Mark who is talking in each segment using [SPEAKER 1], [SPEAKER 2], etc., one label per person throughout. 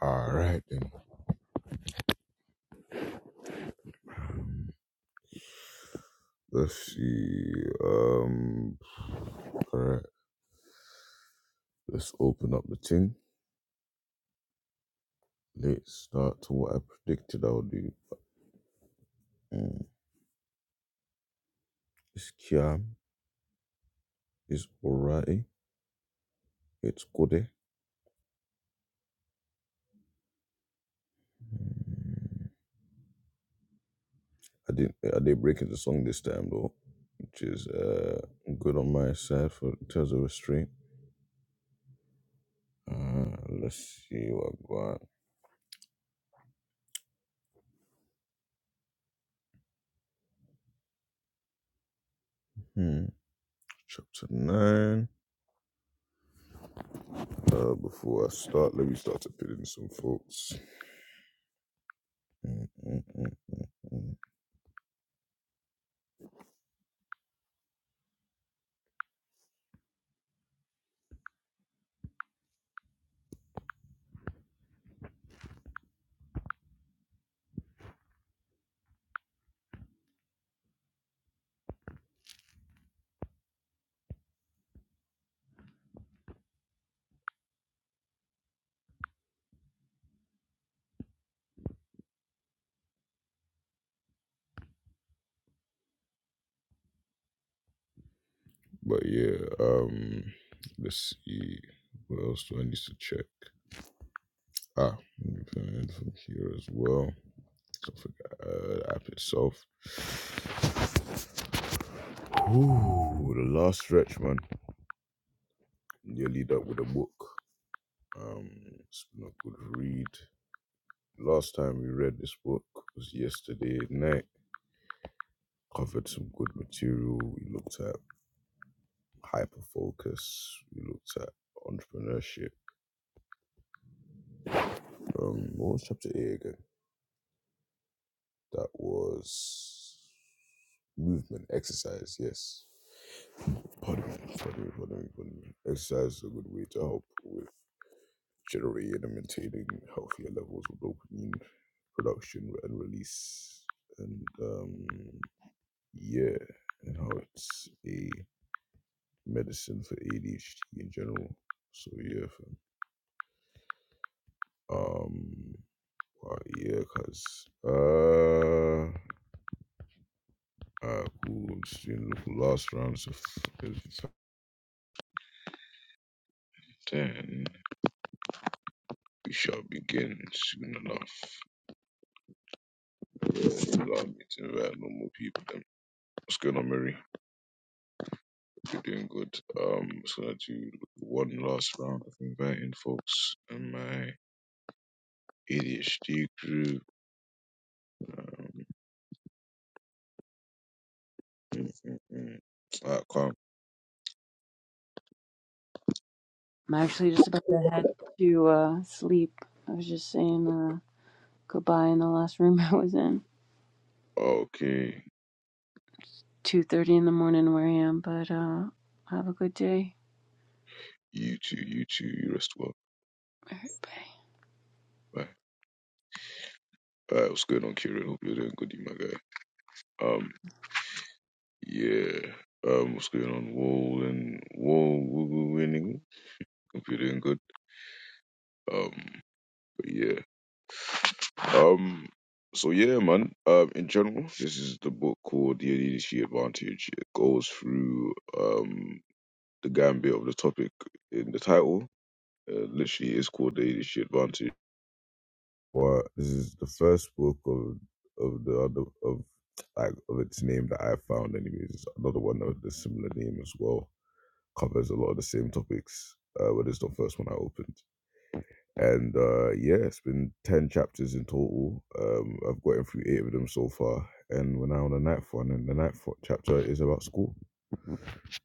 [SPEAKER 1] All right then. Um, Let's see. Um, All right. Let's open up the thing. Let's start to what I predicted I'll do. Mm. It's Kiam. It's Orati. It's Kode. I didn't. I did break into song this time though, which is uh good on my side for in terms of restraint. Uh, let's see what I got. Hmm. Chapter nine. Uh, before I start, let me start to put in some folks. Mm, mm, mm, mm. But yeah, um, let's see. What else do I need to check? Ah, let from here as well. So I uh, the app itself. Ooh, the last stretch, man. You lead up with a book. Um, it's been a good read. Last time we read this book was yesterday night. Covered some good material. We looked at hyper focus. We looked at entrepreneurship. Um, what was chapter eight again? That was movement, exercise. Yes. Pardon me, pardon me, pardon me, pardon me. Exercise is a good way to help with generating and maintaining healthier levels of dopamine production and release. And um, yeah, and how it's a medicine for ADHD in general. So yeah, fam. um, wow, yeah, cause uh, Uh, cool. I'm still looking last rounds of ten. we shall begin soon enough. Uh, allow me to invite no more people. Then. What's going on, Mary? You're doing good. Um, I'm just gonna do one last round of inviting folks in my ADHD group. Um, mm, mm, mm. Ah, calm.
[SPEAKER 2] I'm actually just about to head to uh, sleep. I was just saying uh, goodbye in the last room I was in.
[SPEAKER 1] Okay,
[SPEAKER 2] 2.30 in the morning where I am, but uh, have a good day.
[SPEAKER 1] you too, you too, you rest well.
[SPEAKER 2] Bye.
[SPEAKER 1] Bye. Uh, what's going on, Kieran? Hope you're doing good, you my guy. Um, Yeah. Um, what's going on? Wall and wall, woo woo winning. Hope you're doing good. Um, but yeah. Um, so yeah, man. Um, in general, this is the book called The Leadership Advantage. It goes through um the gambit of the topic in the title. Uh, literally, it's called The Leadership Advantage. But this is the first book of of the other of like of its name that I found. Anyways, It's another one of the similar name as well covers a lot of the same topics, uh, but it's the first one I opened. And uh, yeah, it's been 10 chapters in total. Um, I've gotten through eight of them so far. And we're now on the ninth one, and the ninth fo- chapter is about school.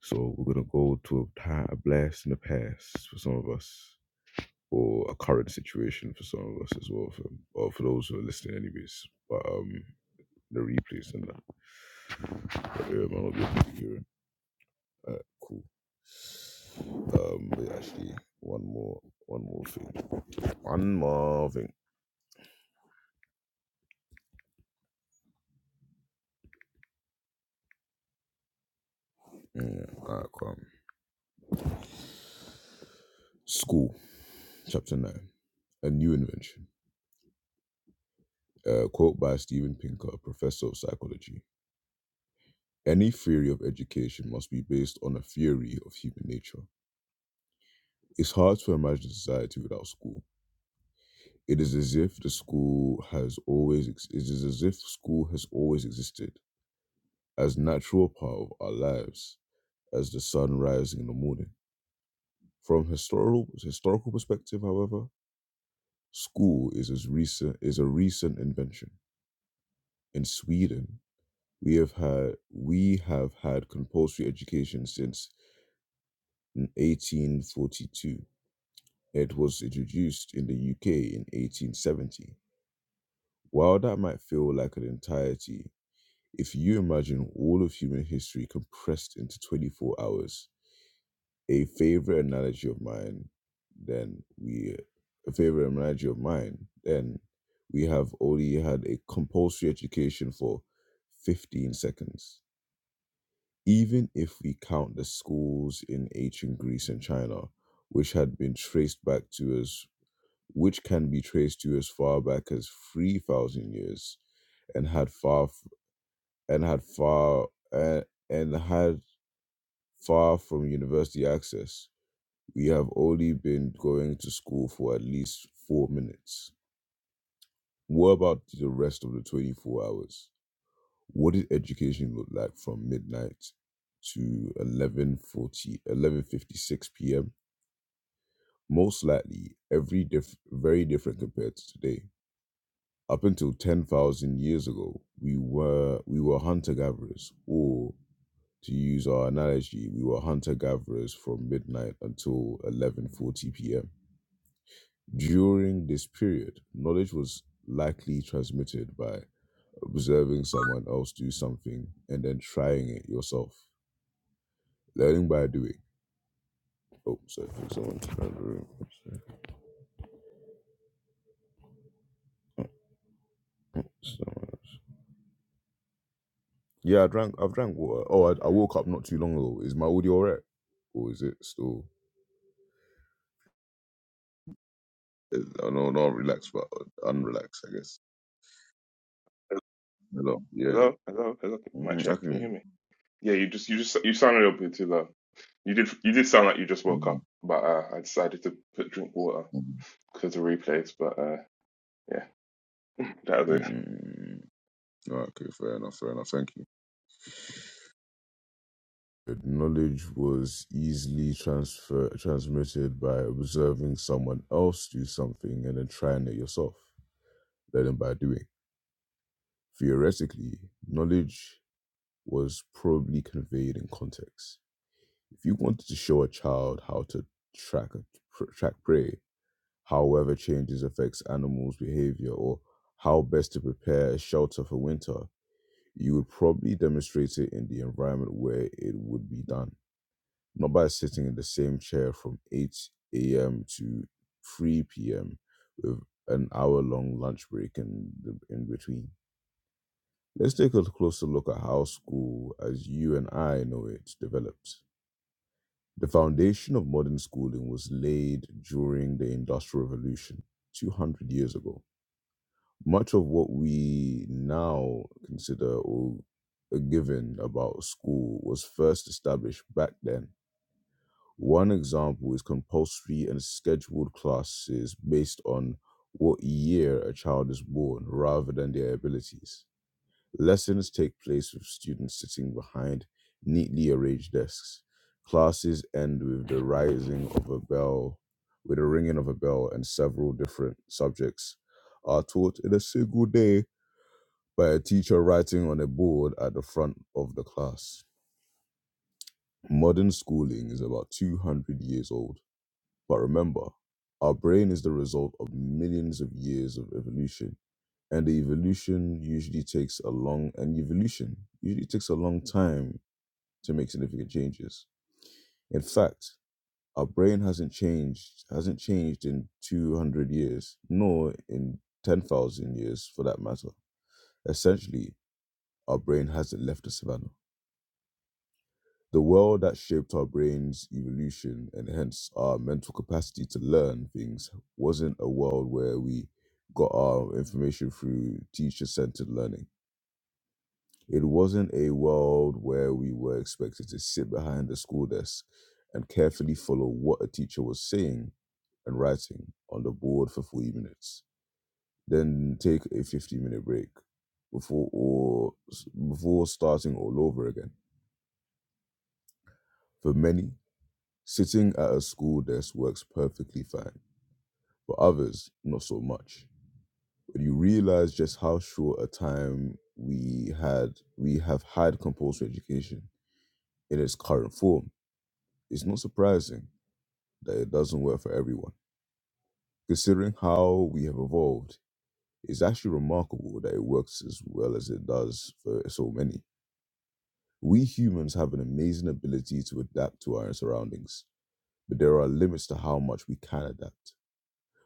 [SPEAKER 1] So we're going to go to a time, a blast in the past for some of us, or a current situation for some of us as well, for, or for those who are listening, anyways. But um, the replays and that. But yeah, man, I'll be a All right, cool. Um, wait, actually, one more, one more thing, one more thing. Yeah, all right, calm. School, chapter nine, a new invention. Uh, quote by Steven Pinker, professor of psychology. Any theory of education must be based on a theory of human nature. It's hard to imagine society without school. It is as if the school has always ex- it is as if school has always existed as natural part of our lives as the sun rising in the morning. From historical historical perspective, however, school is as recent is a recent invention. In Sweden, we have had we have had compulsory education since 1842. It was introduced in the UK in 1870. While that might feel like an entirety, if you imagine all of human history compressed into 24 hours, a favorite analogy of mine, then we a favorite analogy of mine, then we have only had a compulsory education for 15 seconds. Even if we count the schools in ancient Greece and China, which had been traced back to as which can be traced to as far back as 3,000 years and had far and had far uh, and had far from university access We have only been going to school for at least four minutes. What about the rest of the 24 hours? What did education look like from midnight to eleven forty, eleven fifty-six p.m.? Most likely, every diff- very different compared to today. Up until 10,000 years ago, we were we were hunter gatherers, or to use our analogy, we were hunter gatherers from midnight until 11:40 p.m During this period, knowledge was likely transmitted by observing someone else do something and then trying it yourself. Learning by doing. Oh, sorry, someone turned the room. Someone else. Yeah, I drank. I've drank water. Oh, I, I woke up not too long ago. Is my audio alright, or is it still? I don't know, not relaxed, but unrelaxed, I guess. Hello. Yeah.
[SPEAKER 3] Hello, hello, hello. Mic
[SPEAKER 1] hmm I
[SPEAKER 3] check.
[SPEAKER 1] can
[SPEAKER 3] Can
[SPEAKER 1] hear
[SPEAKER 3] you
[SPEAKER 1] you.
[SPEAKER 3] hear me? Yeah, you just you just you sound a little bit too low. You did you did sound like you just woke up,
[SPEAKER 1] Mm-hmm.
[SPEAKER 3] but uh, I decided to put drink water
[SPEAKER 1] mm
[SPEAKER 3] because of replays. But uh, yeah, that was it.
[SPEAKER 1] mm, mm, mm. All right. Okay. Fair enough. Fair enough. Thank you. that knowledge was easily transfer transmitted by observing someone else do something and then trying it yourself, learning by doing. Theoretically, knowledge was probably conveyed in context. If you wanted to show a child how to track track prey, however changes affects animals' behavior, or how best to prepare a shelter for winter, you would probably demonstrate it in the environment where it would be done Noba is sitting in the same chair from 8 a.m. to 3 p.m. with an hour long lunch break in, the, in between. Let's take a closer look at how school, as you and I know it, developed. The foundation of modern schooling was laid during the Industrial Revolution 200 years ago. Much of what we now consider or a given about school was first established back then One example is compulsory and scheduled classes based on what year a child is born rather than their abilities. Lessons take place with students sitting behind neatly arranged desks. Classes end with the rising of a bell, with the ringing of a bell, and several different subjects are taught in a single day by a teacher writing on a board at the front of the class. Modern schooling is about 200 years old But remember, our brain is the result of millions of years of evolution, and the evolution usually takes a long and evolution usually takes a long time to make significant changes. In fact, our brain hasn't changed hasn't changed in 200 years, nor in 10,000 years for that matter. Essentially, our brain hasn't left the savannah. The world that shaped our brain's evolution and hence our mental capacity to learn things wasn't a world where we got our information through teacher centered learning. It wasn't a world where we were expected to sit behind a school desk and carefully follow what a teacher was saying and writing on the board for 40 minutes, then take a 15 minute break before or before starting all over again. For many, Sitting at a school desk works perfectly fine, but others, not so much. When you realize just how short a time we had, we have had compulsory education in its current form, it's not surprising that it doesn't work for everyone. Considering how we have evolved, it's actually remarkable that it works as well as it does for so many. We humans have an amazing ability to adapt to our surroundings, but there are limits to how much we can adapt.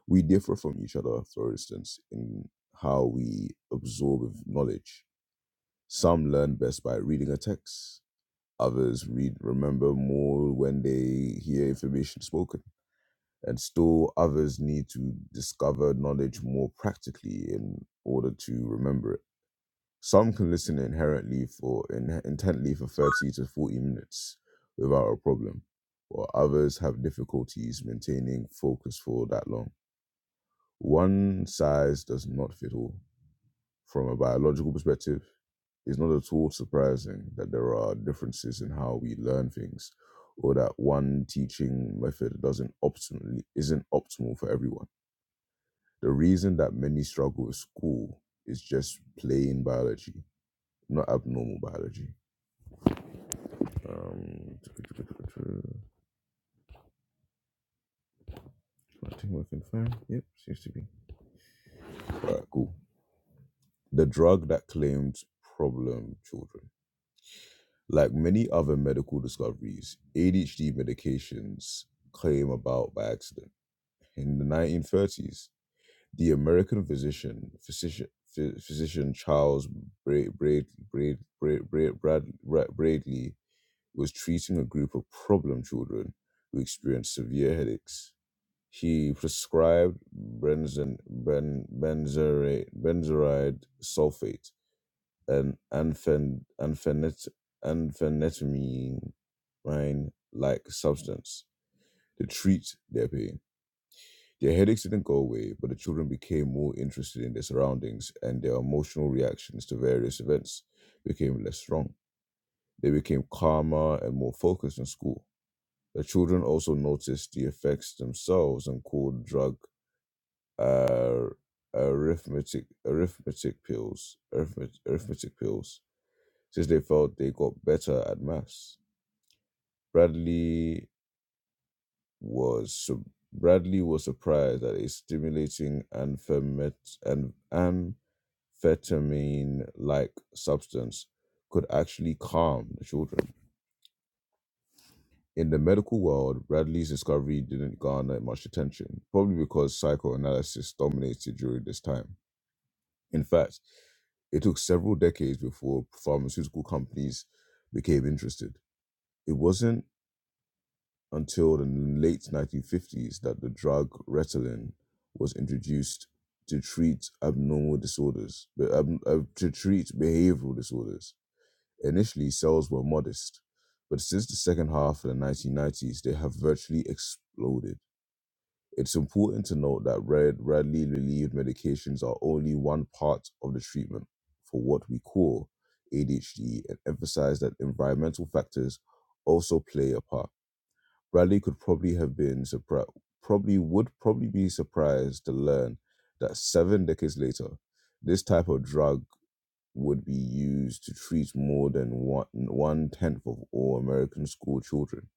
[SPEAKER 1] we differ from each other, for instance, in how we absorb knowledge. Some learn best by reading a text. Others read remember more when they hear information spoken. And still others need to discover knowledge more practically in order to remember it. Some can listen inherently for in, intently for 30 to 40 minutes without a problem, while others have difficulties maintaining focus for that long one size does not fit all. From a biological perspective, it's not at all surprising that there are differences in how we learn things, or that one teaching method doesn't optimally isn't optimal for everyone. The reason that many struggle with school is just plain biology, not abnormal biology. Um, I think we can find. Yep, seems to be. All right, cool. The drug that claimed problem children. Like many other medical discoveries, ADHD medications came about by accident. In the 1930s, the American physician, physician, phy- physician Charles Bra- Braid- Braid- Braid- Braid- Brad- Bra- Bradley was treating a group of problem children who experienced severe headaches. He prescribed benzen, ben, benzerate, benzeride sulfate an unfen- unfenit- unphenetramine like substance to treat their pain. Their headaches didn't go away, but the children became more interested in their surroundings and their emotional reactions to various events became less strong. They became calmer and more focused in school. The children also noticed the effects themselves and called drug uh, arithmetic arithmetic pills arithmetic, arithmetic pills Since they felt they got better at maths, Bradley was su- Bradley was surprised at a stimulating amphemet- an- amphetamine-like substance could actually calm the children. In the medical world, Bradley's discovery didn't garner much attention, probably because psychoanalysis dominated during this time. In fact, it took several decades before pharmaceutical companies became interested. It wasn't until the late 1950s that the drug Ritalin was introduced to treat abnormal disorders, uh, to treat behavioral disorders. Initially, sales were modest, but since the second half of the 1990s, they have virtually exploded. It's important to note that red, readily relieved medications are only one part of the treatment for what we call ADHD and emphasize that environmental factors also play a part. Bradley could probably have been surprised, probably would probably be surprised to learn that seven decades later, this type of drug would be used to treat more than one one tenth of all American school children.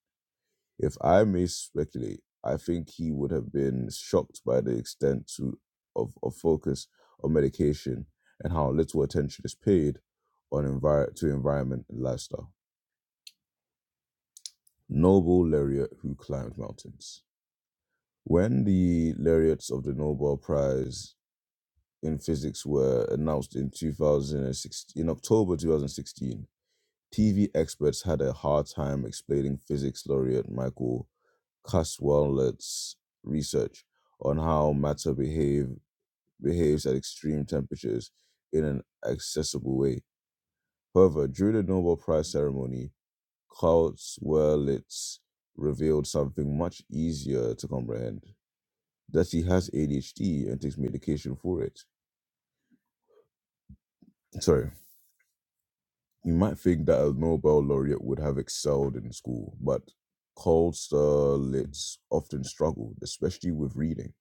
[SPEAKER 1] If I may speculate, I think he would have been shocked by the extent to, of, of focus on medication and how little attention is paid on envir- to environment and lifestyle. Noble laureate who climbed mountains. When the laureates of the Nobel Prize in Physics were announced in 2016, in October 2016, TV experts had a hard time explaining physics laureate Michael Caswellet's research on how matter behave, behaves at extreme temperatures in an accessible way. However, during the Nobel Prize ceremony, Caswellet revealed something much easier to comprehend. that she has ADHD and takes medication for it. So you might think that a Nobel laureate would have excelled in school, but Kosterlitz often struggled, especially with reading.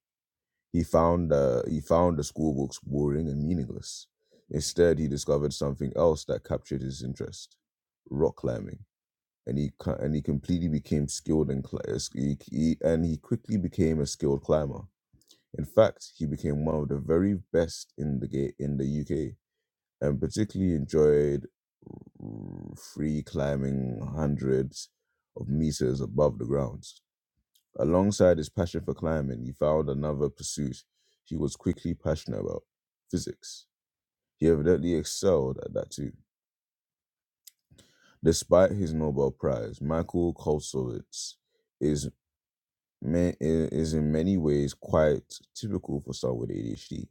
[SPEAKER 1] He found uh, he found the school books boring and meaningless. Instead, he discovered something else that captured his interest: rock climbing. And he co- and he completely became skilled and cl- uh, sk- he, he, and he quickly became a skilled climber. In fact, he became one of the very best in the ga- in the UK and particularly enjoyed r- free climbing hundreds of meters above the ground. Alongside his passion for climbing, he found another pursuit he was quickly passionate about physics. He evidently excelled at that too. Despite his Nobel Prize, Michael Kolsowitz is, ma- is in many ways quite typical for someone with ADHD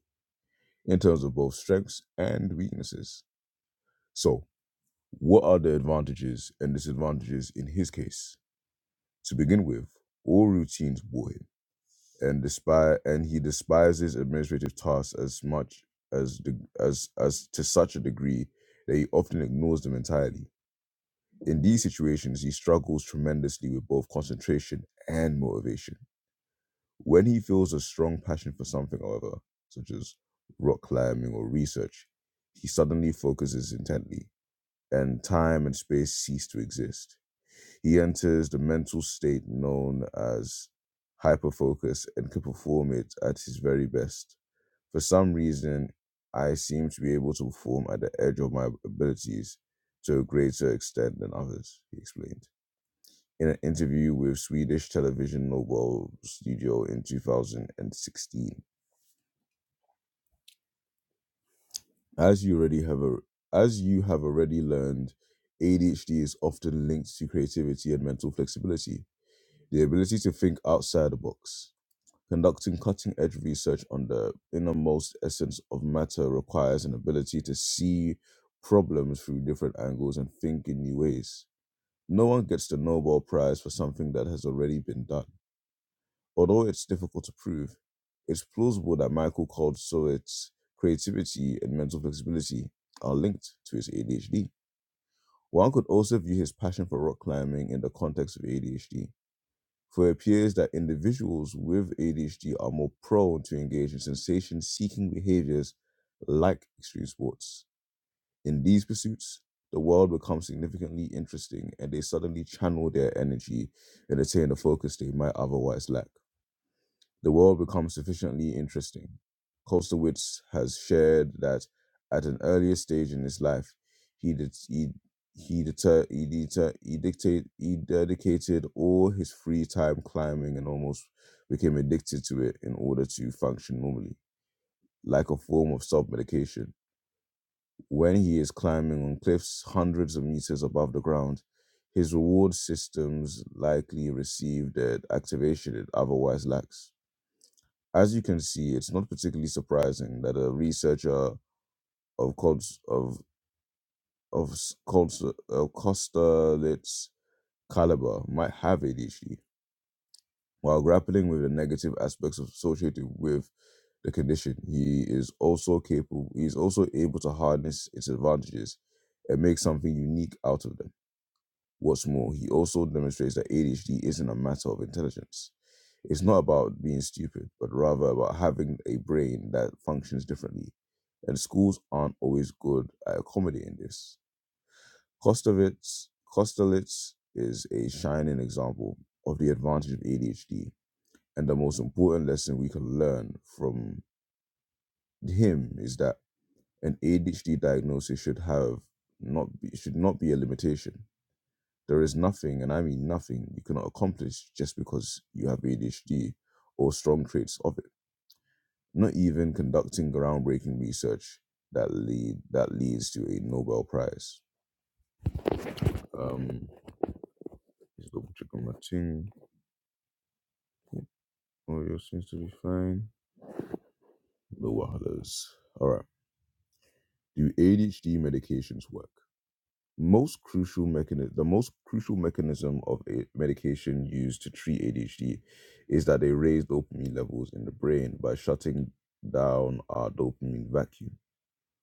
[SPEAKER 1] in terms of both strengths and weaknesses. So, What are the advantages and disadvantages in his case? To begin with, all routines bore him, and despi- and he despises administrative tasks as much as the, as as to such a degree that he often ignores them entirely. In these situations, he struggles tremendously with both concentration and motivation. When he feels a strong passion for something, however, such as rock climbing or research, he suddenly focuses intently, and time and space cease to exist He enters the mental state known as hyperfocus and can perform it at his very best. For some reason, I seem to be able to perform at the edge of my abilities to a greater extent than others, he explained. In an interview with Swedish television Nobel Studio in 2016. As you already have a, as you have already learned, ADHD is often linked to creativity and mental flexibility, the ability to think outside the box. Conducting cutting edge research on the innermost essence of matter requires an ability to see problems through different angles and think in new ways. No one gets the Nobel Prize for something that has already been done. Although it's difficult to prove, it's plausible that Michael Corsovet's creativity and mental flexibility are linked to his ADHD. One could also view his passion for rock climbing in the context of ADHD for it appears that individuals with ADHD are more prone to engage in sensation seeking behaviors like extreme sports. In these pursuits, the world becomes significantly interesting and they suddenly channel their energy and attain the focus they might otherwise lack. The world becomes sufficiently interesting. Kostowitz has shared that at an earlier stage in his life, he did, he he deter, he, deter, he dictate he dedicated all his free time climbing and almost became addicted to it in order to function normally, like a form of self-medication. When he is climbing on cliffs hundreds of meters above the ground, his reward systems likely receive the activation it otherwise lacks as you can see, it's not particularly surprising that a researcher of Colts of of s- Colts uh, Kosterlitz caliber might have ADHD. While grappling with the negative aspects associated with the condition, he is also capable. He is also able to harness its advantages and make something unique out of them. What's more, he also demonstrates that ADHD isn't a matter of intelligence It's not about being stupid, but rather about having a brain that functions differently. And schools aren't always good at accommodating this. Kostovitz, Kostelitz is a shining example of the advantage of ADHD. And the most important lesson we can learn from him is that an ADHD diagnosis should have not be, should not be a limitation. There is nothing, and I mean nothing, you cannot accomplish just because you have ADHD or strong traits of it. not even conducting groundbreaking research that lead that leads to a Nobel Prize. Um, just double check on my thing. Audio seems to be fine. The wahalas. All right. Do ADHD medications work? Most crucial mechanism, the most crucial mechanism of a medication used to treat ADHD is that they raise dopamine levels in the brain by shutting down our dopamine vacuum.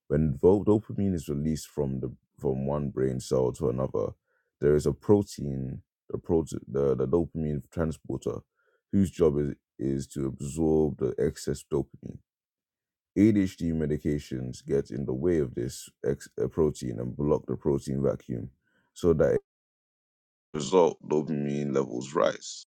[SPEAKER 1] When vo- dopamine is released from the from one brain cell to another, there is a protein, the prote the, the dopamine transporter, whose job is, is to absorb the excess dopamine. ADHD medications get in the way of this ex- uh, protein and block the protein vacuum, so that as a result dopamine levels rise.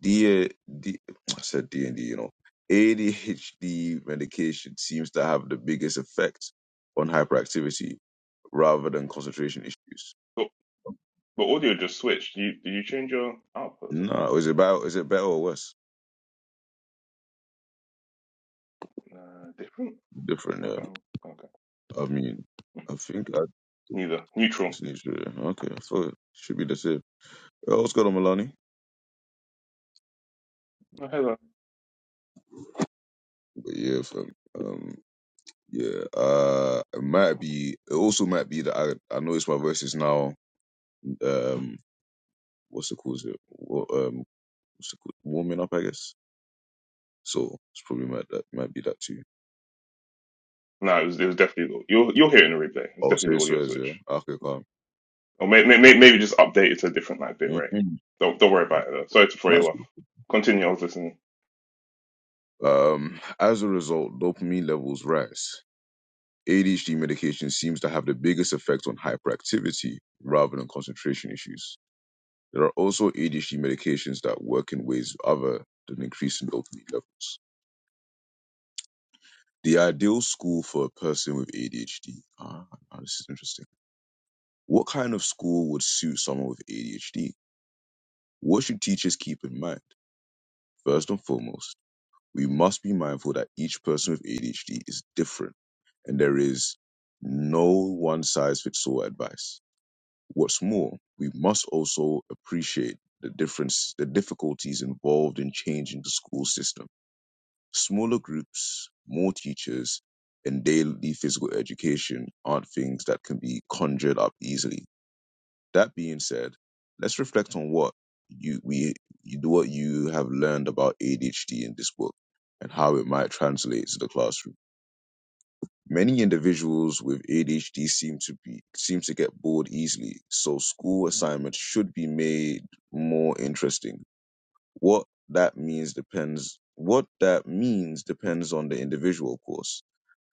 [SPEAKER 1] D, D I said D and D, you know. ADHD medication seems to have the biggest effect on hyperactivity rather than concentration issues.
[SPEAKER 3] But, but audio just switched. You did you change your output or something?
[SPEAKER 1] No, is it better? Is it better or worse?
[SPEAKER 3] Uh, different.
[SPEAKER 1] Different.
[SPEAKER 3] Okay,
[SPEAKER 1] Yeah.
[SPEAKER 3] okay.
[SPEAKER 1] I mean, I think I,
[SPEAKER 3] Neither. Neutral.
[SPEAKER 1] it's neutral. yeah. Okay, I thought it should be the same. Yeah, what's good on Milani?
[SPEAKER 3] Oh, hello.
[SPEAKER 1] But yeah, fam. Um, yeah. Uh, it might be. It also might be that I I notice my voice is now um what's it called? Is it wa- um what's it called? Warming up, I guess. So it's probably might that might be that too.
[SPEAKER 3] No, it was it was definitely the- you'll you'll hear it in the replay. It's
[SPEAKER 1] I'll
[SPEAKER 3] definitely
[SPEAKER 1] say
[SPEAKER 3] the audio
[SPEAKER 1] swears. Yeah.
[SPEAKER 3] switch,
[SPEAKER 1] Okay, calm.
[SPEAKER 3] or may, may, may- maybe just update it to a different like bit rate.
[SPEAKER 1] Mm-hmm.
[SPEAKER 3] Don't don't worry about it though. Sorry to throw
[SPEAKER 1] That's
[SPEAKER 3] you off.
[SPEAKER 1] cool.
[SPEAKER 3] Continue. I was listening.
[SPEAKER 1] Um, as a result, dopamine levels rise. ADHD medication seems to have the biggest effect on hyperactivity rather than concentration issues. There are also ADHD medications that work in ways other than increasing dopamine levels. The ideal school for a person with ADHD. Ah, now this is interesting. What kind of school would suit someone with ADHD? What should teachers keep in mind? First and foremost, we must be mindful that each person with ADHD is different and there is no one size fits all advice. What's more, we must also appreciate the difference, the difficulties involved in changing the school system. Smaller groups, more teachers, and daily physical education aren't things that can be conjured up easily. That being said, let's reflect on what you we you, what you have learned about ADHD in this book and how it might translate to the classroom. Many individuals with ADHD seem to be seem to get bored easily, so school assignments should be made more interesting. What that means depends what that means depends on the individual, of course.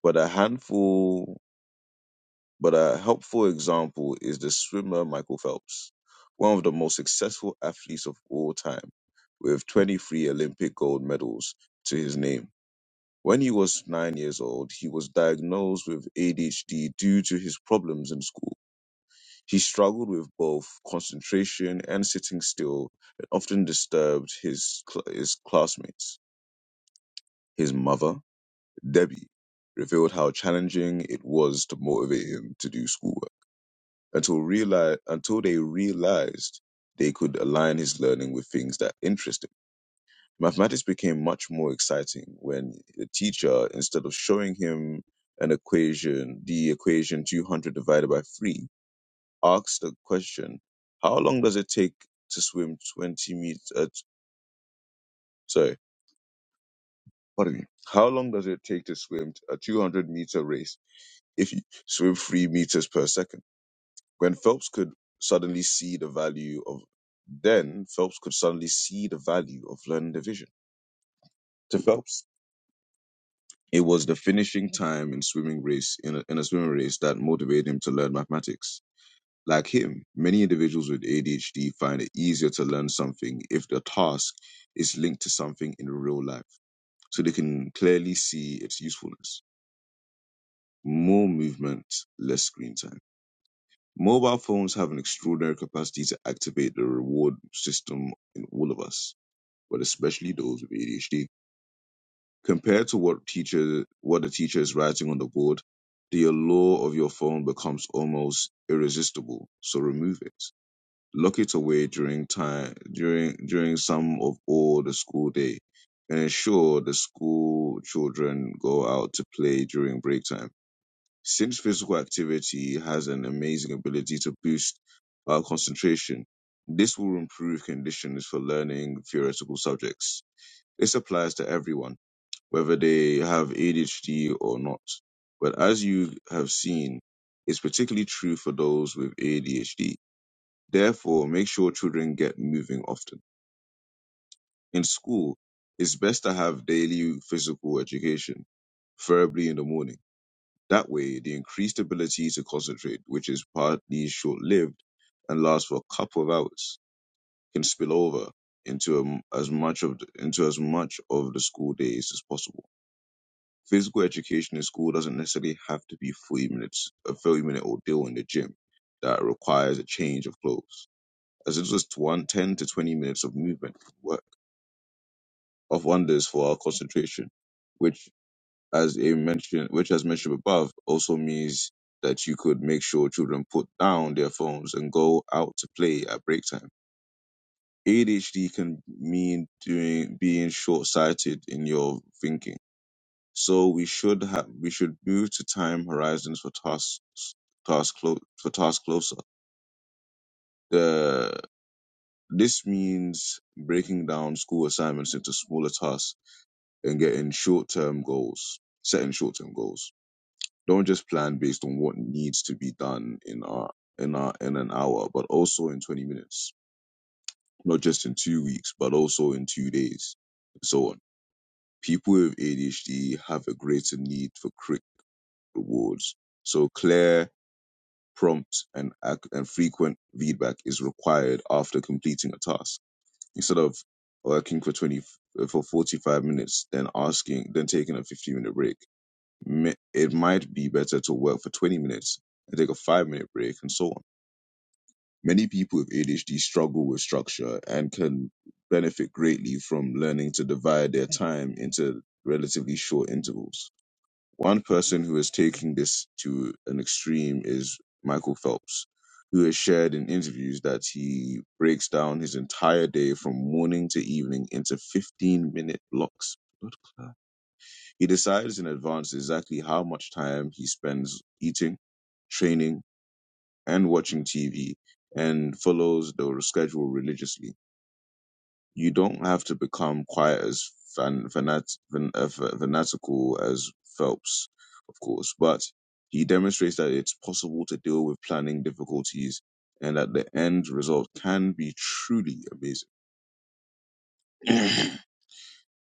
[SPEAKER 1] But a handful but a helpful example is the swimmer Michael Phelps, one of the most successful athletes of all time, with 23 Olympic gold medals to his name. When he was nine years old, he was diagnosed with ADHD due to his problems in school. He struggled with both concentration and sitting still and often disturbed his, cl- his classmates. His mother, Debbie, revealed how challenging it was to motivate him to do schoolwork until realize until they realized they could align his learning with things that interested him. Mathematics became much more exciting when the teacher, instead of showing him an equation, the equation 200 divided by 3, asked the question, how long does it take to swim 20 meters, uh, t- sorry, pardon me, how long does it take to swim a 200 meter race if you swim 3 meters per second? When Phelps could suddenly see the value of then Phelps could suddenly see the value of learning division. To Phelps, it was the finishing time in swimming race in a, in a swimming race that motivated him to learn mathematics. Like him, many individuals with ADHD find it easier to learn something if the task is linked to something in real life, so they can clearly see its usefulness. More movement, less screen time. Mobile phones have an extraordinary capacity to activate the reward system in all of us, but especially those with ADHD. Compared to what teacher what the teacher is writing on the board, the allure of your phone becomes almost irresistible. So remove it. Lock it away during time during during some of all the school day and ensure the school children go out to play during break time. Since physical activity has an amazing ability to boost our concentration, this will improve conditions for learning theoretical subjects. This applies to everyone, whether they have ADHD or not. But as you have seen, it's particularly true for those with ADHD. Therefore, make sure children get moving often. In school, it's best to have daily physical education, preferably in the morning that way, the increased ability to concentrate, which is partly short lived and lasts for a couple of hours, can spill over into um, as much of the, into as much of the school days as possible. Physical education in school doesn't necessarily have to be 40 minutes, a 30 minute ordeal in the gym that requires a change of clothes, as it's just one, 10 to 20 minutes of movement can work of wonders for our concentration, which as a mention, which as mentioned above, also means that you could make sure children put down their phones and go out to play at break time. ADHD can mean doing being short-sighted in your thinking. So we should have we should move to time horizons for tasks task clo- for tasks closer. The this means breaking down school assignments into smaller tasks and getting short-term goals, setting short-term goals Don't just plan based on what needs to be done in our in our in an hour, but also in 20 minutes. Not just in two weeks, but also in two days, and so on. People with ADHD have a greater need for quick rewards. So clear, prompt, and ac- and frequent feedback is required after completing a task. Instead of working for 20 for 45 minutes, then asking, then taking a 15 minute break mi- it might be better to work for 20 minutes and take a five minute break and so on. Many people with ADHD struggle with structure and can benefit greatly from learning to divide their time into relatively short intervals. One person who is taking this to an extreme is Michael Phelps, who has shared in interviews that he breaks down his entire day from morning to evening into 15 minute blocks. Blood clot. He decides in advance exactly how much time he spends eating, training, and watching TV, and follows the schedule religiously. You don't have to become quite as fan, fanat, fan, uh, fa- fanatical as Phelps, of course, but he demonstrates that it's possible to deal with planning difficulties and that the end result can be truly amazing.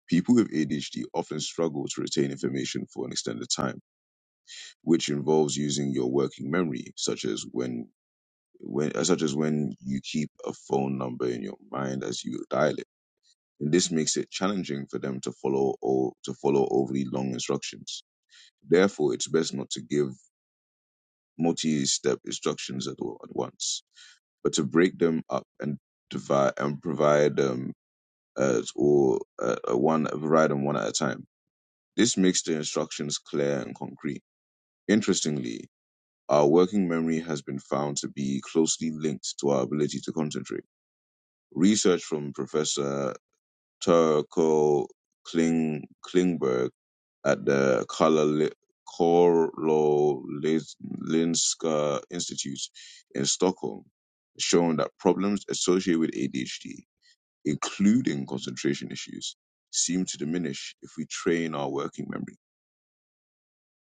[SPEAKER 1] People with ADHD often struggle to retain information for an extended time which involves using your working memory, such as when when uh, such as when you keep a phone number in your mind as you dial it. And this makes it challenging for them to follow or to follow overly long instructions. Therefore, it's best not to give multi-step instructions at all at once, but to break them up and divide and provide them uh, or uh, uh, one provide them one at a time. This makes the instructions clear and concrete. Interestingly, Our working memory has been found to be closely linked to our ability to concentrate. Research from Professor Turko Kling, Klingberg at the Karolinska Institute in Stockholm has shown that problems associated with ADHD, including concentration issues, seem to diminish if we train our working memory.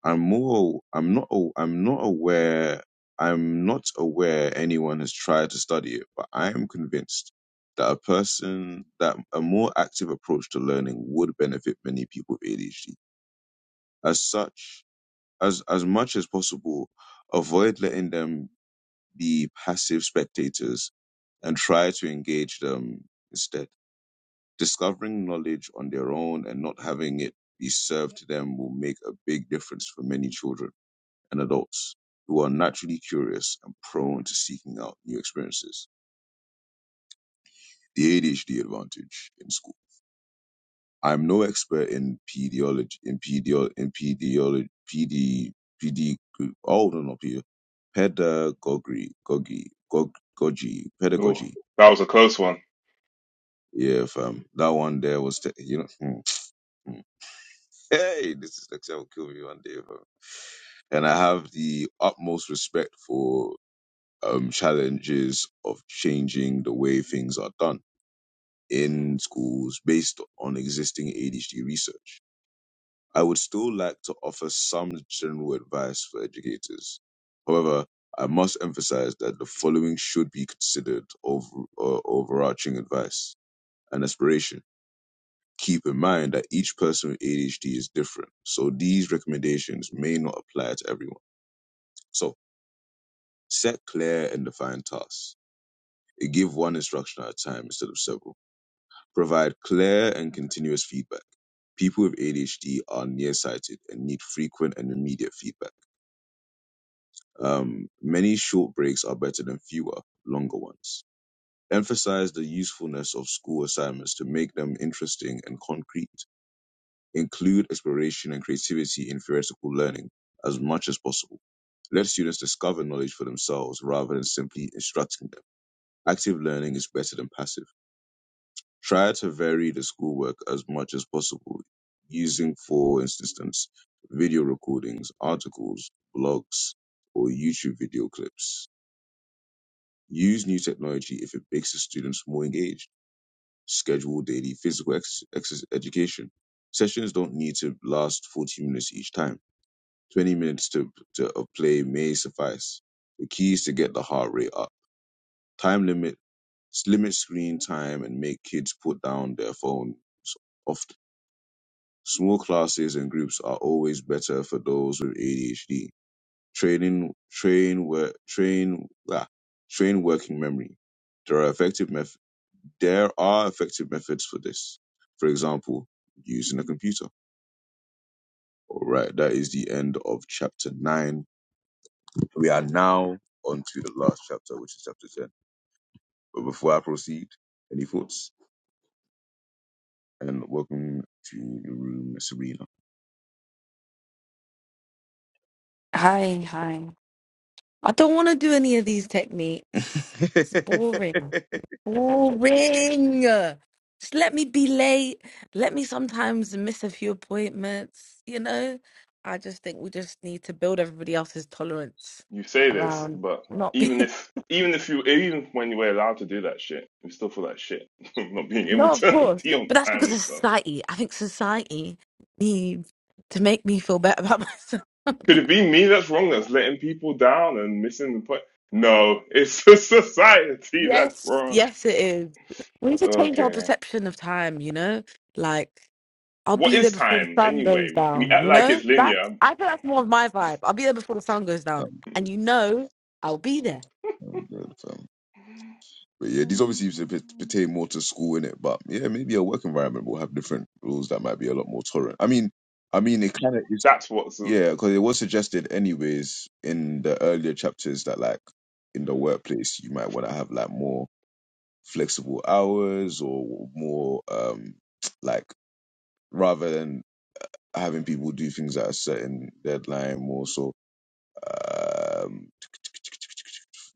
[SPEAKER 1] I'm more I'm not a- I'm not aware I'm not aware anyone has tried to study it, but I am convinced that a person that a more active approach to learning would benefit many people with ADHD. As such, as as much as possible, avoid letting them be passive spectators and try to engage them instead. Discovering knowledge on their own and not having it be served to them will make a big difference for many children and adults who are naturally curious and prone to seeking out new experiences. The ADHD advantage in school. I'm no expert in pediology, in pedio, in pediology, pedi, pedi, oh, no, not pedio, pedagogy, gogi, gog, gogi,
[SPEAKER 3] Ooh,
[SPEAKER 1] pedagogy.
[SPEAKER 3] that was a close one.
[SPEAKER 1] Yeah, fam. That one there was, te- you know, hmm, hmm. hey, this is like, will kill me one day, fam. And I have the utmost respect for um, challenges of changing the way things are done in schools based on existing ADHD research. I would still like to offer some general advice for educators. However, I must emphasize that the following should be considered over, uh, overarching advice and aspiration. Keep in mind that each person with ADHD is different, so these recommendations may not apply to everyone. So, set clear and defined tasks. Give one instruction at a time instead of several provide clear and continuous feedback. People with ADHD are nearsighted and need frequent and immediate feedback. Um, many short breaks are better than fewer, longer ones. Emphasize the usefulness of school assignments to make them interesting and concrete. Include exploration and creativity in theoretical learning as much as possible. Let students discover knowledge for themselves rather than simply instructing them. Active learning is better than passive Try to vary the schoolwork as much as possible, using, for instance, video recordings, articles, blogs, or YouTube video clips. Use new technology if it makes the students more engaged. Schedule daily physical ex- ex- education. Sessions don't need to last 40 minutes each time. 20 minutes to, to a play may suffice. The key is to get the heart rate up. Time limit, limit screen time, and make kids put down their phones often Small classes and groups are always better for those with ADHD. Training, train, work, train, ah, train working memory. There are effective meth- There are effective methods for this. For example, using a computer. All right, that is the end of chapter nine. We are now on to the last chapter, which is chapter ten. But before I proceed, any thoughts? And welcome to the room, Sabrina.
[SPEAKER 4] Hi, hi. I don't want to do any of these techniques. It's boring. Boring. Just let me be late. Let me sometimes miss a few appointments, you know? I just think we just need to build everybody else's tolerance
[SPEAKER 3] You say this,
[SPEAKER 4] around
[SPEAKER 3] but
[SPEAKER 4] not
[SPEAKER 3] even
[SPEAKER 4] being,
[SPEAKER 3] if even if you even when you were allowed to do that shit, you still feel like shit. Not being able
[SPEAKER 4] no, of
[SPEAKER 3] to
[SPEAKER 4] course.
[SPEAKER 3] be on
[SPEAKER 4] But that's
[SPEAKER 3] time
[SPEAKER 4] because
[SPEAKER 3] and
[SPEAKER 4] of
[SPEAKER 3] stuff.
[SPEAKER 4] society. I think society needs to make me feel better about myself.
[SPEAKER 3] Could it be me that's wrong that's letting people down and missing the point? No, it's the society that's
[SPEAKER 4] Yes,
[SPEAKER 3] wrong.
[SPEAKER 4] yes, it is. We need to change our
[SPEAKER 3] Okay.
[SPEAKER 4] perception of time, you know? Like, I'll
[SPEAKER 3] What
[SPEAKER 4] be there
[SPEAKER 3] is
[SPEAKER 4] before the
[SPEAKER 3] time
[SPEAKER 4] sun goes
[SPEAKER 3] anyway? We
[SPEAKER 4] down.
[SPEAKER 3] act
[SPEAKER 4] You
[SPEAKER 3] like
[SPEAKER 4] know,
[SPEAKER 3] it's
[SPEAKER 4] that's
[SPEAKER 3] linear.
[SPEAKER 4] I think that's more of my vibe. I'll be there before the sun goes down, and you know, I'll be there.
[SPEAKER 1] Um, um, But yeah, these obviously used to pe- pertain more to school in it, but yeah, maybe a work environment will have different rules that might be a lot more tolerant. I mean, I mean, it kind of is,
[SPEAKER 3] That's what's in,
[SPEAKER 1] yeah, because it was suggested anyways in the earlier chapters that like in the workplace you might want to have like more flexible hours or more um like rather than having people do things at a certain deadline, more so um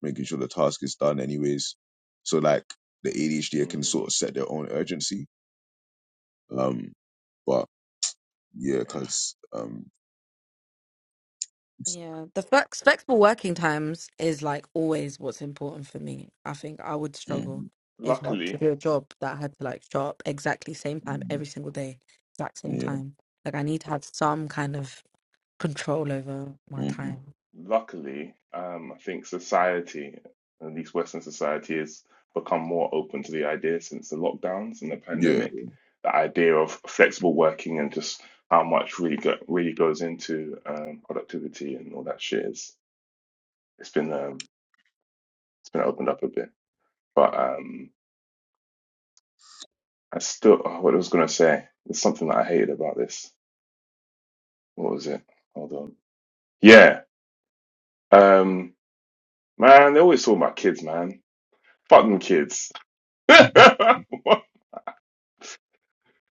[SPEAKER 1] making sure the task is done anyways. So like the ADHD can
[SPEAKER 3] mm,
[SPEAKER 1] sort of set their own urgency Um, but yeah,
[SPEAKER 3] yeah.
[SPEAKER 1] because um,
[SPEAKER 4] Yeah, the flex flexible working times is like always what's important for me. I think I would
[SPEAKER 1] mm,
[SPEAKER 4] struggle if I had to
[SPEAKER 3] Luckily,
[SPEAKER 4] do a job that I had to like show up exactly same time
[SPEAKER 1] mm,
[SPEAKER 4] every single day, exact same
[SPEAKER 1] yeah,
[SPEAKER 4] time. Like I need to have some kind of control over my
[SPEAKER 1] hmm
[SPEAKER 4] time.
[SPEAKER 3] luckily, um, I think society, at least Western society, has become more open to the idea since the lockdowns and the
[SPEAKER 1] yeah,
[SPEAKER 3] pandemic. The idea of flexible working and just how much really go, really goes into um, productivity and all that shit is it's been um, it's been opened up a bit. But um, I still oh, what I was gonna say. There's something that I hated about this. What was it? Hold on. Yeah. Um, man, they always talk about kids, man. Fuck them kids.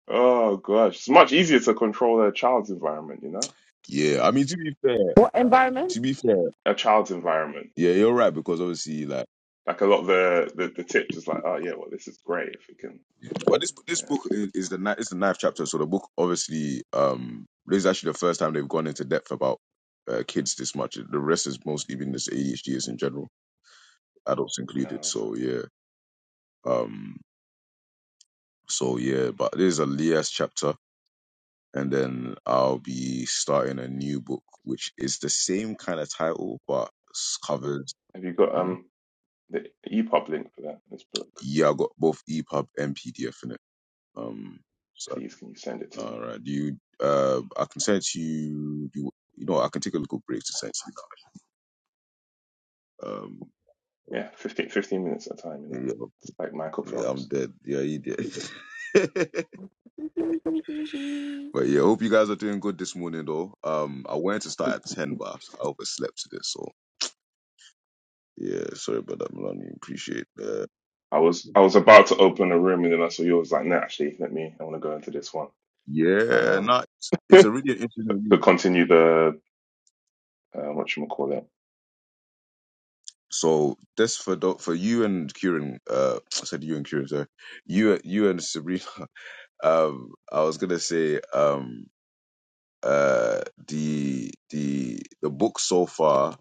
[SPEAKER 3] Oh gosh, it's much easier to control a child's environment, you know,
[SPEAKER 1] yeah. I mean, to be fair,
[SPEAKER 4] What environment?
[SPEAKER 1] to be fair,
[SPEAKER 3] a child's environment.
[SPEAKER 1] yeah, you're right because obviously, like,
[SPEAKER 3] Like a lot of the the, the tips is like, oh yeah, well this is great if we can.
[SPEAKER 1] but this this
[SPEAKER 3] Yeah.
[SPEAKER 1] book is, is the ni- it's the ninth chapter, so the book obviously um this is actually the first time they've gone into depth about uh, kids this much. The rest is mostly been this ADHDs in general, adults
[SPEAKER 3] No,
[SPEAKER 1] included.
[SPEAKER 3] so
[SPEAKER 1] So yeah, um, so yeah, but this is a Leah's chapter. and then I'll be starting a new book, which is the same kind of title but s- covers.
[SPEAKER 3] have you got
[SPEAKER 1] Mhm.
[SPEAKER 3] um the EPUB link for that this book?
[SPEAKER 1] Yeah, I got both EPUB and PDF in it. Um, so
[SPEAKER 3] Please, can you send it to
[SPEAKER 1] all
[SPEAKER 3] me?
[SPEAKER 1] right, do you? Uh, I can send it to you. Do You, you know, I can take a little break to send it to you. Um,
[SPEAKER 3] Yeah, fifteen fifteen minutes at a time, you know,
[SPEAKER 1] yeah,
[SPEAKER 3] just like Michael
[SPEAKER 1] yeah, I'm
[SPEAKER 3] Phelps.
[SPEAKER 1] dead. Yeah, you dead. but yeah, hope you guys are doing good this morning though. Um, I wanted to start at ten, but I overslept today, so yeah, sorry about that, Melanie. Appreciate that.
[SPEAKER 3] I was I was about to open a room and then I saw yours. Like, no, actually, let me. I want to go into this one.
[SPEAKER 1] Yeah,
[SPEAKER 3] Um,
[SPEAKER 1] no, it's, it's a really interesting
[SPEAKER 3] to
[SPEAKER 1] league.
[SPEAKER 3] continue the uh, what you call it.
[SPEAKER 1] So this for tho- for you and Kieran, uh, I said you and Kieran, sorry, you you and Sabrina. Um, I was gonna say, um, uh, the the the book so far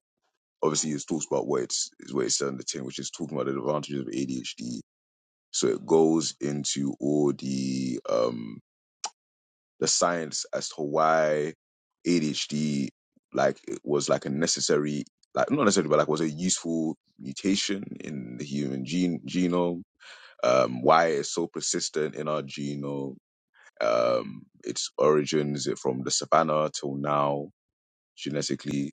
[SPEAKER 1] obviously is talks about what it's is what it's on the tin, which is talking about the advantages of ADHD. So it goes into all the um the science as to why ADHD like it was like a necessary like not necessarily but like was a useful mutation in the human gene genome um why it's so persistent in our genome um its origins from the savannah till now genetically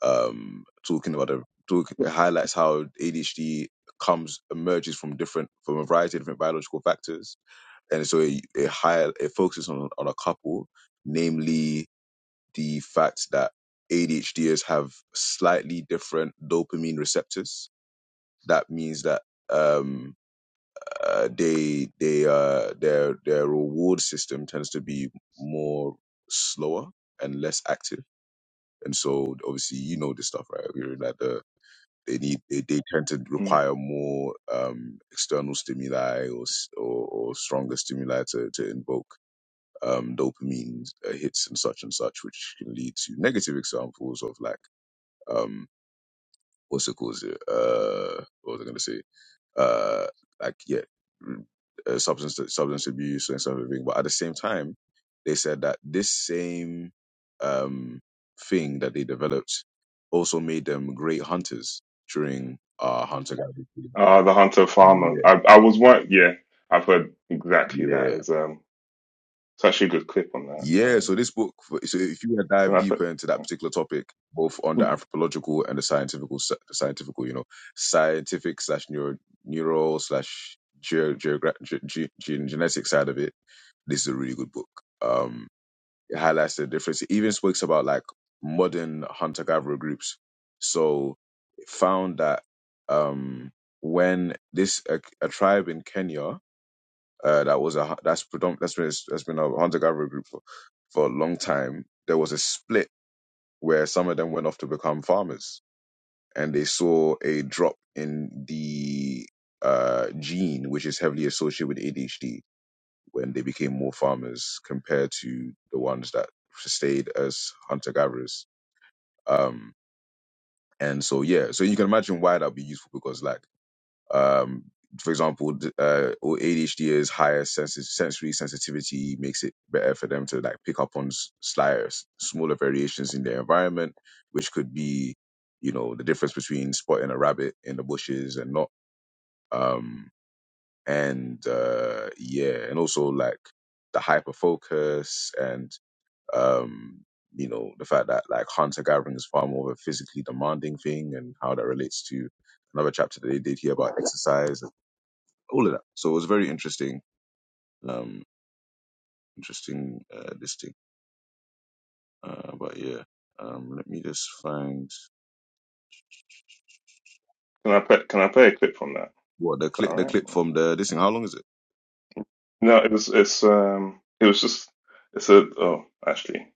[SPEAKER 1] um talking about the talk it highlights how ADHD comes emerges from different from a variety of different biological factors and so it it, high, it focuses on on a couple, namely the fact that ADHDers have slightly different dopamine receptors. That means that um uh, they they uh their their reward system tends to be more slower and less active, and so obviously you know this stuff, right? We're like the they need they, they tend to require more um external stimuli or s- or, or stronger stimuli to to invoke um, dopamine uh, hits and such and such, which can lead to negative examples of like um, what's it called? Uh, what was I going to say? Uh, like yeah, mm, uh, substance substance abuse and stuff. like But at the same time, they said that this same um, thing that they developed also made them great hunters during uh, hunter gatherer.
[SPEAKER 3] Uh, the Hunter Farmer.
[SPEAKER 1] Yeah,
[SPEAKER 3] I, I was one. Yeah, I've heard exactly that.
[SPEAKER 1] yeah.
[SPEAKER 3] As um, it's actually a good clip on that.
[SPEAKER 1] Yeah,
[SPEAKER 3] Um,
[SPEAKER 1] so this book, so if you want to
[SPEAKER 3] can
[SPEAKER 1] dive
[SPEAKER 3] I
[SPEAKER 1] deeper
[SPEAKER 3] put?
[SPEAKER 1] into that particular topic, both on the anthropological and the scientific, the scientific, you know, scientific slash neuro, neural slash geo, geogra- ge, ge, gen- genetic side of it, this is a really good book. Um, it highlights the difference. It even speaks about like modern hunter gatherer groups. So it found that um, when this a, a tribe in Kenya uh, that was a that's predominant that's been that's been a hunter gatherer group for, for a long time. There was a split where some of them went off to become farmers, and they saw a drop in the uh, gene, which is heavily associated with ADHD, when they became more farmers compared to the ones that stayed as hunter gatherers. Um, and so yeah, so you can imagine why that'd be useful because like Um, for example, d- uh, or ADHDers higher sensi- sensory sensitivity makes it better for them to like pick up on s- slighter, s- smaller variations in their environment, which could be, you know, the difference between spotting a rabbit in the bushes and not. Um, and uh, yeah, and also like the hyper focus and um, you know the fact that like hunter gathering is far more of a physically demanding thing and how that relates to another chapter that they did here about exercise all of that. So it was very interesting, um, interesting uh, this thing. Uh, but yeah, um, let me just find
[SPEAKER 3] Can I put? Can I play a clip from that?
[SPEAKER 1] what the
[SPEAKER 3] Is that
[SPEAKER 1] clip,
[SPEAKER 3] all
[SPEAKER 1] the
[SPEAKER 3] right?
[SPEAKER 1] clip from the this thing. How long is it?
[SPEAKER 3] No, it was. It's um. It was just. It's a. Oh, actually,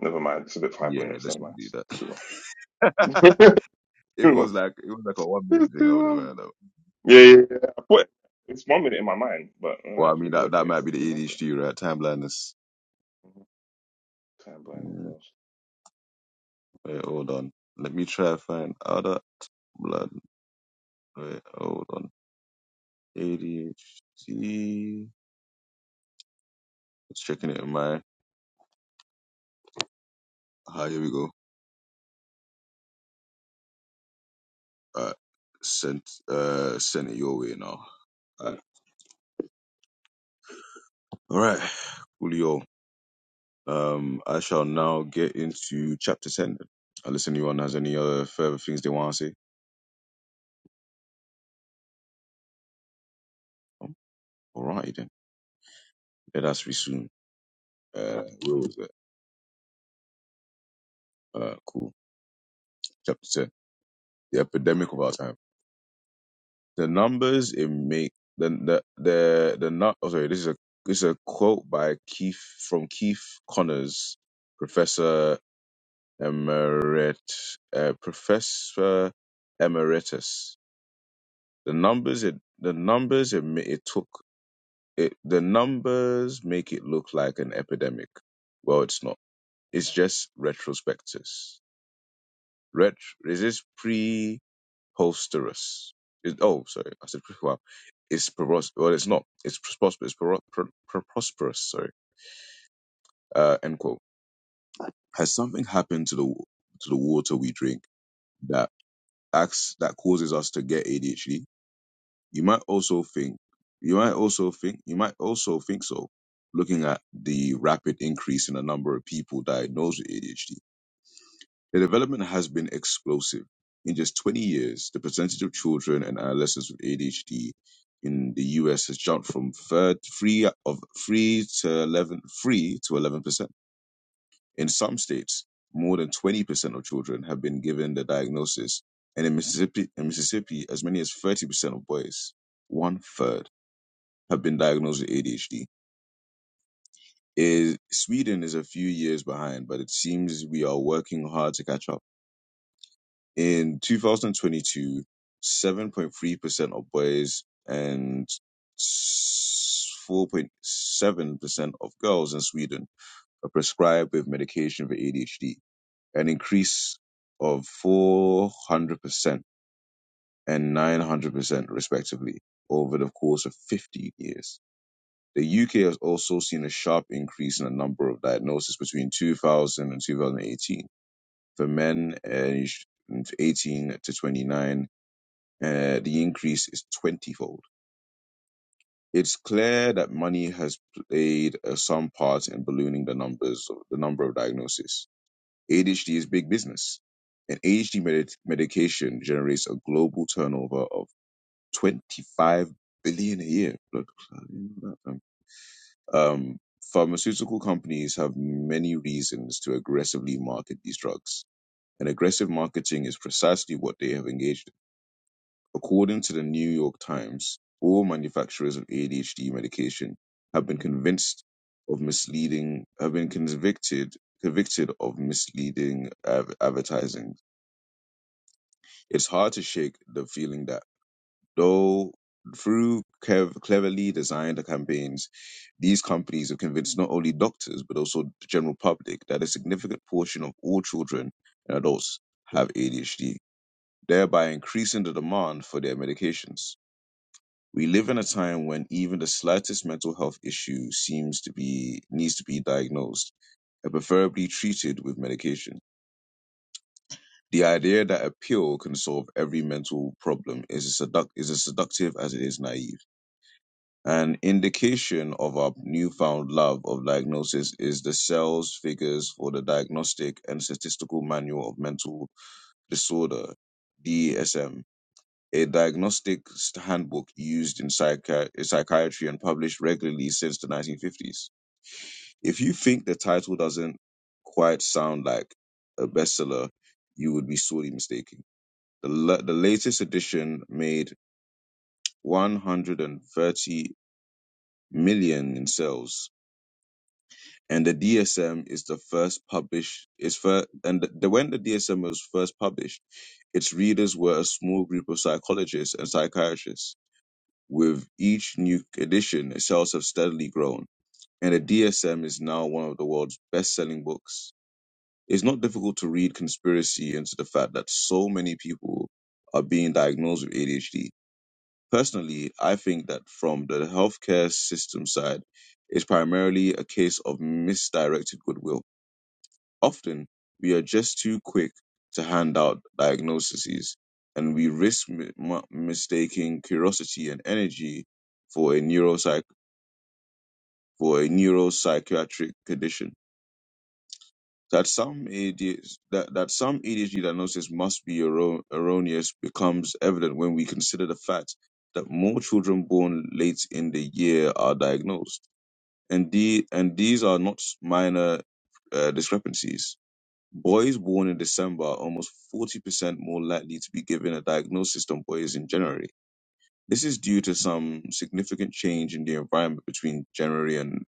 [SPEAKER 3] never mind. It's a bit five
[SPEAKER 1] Yeah,
[SPEAKER 3] minutes.
[SPEAKER 1] let's
[SPEAKER 3] Never
[SPEAKER 1] not
[SPEAKER 3] mind. It's, it's
[SPEAKER 1] do
[SPEAKER 3] too long.
[SPEAKER 1] that. it
[SPEAKER 3] too
[SPEAKER 1] was
[SPEAKER 3] long.
[SPEAKER 1] like it was like a one minute
[SPEAKER 3] It's
[SPEAKER 1] thing. I
[SPEAKER 3] too
[SPEAKER 1] would have
[SPEAKER 3] long.
[SPEAKER 1] heard of.
[SPEAKER 3] Yeah, yeah. yeah. I put. It's one minute in my mind, but when
[SPEAKER 1] Well,
[SPEAKER 3] I
[SPEAKER 1] I mean that
[SPEAKER 3] figured,
[SPEAKER 1] that
[SPEAKER 3] okay,
[SPEAKER 1] might
[SPEAKER 3] it's
[SPEAKER 1] be
[SPEAKER 3] actually
[SPEAKER 1] the
[SPEAKER 3] longer.
[SPEAKER 1] ADHD, right? Time blindness.
[SPEAKER 3] Mhm. Time blindness.
[SPEAKER 1] Mm, wait, hold on. Let me try and find other blood. Wait, hold on. ADHD. Just checking it in my. Ah, here we go. Alright, sent uh sent it your way now. Alright, Alright, coolio. Um, I shall now get into chapter ten. Unless anyone has any other further things they want to say. Alright then, let us resume. Uh, where was it? Uh, cool. Chapter ten. The epidemic of our time. The numbers it make the the the the nut. Oh, sorry. This is a this is a quote by Keith from Keith Connors, professor Emeritus uh, professor emeritus. The numbers it the numbers it, ma- it took it, the numbers make it look like an epidemic. Well, it's not. It's just retrospectus. Ret is this preposterous? It, oh, sorry, I said pre- wow. It's preposterous. Well, it's not. It's prosperous. It's pro- pro- pro- prosperous. Sorry. Uh, end quote. Has something happened to the to the water we drink that acts that causes us to get ADHD? You might also think, you might also think, you might also think so, looking at the rapid increase in the number of people diagnosed with ADHD. The development has been explosive. In just 20 years, the percentage of children and adolescents with ADHD in the US has jumped from third, three of three to eleven, three to 11%. In some states, more than 20% of children have been given the diagnosis. And in Mississippi, in Mississippi, as many as 30% of boys, one third have been diagnosed with ADHD. Is Sweden is a few years behind, but it seems we are working hard to catch up. In 2022, 7.3% of boys and 4.7% of girls in Sweden are prescribed with medication for ADHD, an increase of 400% and 900% respectively over the course of 15 years The UK has also seen a sharp increase in the number of diagnoses between 2000 and 2018 for men aged from 18 to 29. Uh, the increase is 20-fold. It's clear that money has played uh, some part in ballooning the numbers, of the number of diagnoses. ADHD is big business, and ADHD medi- medication generates a global turnover of 25 billion a year. Blood clotting. Um, pharmaceutical companies have many reasons to aggressively market these drugs, and aggressive marketing is precisely what they have engaged in. According to the New York Times, all manufacturers of ADHD medication have been convinced of misleading, have been convicted convicted of misleading ad- advertising. It's hard to shake the feeling that Though through clev- cleverly designed campaigns, these companies have convinced not only doctors but also the general public that a significant portion of all children and adults have ADHD, thereby increasing the demand for their medications. We live in a time when even the slightest mental health issue seems to be needs to be diagnosed and preferably treated with medication. The idea that a pill can solve every mental problem is as, seduct- is as seductive as it is naive. An indication of our newfound love of diagnosis is the Cell's figures for the Diagnostic and Statistical Manual of Mental Disorder, DSM, a diagnostic st- handbook used in psychi- psychiatry and published regularly since the 1950s. If you think the title doesn't quite sound like a bestseller, you would be sorely mistaken. The, la- the latest edition made 130 million in sales and the DSM is the first published is first and the, the- when the DSM was first published, its readers were a small group of psychologists and psychiatrists. With each new edition, its sales have steadily grown, and the DSM is now one of the world's best-selling books. It's not difficult to read conspiracy into the fact that so many people are being diagnosed with ADHD. Personally, I think that from the healthcare system side, it's primarily a case of misdirected goodwill Often, we are just too quick to hand out diagnoses, and we risk mi- ma- mistaking curiosity and energy for a neuropsych for a neuropsychiatric condition. That some ADHD, that, that some ADHD diagnosis must be erro- erroneous becomes evident when we consider the fact that more children born late in the year are diagnosed. And, the, and these are not minor uh, discrepancies Boys born in December are almost 40% more likely to be given a diagnosis than boys in January. This is due to some significant change in the environment between January and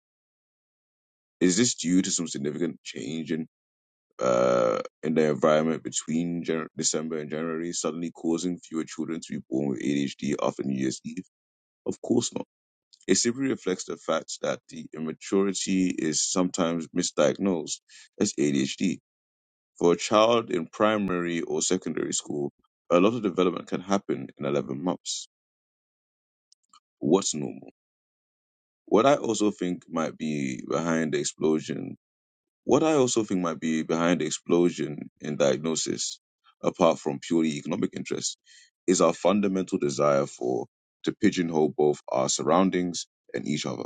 [SPEAKER 1] is this due to some significant change in uh in the environment between Jan- December and January, suddenly causing fewer children to be born with ADHD after New Year's Eve? Of course not. It simply reflects the fact that the immaturity is sometimes misdiagnosed as ADHD For a child in primary or secondary school, a lot of development can happen in 11 months. What's normal? What I also think might be behind the explosion, what I also think might be behind the explosion in diagnosis, apart from purely economic interest, is our fundamental desire for to pigeonhole both our surroundings and each other.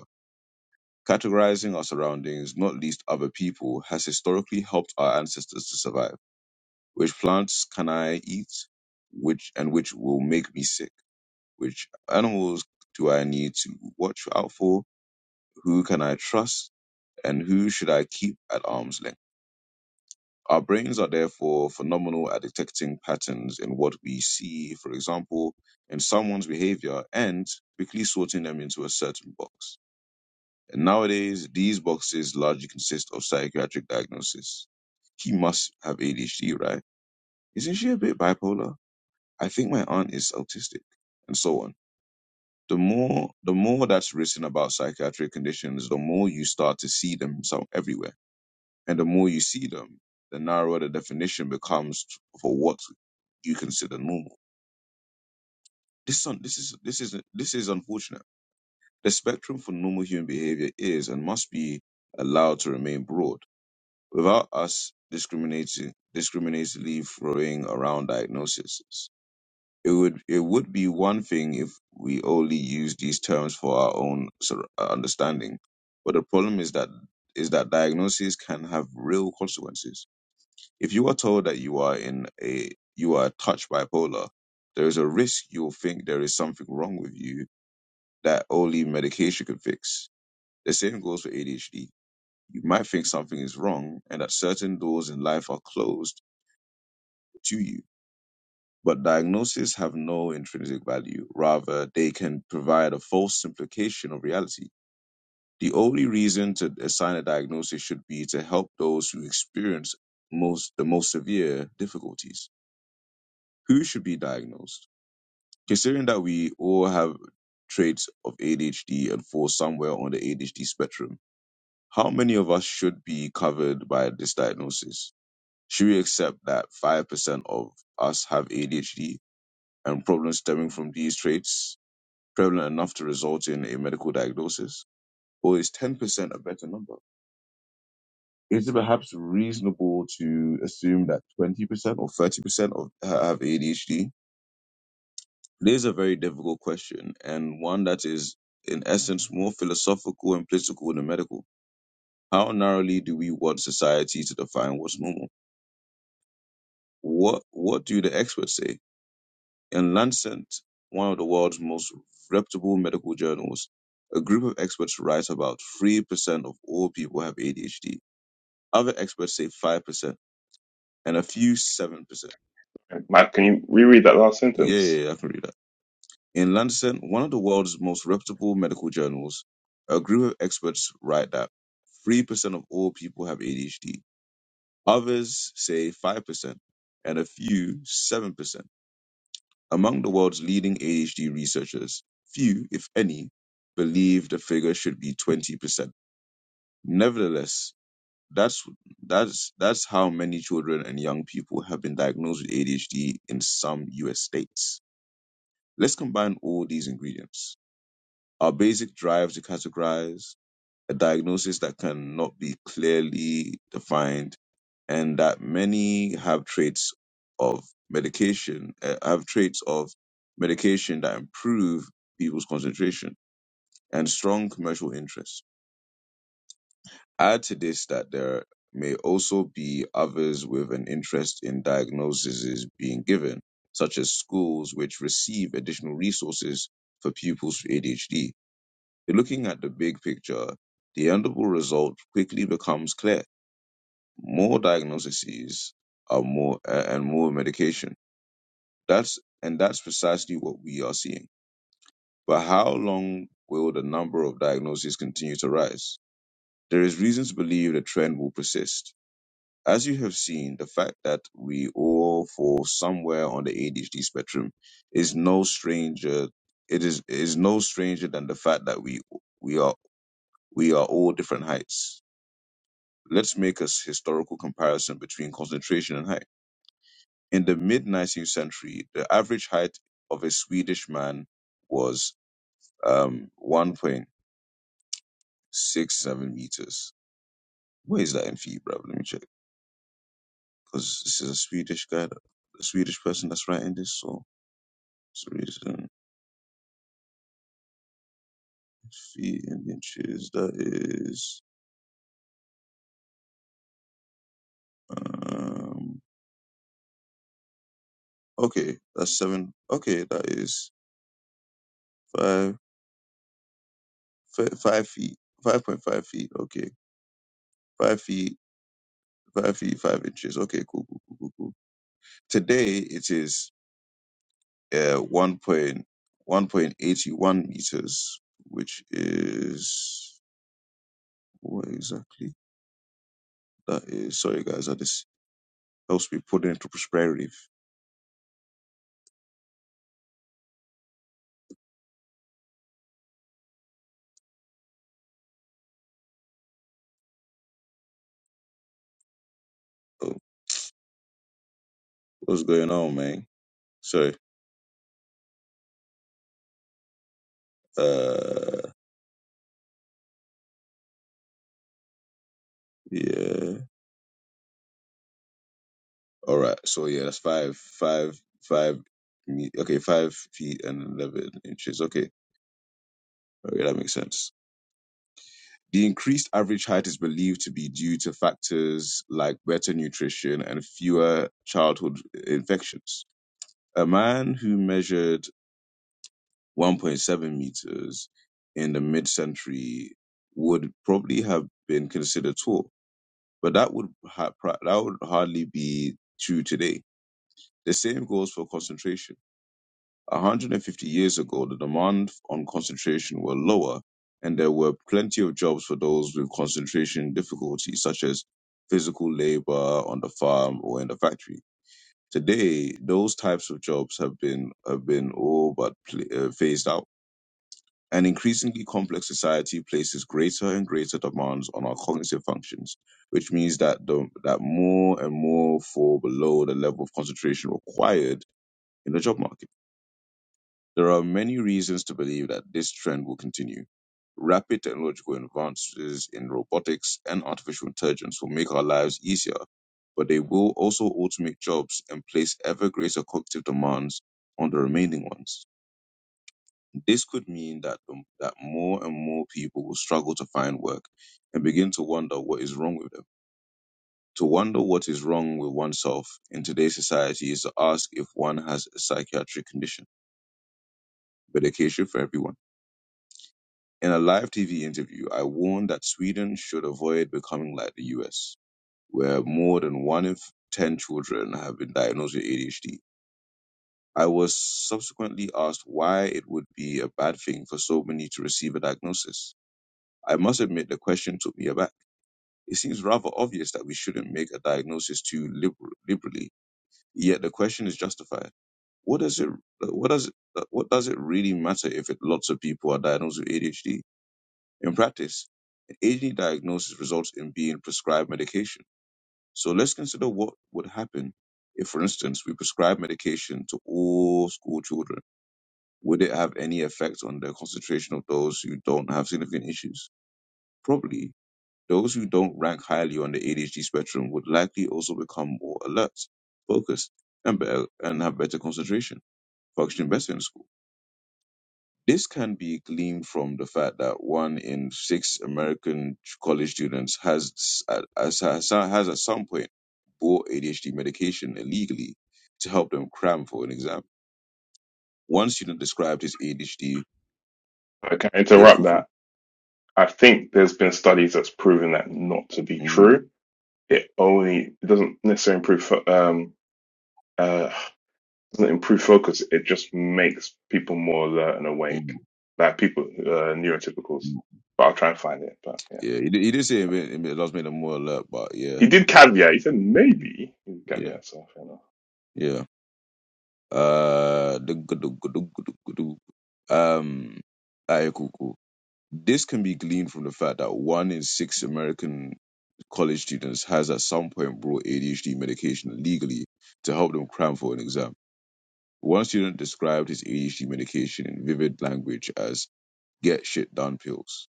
[SPEAKER 1] Categorizing our surroundings, not least other people, has historically helped our ancestors to survive Which plants can I eat? Which and which will make me sick? Which animals do I need to watch out for? Who can I trust? And who should I keep at arm's length? Our brains are therefore phenomenal at detecting patterns in what we see, for example, in someone's behavior and quickly sorting them into a certain box. And nowadays, these boxes largely consist of psychiatric diagnosis. He must have ADHD, right? Isn't she a bit bipolar? I think my aunt is autistic, and so on. The more the more that's written about psychiatric conditions, the more you start to see them so everywhere, and the more you see them, the narrower the definition becomes for what you consider normal. This un- this is this is this is unfortunate. The spectrum for normal human behavior is and must be allowed to remain broad, without us discriminating discriminatingly throwing around diagnoses. It would it would be one thing if we only use these terms for our own sort of understanding, but the problem is that is that diagnoses can have real consequences. If you are told that you are in a you are touched bipolar, there is a risk you'll think there is something wrong with you that only medication can fix. The same goes for ADHD. You might think something is wrong and that certain doors in life are closed to you But diagnoses have no intrinsic value. Rather, they can provide a false implication of reality. The only reason to assign a diagnosis should be to help those who experience most the most severe difficulties. Who should be diagnosed? Considering that we all have traits of ADHD and fall somewhere on the ADHD spectrum, how many of us should be covered by this diagnosis? Should we accept that 5% of us have ADHD and problems stemming from these traits? prevalent enough to result in a medical diagnosis, or is 10% a better number? Is it perhaps reasonable to assume that 20% or 30% of have ADHD? It is a very difficult question and one that is, in essence, more philosophical and political than medical. How narrowly do we want society to define what's normal? What What do the experts say? In Lancet, one of the world's most reputable medical journals, a group of experts write about 3% of all people have ADHD. Other experts say 5%, and a few 7%.
[SPEAKER 3] Matt, can you reread that last sentence?
[SPEAKER 1] Yeah, I can read that. In Lancet, one of the world's most reputable medical journals, a group of experts write that 3% of all people have ADHD. Others say 5%, and a few 7%. Among the world's leading ADHD researchers, few, if any, believe the figure should be 20%. Nevertheless, that's that's that's how many children and young people have been diagnosed with ADHD in some US states. Let's combine all these ingredients. Our basic drive to categorize, a diagnosis that cannot be clearly defined and that many have traits of medication uh, have traits of medication that improve people's concentration and strong commercial interests. Add to this that there may also be others with an interest in diagnoses being given, such as schools which receive additional resources for pupils with ADHD. Looking at the big picture, the endable result quickly becomes clear more diagnoses are more a- and more medication that's and that's precisely what we are seeing but how long will the number of diagnoses continue to rise there is reason to believe the trend will persist as you have seen the fact that we all fall somewhere on the adhd spectrum is no stranger it is is no stranger than the fact that we we are we are all different heights let's make a s- historical comparison between concentration and height In the mid 19th century, the average height of a Swedish man was um, 1.67 meters. Where is that in feet, bro? Let me check. Because this is a Swedish guy, that- a Swedish person that's writing this, so it's the reason feet in inches. That is, um, okay, that's seven. Okay, that is five, fi- five feet, 5.5 feet. Okay, five feet, five feet, five inches. Okay, cool, cool, cool, cool, cool. Today it is. uh, 1.1.81 meters, which is what exactly that is. Sorry, guys, I just helps me put it into perspective. Oh, what's going on, man? Sorry. Uh, yeah. All right. So yeah, that's five, five, five. Me- okay, five feet and eleven inches. Okay, okay, that makes sense. The increased average height is believed to be due to factors like better nutrition and fewer childhood infections. A man who measured 1.7 meters in the mid century would probably have been considered tall, but that would, ha- pra- that would hardly be true today. The same goes for concentration. 150 years ago, the demand on concentration were lower, and there were plenty of jobs for those with concentration difficulties, such as physical labor on the farm or in the factory Today, those types of jobs have been have been all but pl- uh, phased out. An increasingly complex society places greater and greater demands on our cognitive functions, which means that the, that more and more fall below the level of concentration required in the job market. There are many reasons to believe that this trend will continue. Rapid technological advances in robotics and artificial intelligence will make our lives easier, but they will also automate jobs and place ever greater cognitive demands on the remaining ones. This could mean that, um, that more and more people will struggle to find work and begin to wonder what is wrong with them. To wonder what is wrong with oneself in today's society is to ask if one has a psychiatric condition, medication for everyone In a live TV interview, I warned that Sweden should avoid becoming like the US, where more than one in f- 10 children have been diagnosed with ADHD. I was subsequently asked why it would be a bad thing for so many to receive a diagnosis. I must admit the question took me aback. It seems rather obvious that we shouldn't make a diagnosis too liber- liberally, yet the question is justified. What does it what does it, what does it really matter if it, lots of people are diagnosed with ADHD? In practice, an AD diagnosis results in being prescribed medication. So let's consider what would happen if, for instance, we prescribe medication to all school children. Would it have any effect on the concentration of those who don't have significant issues? Probably. Those who don't rank highly on the ADHD spectrum would likely also become more alert, focused, and, better, and have better concentration, functioning better in school. This can be gleaned from the fact that one in six American college students has, has, has at some point bought ADHD medication illegally to help them cram for an exam. One student described his ADHD,
[SPEAKER 3] I can't
[SPEAKER 1] yeah,
[SPEAKER 3] interrupt
[SPEAKER 1] for
[SPEAKER 3] that.
[SPEAKER 1] free.
[SPEAKER 3] I think there's been studies that's proven that not to be
[SPEAKER 1] hmm
[SPEAKER 3] true. It only it doesn't necessarily improve fo- um, uh, doesn't improve focus. It just makes people more alert and
[SPEAKER 1] hmm
[SPEAKER 3] awake, like people uh, neurotypicals. But I'll try and find it. But yeah,
[SPEAKER 1] Yeah, he did, he did say it
[SPEAKER 3] sorry.
[SPEAKER 1] made, it made- it does make more alert, but yeah,
[SPEAKER 3] He did
[SPEAKER 1] the-
[SPEAKER 3] caveat. He said maybe he did
[SPEAKER 1] yeah,
[SPEAKER 3] caveat. So fair enough.
[SPEAKER 1] yeah. Uh, the good, the good, the good, the good, the good. Um, alright, cool, cool. This can be gleaned from the fact that one in six American college students has at some point brought ADHD medication legally to help them cram for an exam. One student described his ADHD medication in vivid language as get shit done pills.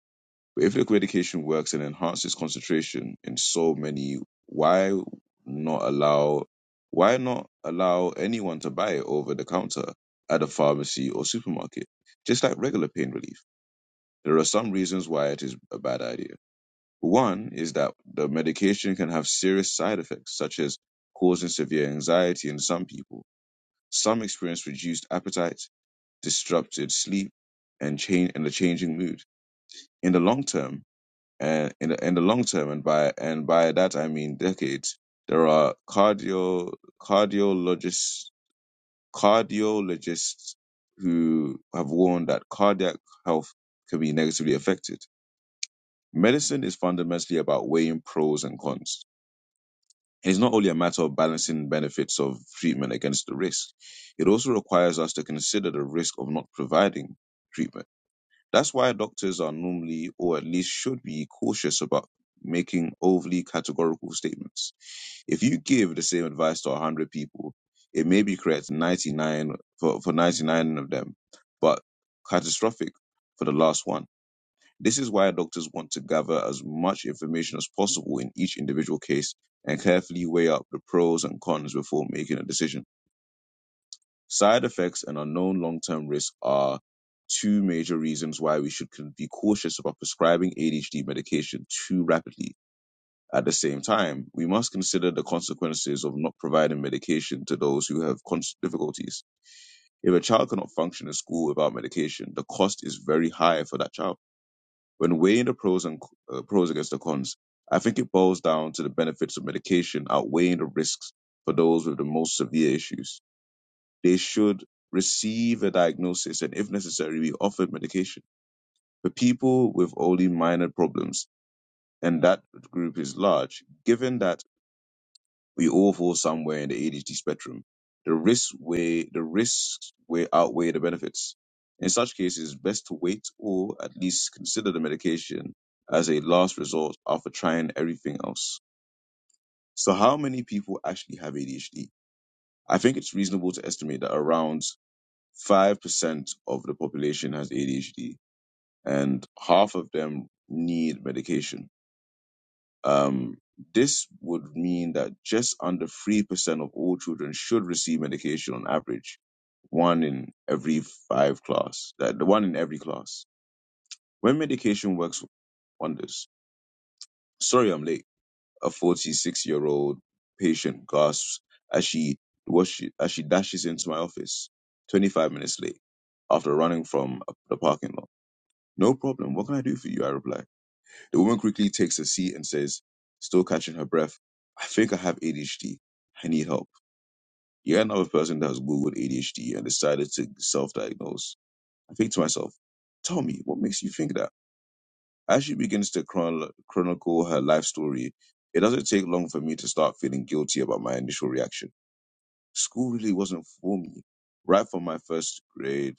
[SPEAKER 1] But if the medication works and enhances concentration in so many, why not allow why not allow anyone to buy it over the counter at a pharmacy or supermarket? Just like regular pain relief. There are some reasons why it is a bad idea. One is that the medication can have serious side effects, such as causing severe anxiety in some people. Some experience reduced appetite, disrupted sleep, and change and a changing mood. In the long term, and in the, in the long term, and by and by that I mean decades, there are cardio cardiologists cardiologists who have warned that cardiac health can be negatively affected. Medicine is fundamentally about weighing pros and cons And it's not only a matter of balancing benefits of treatment against the risk. It also requires us to consider the risk of not providing treatment. That's why doctors are normally, or at least should be, cautious about making overly categorical statements. If you give the same advice to 100 people, it may be correct 99 for, for 99 of them, but catastrophic for the last one this is why doctors want to gather as much information as possible in each individual case and carefully weigh up the pros and cons before making a decision. Side effects and unknown long term risks are two major reasons why we should be cautious about prescribing ADHD medication too rapidly. At the same time, we must consider the consequences of not providing medication to those who have difficulties. If a child cannot function in school without medication, the cost is very high for that child when weighing the pros and uh, pros against the cons, I think it boils down to the benefits of medication outweighing the risks for those with the most severe issues. They should receive a diagnosis and, if necessary, be offered medication. For people with only minor problems, and that group is large, given that we all fall somewhere in the ADHD spectrum. The risks weigh the risks weigh outweigh the benefits. In such cases, it's best to wait or at least consider the medication as a last resort after trying everything else. So, how many people actually have ADHD? I think it's reasonable to estimate that around five percent of the population has ADHD, and half of them need medication Um, this would mean that just under 3% of all children should receive medication on average, one in every five class, that the one in every class. When medication works wonders, sorry I'm late, a 46 year old patient gasps as she, was she, as she dashes into my office 25 minutes late after running from the parking lot. No problem. What can I do for you? I reply. The woman quickly takes a seat and says, still catching her breath, I think I have ADHD. I need help. You're another person that has Googled ADHD and decided to self diagnose. I think to myself, tell me, what makes you think that? As she begins to chron- chronicle her life story, it doesn't take long for me to start feeling guilty about my initial reaction. School really wasn't for me. Right from my first grade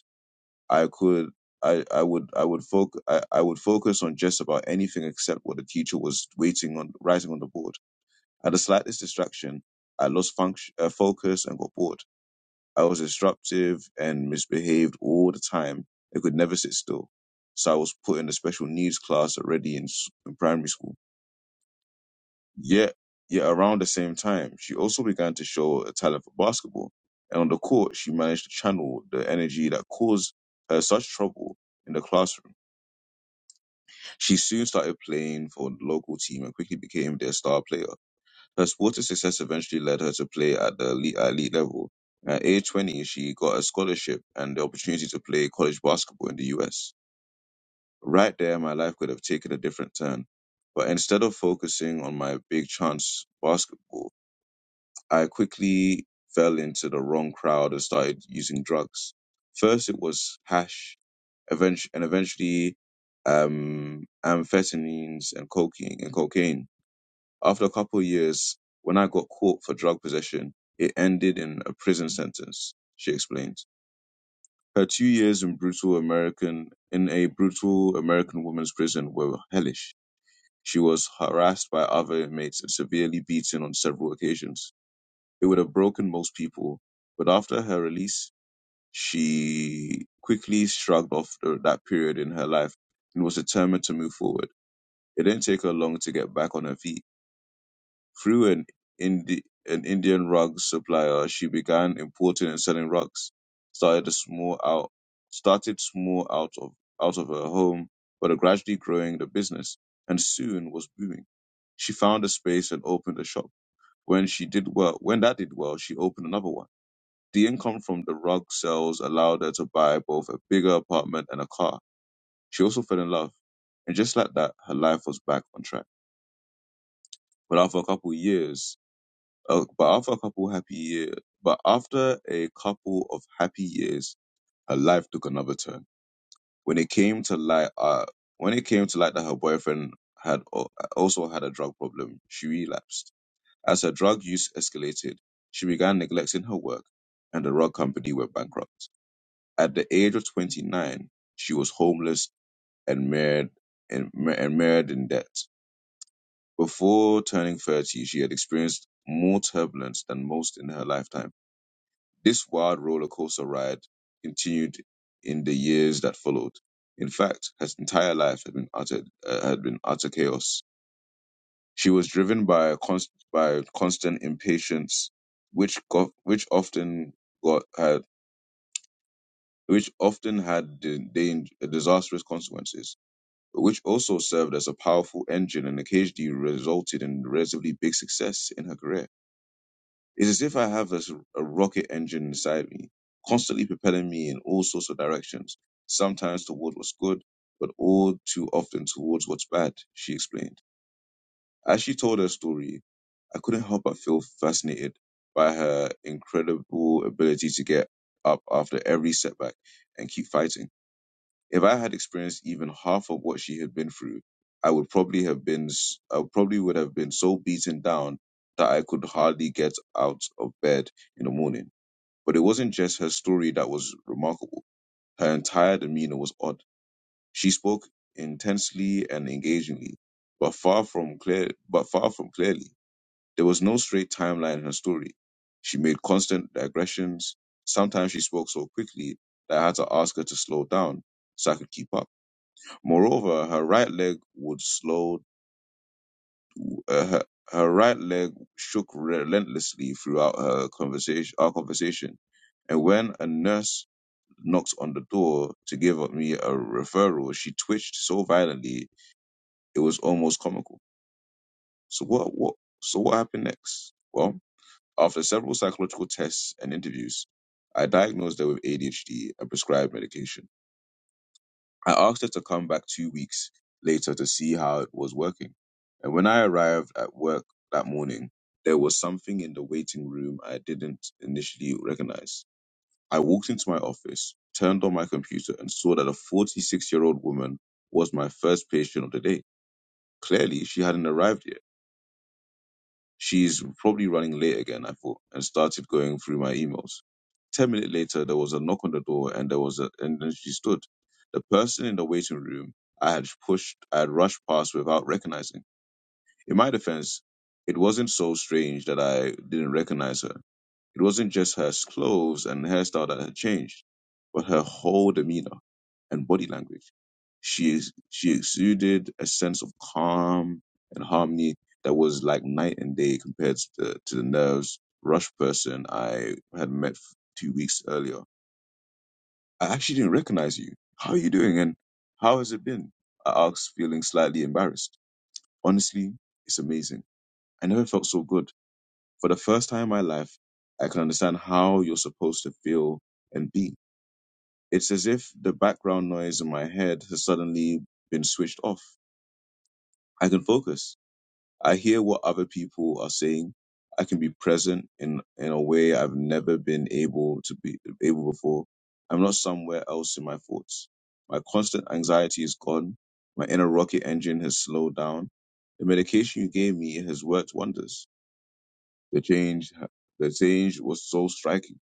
[SPEAKER 1] I could I, I would I would focus I, I would focus on just about anything except what the teacher was waiting on writing on the board. At the slightest distraction, I lost function uh, focus and got bored. I was disruptive and misbehaved all the time. I could never sit still. So I was put in a special needs class already in, s- in primary school. Yet, yet around the same time, she also began to show a talent for basketball. And on the court, she managed to channel the energy that caused her such trouble in the classroom She soon started playing for the local team and quickly became their star player. Her sporting success eventually led her to play at the elite, at elite level. At age 20, she got a scholarship and the opportunity to play college basketball in the US. Right there, my life could have taken a different turn. But instead of focusing on my big chance basketball, I quickly fell into the wrong crowd and started using drugs. First, it was hash, eventually, and eventually um, amphetamines and cocaine and cocaine. After a couple of years, when I got caught for drug possession, it ended in a prison sentence. She explained. Her two years in brutal American in a brutal American women's prison were hellish. She was harassed by other inmates and severely beaten on several occasions. It would have broken most people, but after her release, she quickly shrugged off the, that period in her life and was determined to move forward. It didn't take her long to get back on her feet. Through an, Indi- an Indian rug supplier, she began importing and selling rugs. Started a small out started small out of out of her home, but gradually growing the business and soon was booming. She found a space and opened a shop. When she did well, when that did well, she opened another one the income from the rug sales allowed her to buy both a bigger apartment and a car. She also fell in love. And just like that, her life was back on track. But after a couple years, uh, but after a couple happy years, but after a couple of happy years, her life took another turn. When it came to light, uh, when it came to light that her boyfriend had al- also had a drug problem, she relapsed. As her drug use escalated, she began neglecting her work, and the rug company went bankrupt. At the age of 29, she was homeless and married and, ma- and married in debt. Before turning 30, she had experienced more turbulence than most in her lifetime. This wild roller coaster ride continued in the years that followed. In fact, her entire life had been utter uh, had been utter chaos. She was driven by a const- by constant impatience, which got, which often got had which often had the, the disastrous consequences which also served as a powerful engine and occasionally resulted in relatively big success in her career. It's as if I have a, s- a rocket engine inside me, constantly propelling me in all sorts of directions, sometimes towards what's good, but all too often towards what's bad, she explained. As she told her story, I couldn't help but feel fascinated by her incredible ability to get up after every setback and keep fighting. If I had experienced even half of what she had been through, I would probably have been, s- I probably would have been so beaten down that I could hardly get out of bed in the morning. But it wasn't just her story that was remarkable. Her entire demeanor was odd. She spoke intensely and engagingly, but far from clear, but far from clearly. There was no straight timeline in her story. She made constant digressions. Sometimes she spoke so quickly that I had to ask her to slow down so I could keep up. Moreover, her right leg would slow. Uh, her, her right leg shook relentlessly throughout her conversation. Our conversation, and when a nurse knocked on the door to give me a referral, she twitched so violently it was almost comical. So what? What? So what happened next? Well, after several psychological tests and interviews, I diagnosed her with ADHD and prescribed medication. I asked her to come back two weeks later to see how it was working. And when I arrived at work that morning, there was something in the waiting room I didn't initially recognize. I walked into my office, turned on my computer, and saw that a 46 year old woman was my first patient of the day. Clearly, she hadn't arrived yet. She's probably running late again, I thought, and started going through my emails. Ten minutes later, there was a knock on the door, and there was a, and then she stood. The person in the waiting room I had pushed, I had rushed past without recognizing. In my defense, it wasn't so strange that I didn't recognize her. It wasn't just her clothes and hairstyle that had changed, but her whole demeanor and body language. She she exuded a sense of calm and harmony that was like night and day compared to the to the nerves rush person I had met f- two weeks earlier. I actually didn't recognize you. How are you doing and how has it been? I asked, feeling slightly embarrassed. Honestly, it's amazing. I never felt so good. For the first time in my life, I can understand how you're supposed to feel and be. It's as if the background noise in my head has suddenly been switched off. I can focus. I hear what other people are saying. I can be present in in a way I've never been able to be able before. I'm not somewhere else in my thoughts. My constant anxiety is gone. My inner rocket engine has slowed down. The medication you gave me has worked wonders. The change the change was so striking.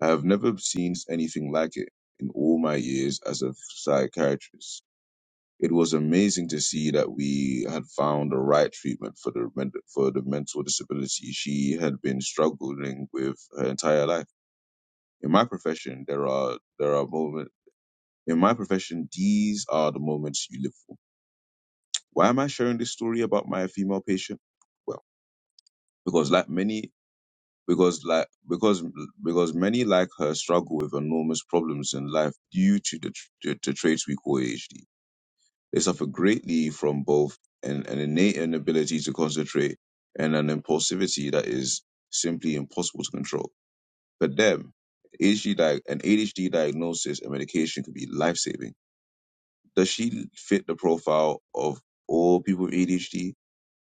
[SPEAKER 1] I have never seen anything like it in all my years as a psychiatrist. It was amazing to see that we had found the right treatment for the men- for the mental disability she had been struggling with her entire life. In my profession, there are there are moments. In my profession, these are the moments you live for. Why am I sharing this story about my female patient? Well, because like many, because like because because many like her struggle with enormous problems in life due to the tr- to, to traits we call ADHD. They suffer greatly from both an, an innate inability to concentrate and an impulsivity that is simply impossible to control. For them, ADHD, di- an ADHD diagnosis and medication could be life saving. Does she fit the profile of all people with ADHD?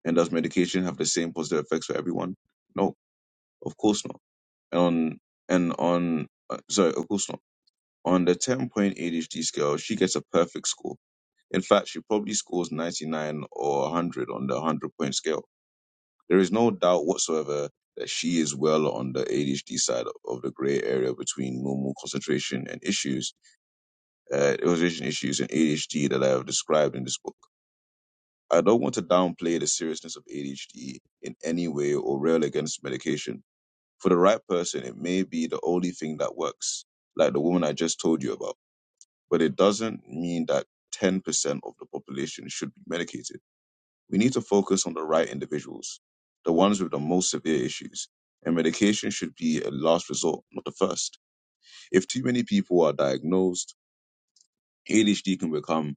[SPEAKER 1] And does medication have the same positive effects for everyone? No, of course not. And on, and on, uh, sorry, of course not. On the 10 point ADHD scale, she gets a perfect score in fact, she probably scores 99 or 100 on the 100 point scale. There is no doubt whatsoever that she is well on the ADHD side of the gray area between normal concentration and issues, uh, illustration issues and ADHD that I have described in this book. I don't want to downplay the seriousness of ADHD in any way or rail against medication. For the right person, it may be the only thing that works, like the woman I just told you about, but it doesn't mean that 10% of the population should be medicated We need to focus on the right individuals, the ones with the most severe issues, and medication should be a last resort, not the first. If too many people are diagnosed, ADHD can become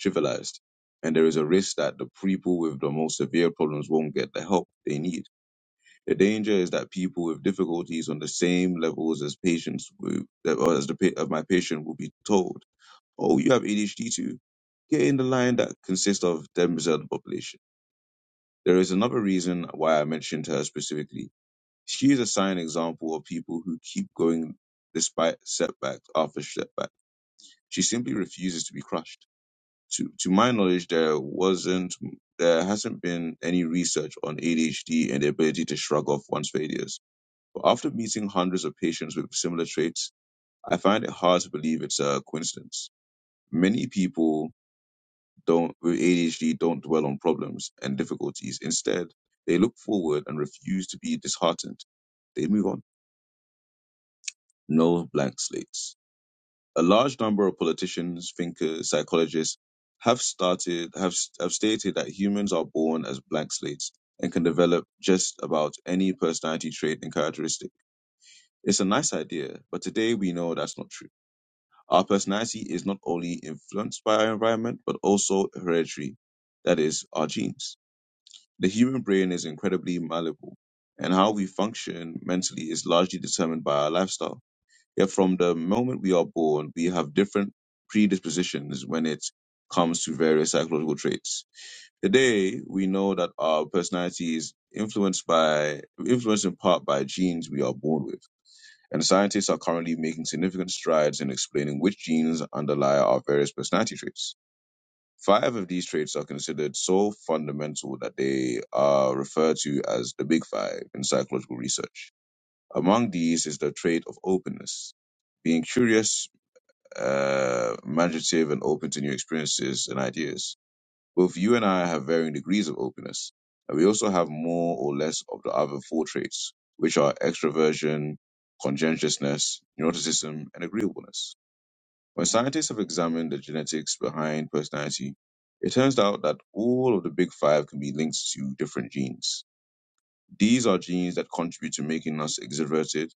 [SPEAKER 1] trivialized, and there is a risk that the people with the most severe problems won't get the help they need. The danger is that people with difficulties on the same levels as patients, with, that- or as the pa- of my patient, will be told, "Oh, you have ADHD too." Get in the line that consists of 10% of the population There is another reason why I mentioned her specifically. She is a sign example of people who keep going despite setbacks after setback. She simply refuses to be crushed. To, to my knowledge, there wasn't, there hasn't been any research on ADHD and the ability to shrug off one's failures. But after meeting hundreds of patients with similar traits, I find it hard to believe it's a coincidence. Many people don't with ADHD don't dwell on problems and difficulties. Instead, they look forward and refuse to be disheartened. They move on. No blank slates. A large number of politicians, thinkers, psychologists have started have, have stated that humans are born as blank slates and can develop just about any personality trait and characteristic. It's a nice idea, but today we know that's not true. Our personality is not only influenced by our environment, but also hereditary, that is, our genes. The human brain is incredibly malleable, and how we function mentally is largely determined by our lifestyle. Yet, from the moment we are born, we have different predispositions when it comes to various psychological traits. Today, we know that our personality is influenced by, influenced in part by genes we are born with. And scientists are currently making significant strides in explaining which genes underlie our various personality traits. Five of these traits are considered so fundamental that they are referred to as the Big Five in psychological research. Among these is the trait of openness, being curious, uh, imaginative, and open to new experiences and ideas. Both you and I have varying degrees of openness, and we also have more or less of the other four traits, which are extroversion, conscientiousness, neuroticism, and agreeableness. When scientists have examined the genetics behind personality, it turns out that all of the big five can be linked to different genes. These are genes that contribute to making us extroverted,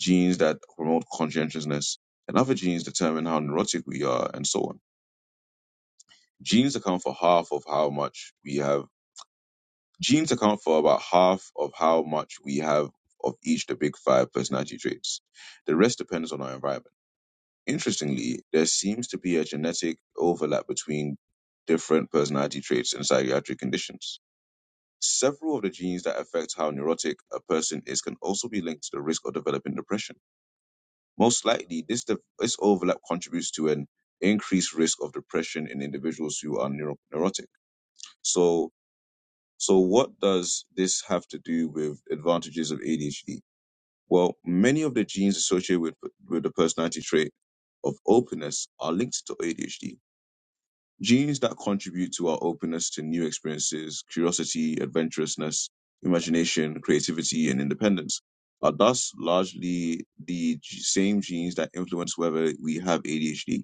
[SPEAKER 1] genes that promote conscientiousness, and other genes determine how neurotic we are, and so on. Genes account for half of how much we have. Genes account for about half of how much we have of each of the big five personality traits. The rest depends on our environment. Interestingly, there seems to be a genetic overlap between different personality traits and psychiatric conditions. Several of the genes that affect how neurotic a person is can also be linked to the risk of developing depression. Most likely, this, de- this overlap contributes to an increased risk of depression in individuals who are neuro- neurotic. So, so what does this have to do with advantages of ADHD? Well, many of the genes associated with, with the personality trait of openness are linked to ADHD Genes that contribute to our openness to new experiences, curiosity, adventurousness, imagination, creativity, and independence are thus largely the g- same genes that influence whether we have ADHD.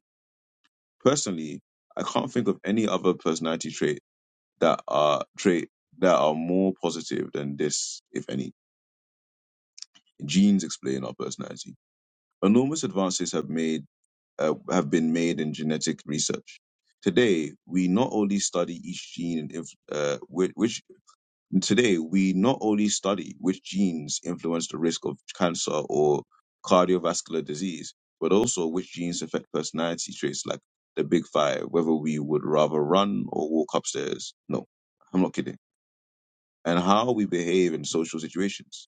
[SPEAKER 1] Personally, I can't think of any other personality trait that are trait that are more positive than this, if any. Genes explain our personality. Enormous advances have made uh, have been made in genetic research. Today, we not only study each gene, and inf- uh, which, which today we not only study which genes influence the risk of cancer or cardiovascular disease, but also which genes affect personality traits like the big five, whether we would rather run or walk upstairs. No, I'm not kidding. And how we behave in social situations.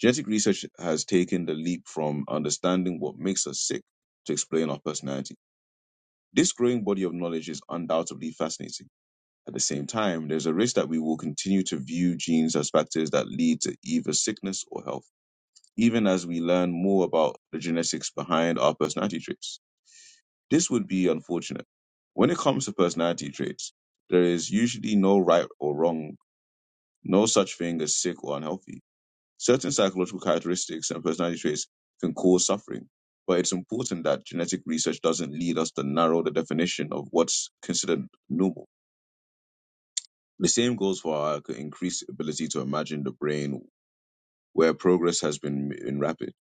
[SPEAKER 1] Genetic research has taken the leap from understanding what makes us sick to explain our personalities. This growing body of knowledge is undoubtedly fascinating. At the same time, there's a risk that we will continue to view genes as factors that lead to either sickness or health, even as we learn more about the genetics behind our personality traits. This would be unfortunate. When it comes to personality traits, there is usually no right or wrong, no such thing as sick or unhealthy. Certain psychological characteristics and personality traits can cause suffering, but it's important that genetic research doesn't lead us to narrow the definition of what's considered normal. The same goes for our increased ability to imagine the brain, where progress has been been rapid.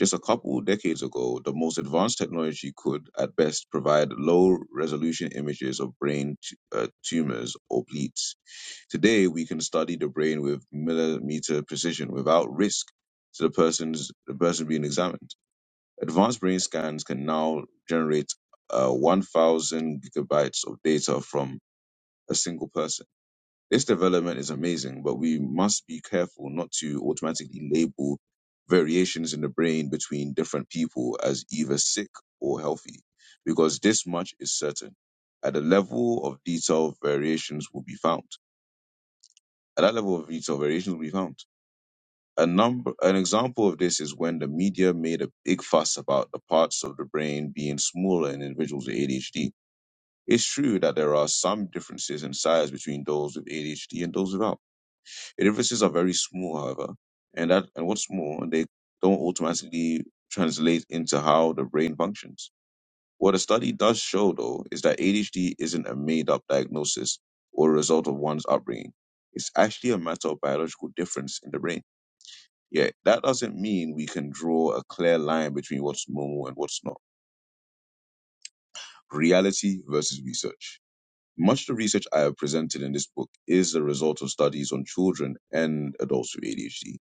[SPEAKER 1] Just a couple decades ago, the most advanced technology could, at best, provide low resolution images of brain t- uh, tumors or bleeds Today, we can study the brain with millimeter precision without risk to the person's the person being examined. Advanced brain scans can now generate uh, 1,000 gigabytes of data from a single person. This development is amazing, but we must be careful not to automatically label variations in the brain between different people as either sick or healthy, because this much is certain. At the level of detail, variations will be found at that level of retail, variations will be found. A number, an example of this is when the media made a big fuss about the parts of the brain being smaller in individuals with ADHD. It's true that there are some differences in size between those with ADHD and those without. The differences are very small, however, and that and what's more, they don't automatically translate into how the brain functions what a study does show, though, is that ADHD isn't a made up diagnosis or a result of one's upbringing. It's actually a matter of biological difference in the brain. Yet, that doesn't mean we can draw a clear line between what's normal and what's not. Reality versus research. Much of the research I have presented in this book is the result of studies on children and adults with ADHD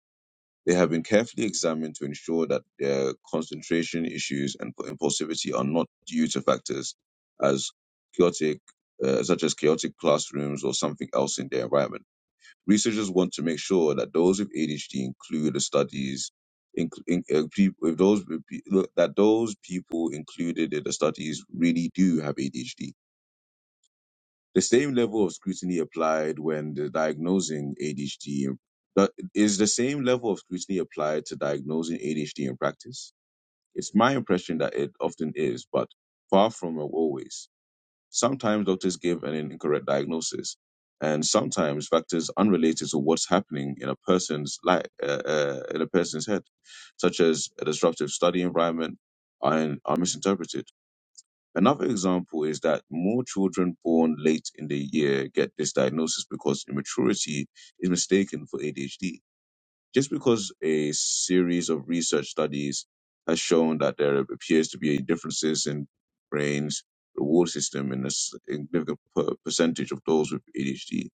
[SPEAKER 1] They have been carefully examined to ensure that their concentration issues and impulsivity are not due to factors as chaotic, uh, such as chaotic classrooms or something else in their environment. Researchers want to make sure that those with ADHD include the studies. In, in, uh, people, if those that those people included in the studies really do have ADHD the same level of scrutiny applied when the diagnosing ADHD in- but is the same level of scrutiny applied to diagnosing ADHD in practice. It's my impression that it often is, but far from always. Sometimes doctors give an incorrect diagnosis, and sometimes factors unrelated to what's happening in a person's life, uh, uh, in a person's head, such as a disruptive study environment, are, are misinterpreted. Another example is that more children born late in the year get this diagnosis because immaturity is mistaken for ADHD. Just because a series of research studies has shown that there appears to be differences in brain's reward system in a s- significant per- percentage of those with ADHD,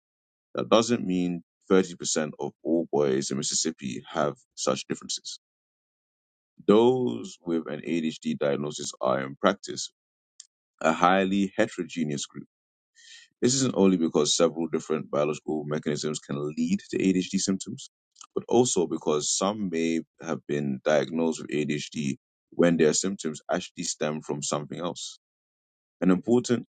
[SPEAKER 1] that doesn't mean 30% of all boys in Mississippi have such differences. Those with an ADHD diagnosis are, in practice, a highly heterogeneous group This isn't only because several different biological mechanisms can lead to ADHD symptoms, but also because some may have been diagnosed with ADHD when their symptoms actually stem from something else. An important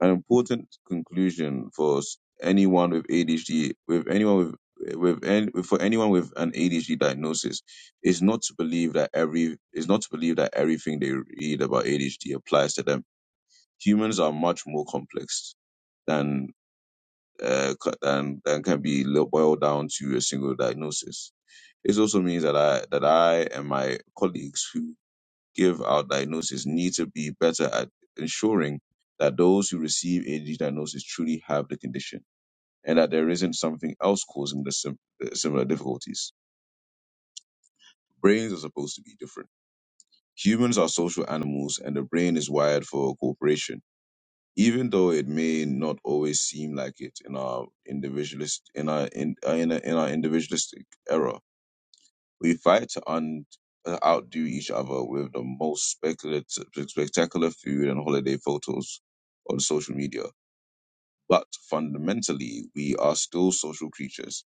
[SPEAKER 1] an important conclusion for s- anyone with ADHD with anyone with with any, for anyone with an ADHD diagnosis is not to believe that every is not to believe that everything they read about ADHD applies to them. Humans are much more complex than uh, c- and, and can be lo- boiled down to a single diagnosis. It also means that I that I and my colleagues who give out diagnosis need to be better at ensuring that those who receive AD diagnosis truly have the condition and that there isn't something else causing the sim- the similar difficulties. Brains are supposed to be different. Humans are social animals, and the brain is wired for cooperation even though it may not always seem like it in our individualist in our in, uh, in, a, in our individualistic era we fight to un, uh, outdo each other with the most speculative spectacular food and holiday photos on social media but fundamentally we are still social creatures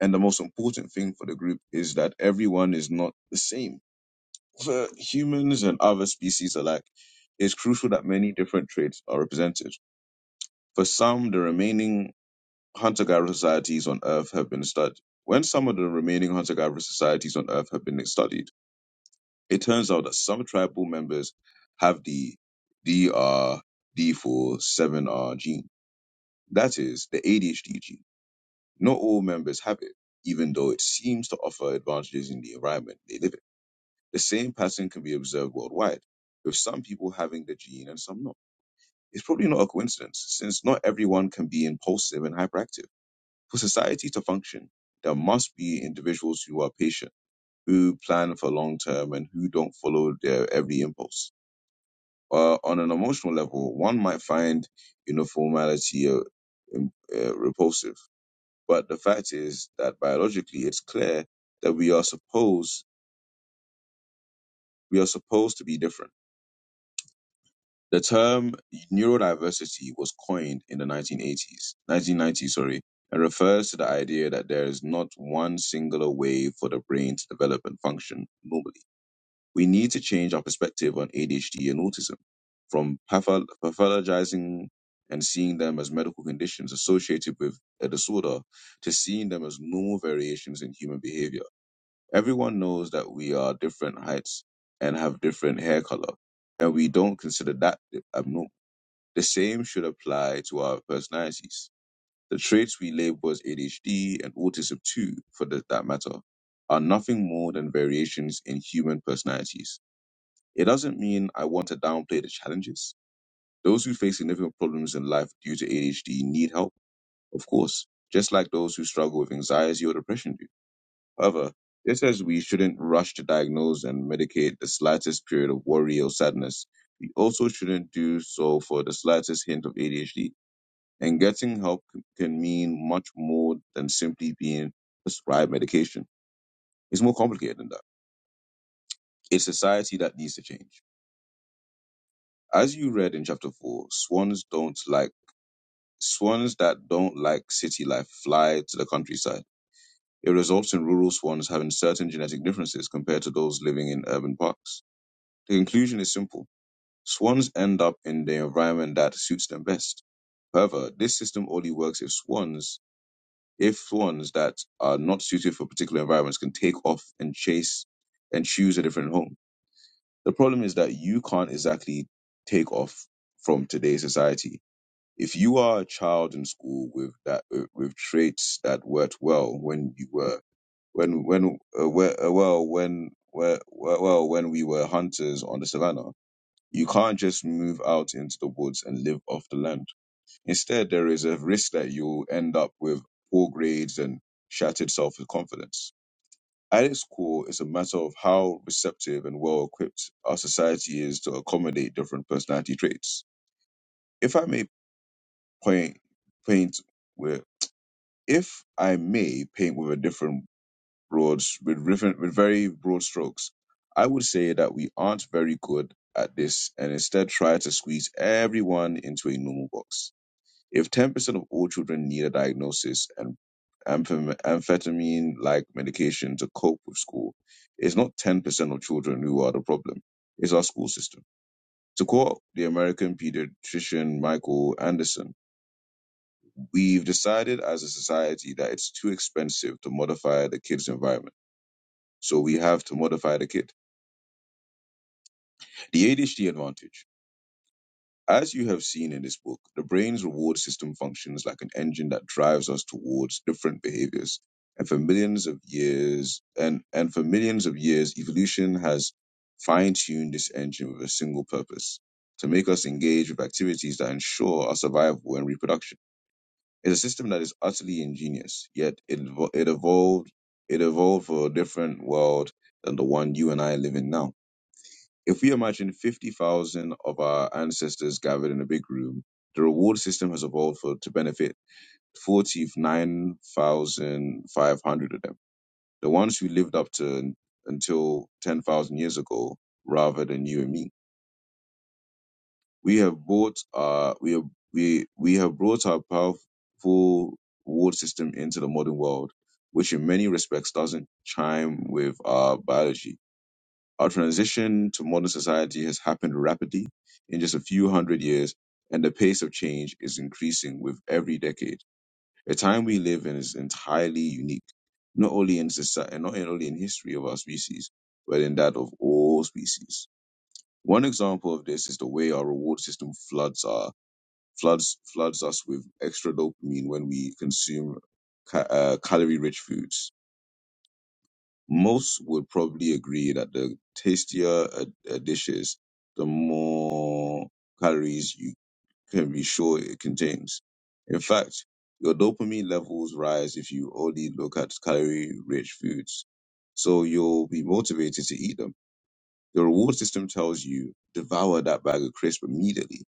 [SPEAKER 1] and the most important thing for the group is that everyone is not the same for humans and other species alike it's crucial that many different traits are represented for some the remaining hunter-gatherer societies on Earth have been studied. When some of the remaining hunter-gatherer societies on Earth have been studied, it turns out that some tribal members have the drd 4 7 r gene. That is, the ADHD gene. Not all members have it, even though it seems to offer advantages in the environment they live in. The same pattern can be observed worldwide, with some people having the gene and some not. It's probably not a coincidence, since not everyone can be impulsive and hyperactive For society to function, there must be individuals who are patient, who plan for long term, and who don't follow their every impulse. Uh, on an emotional level, one might find uniformity uh, im- uh, repulsive, but the fact is that biologically, it's clear that we are supposed we are supposed to be different The term neurodiversity was coined in the 1980s, 1990s, sorry, and refers to the idea that there is not one singular way for the brain to develop and function normally. We need to change our perspective on ADHD and autism from patho- pathologizing and seeing them as medical conditions associated with a disorder to seeing them as normal variations in human behavior. Everyone knows that we are different heights and have different hair color, and we don't consider that abnormal the same should apply to our personalities. The traits we label as ADHD and autism, too, for th- that matter, are nothing more than variations in human personalities. It doesn't mean I want to downplay the challenges. Those who face significant problems in life due to ADHD need help, of course, just like those who struggle with anxiety or depression do. However, this says we shouldn't rush to diagnose and medicate the slightest period of worry or sadness. We also shouldn't do so for the slightest hint of ADHD and getting help c- can mean much more than simply being prescribed medication. It's more complicated than that. It's society that needs to change. As you read in chapter four, swans don't like swans that don't like city life fly to the countryside. It results in rural swans having certain genetic differences compared to those living in urban parks. The conclusion is simple. Swans end up in the environment that suits them best. However, this system only works if swans If swans that are not suited for particular environments can take off and chase and choose a different home. The problem is that you can't exactly take off from today's society. If you are a child in school with that uh, with traits that worked well when you were when when uh, where, uh, well when where, where- well when we were hunters on the savannah, you can't just move out into the woods and live off the land Instead, there is a risk that you'll end up with poor grades and shattered self confidence. At its core, it's a matter of how receptive and well equipped our society is to accommodate different personality traits. If I may point, paint with, if I may paint with a different broad, with, different, with very broad strokes, I would say that we aren't very good at this and instead try to squeeze everyone into a normal box If 10% of all children need a diagnosis and amphetamine like medication to cope with school, it's not 10% of children who are the problem. It's our school system. To quote the American pediatrician Michael Anderson, we've decided as a society that it's too expensive to modify the kid's environment. So we have to modify the kid. The ADHD advantage. As you have seen in this book, the brain's reward system functions like an engine that drives us towards different behaviors. And for millions of years, and, and for millions of years, evolution has fine-tuned this engine with a single purpose, to make us engage with activities that ensure our survival and reproduction. It's a system that is utterly ingenious, yet it, evo- it evolved, it evolved for a different world than the one you and I live in now. If we imagine 50,000 of our ancestors gathered in a big room, the reward system has evolved for, to benefit 49,500 of them. The ones who lived up to until 10,000 years ago rather than you and me. We have brought our, we have, we, we have brought our powerful reward system into the modern world, which in many respects doesn't chime with our biology Our transition to modern society has happened rapidly in just a few hundred years, and the pace of change is increasing with every decade. The time we live in is entirely unique, not only in society, not only in history of our species, but in that of all species. One example of this is the way our reward system floods our floods floods us with extra dopamine when we consume ca- uh, calorie-rich foods most would probably agree that the tastier a, a dish is, the more calories you can be sure it contains. In fact, your dopamine levels rise if you only look at calorie rich foods. So you'll be motivated to eat them. The reward system tells you devour that bag of crisp immediately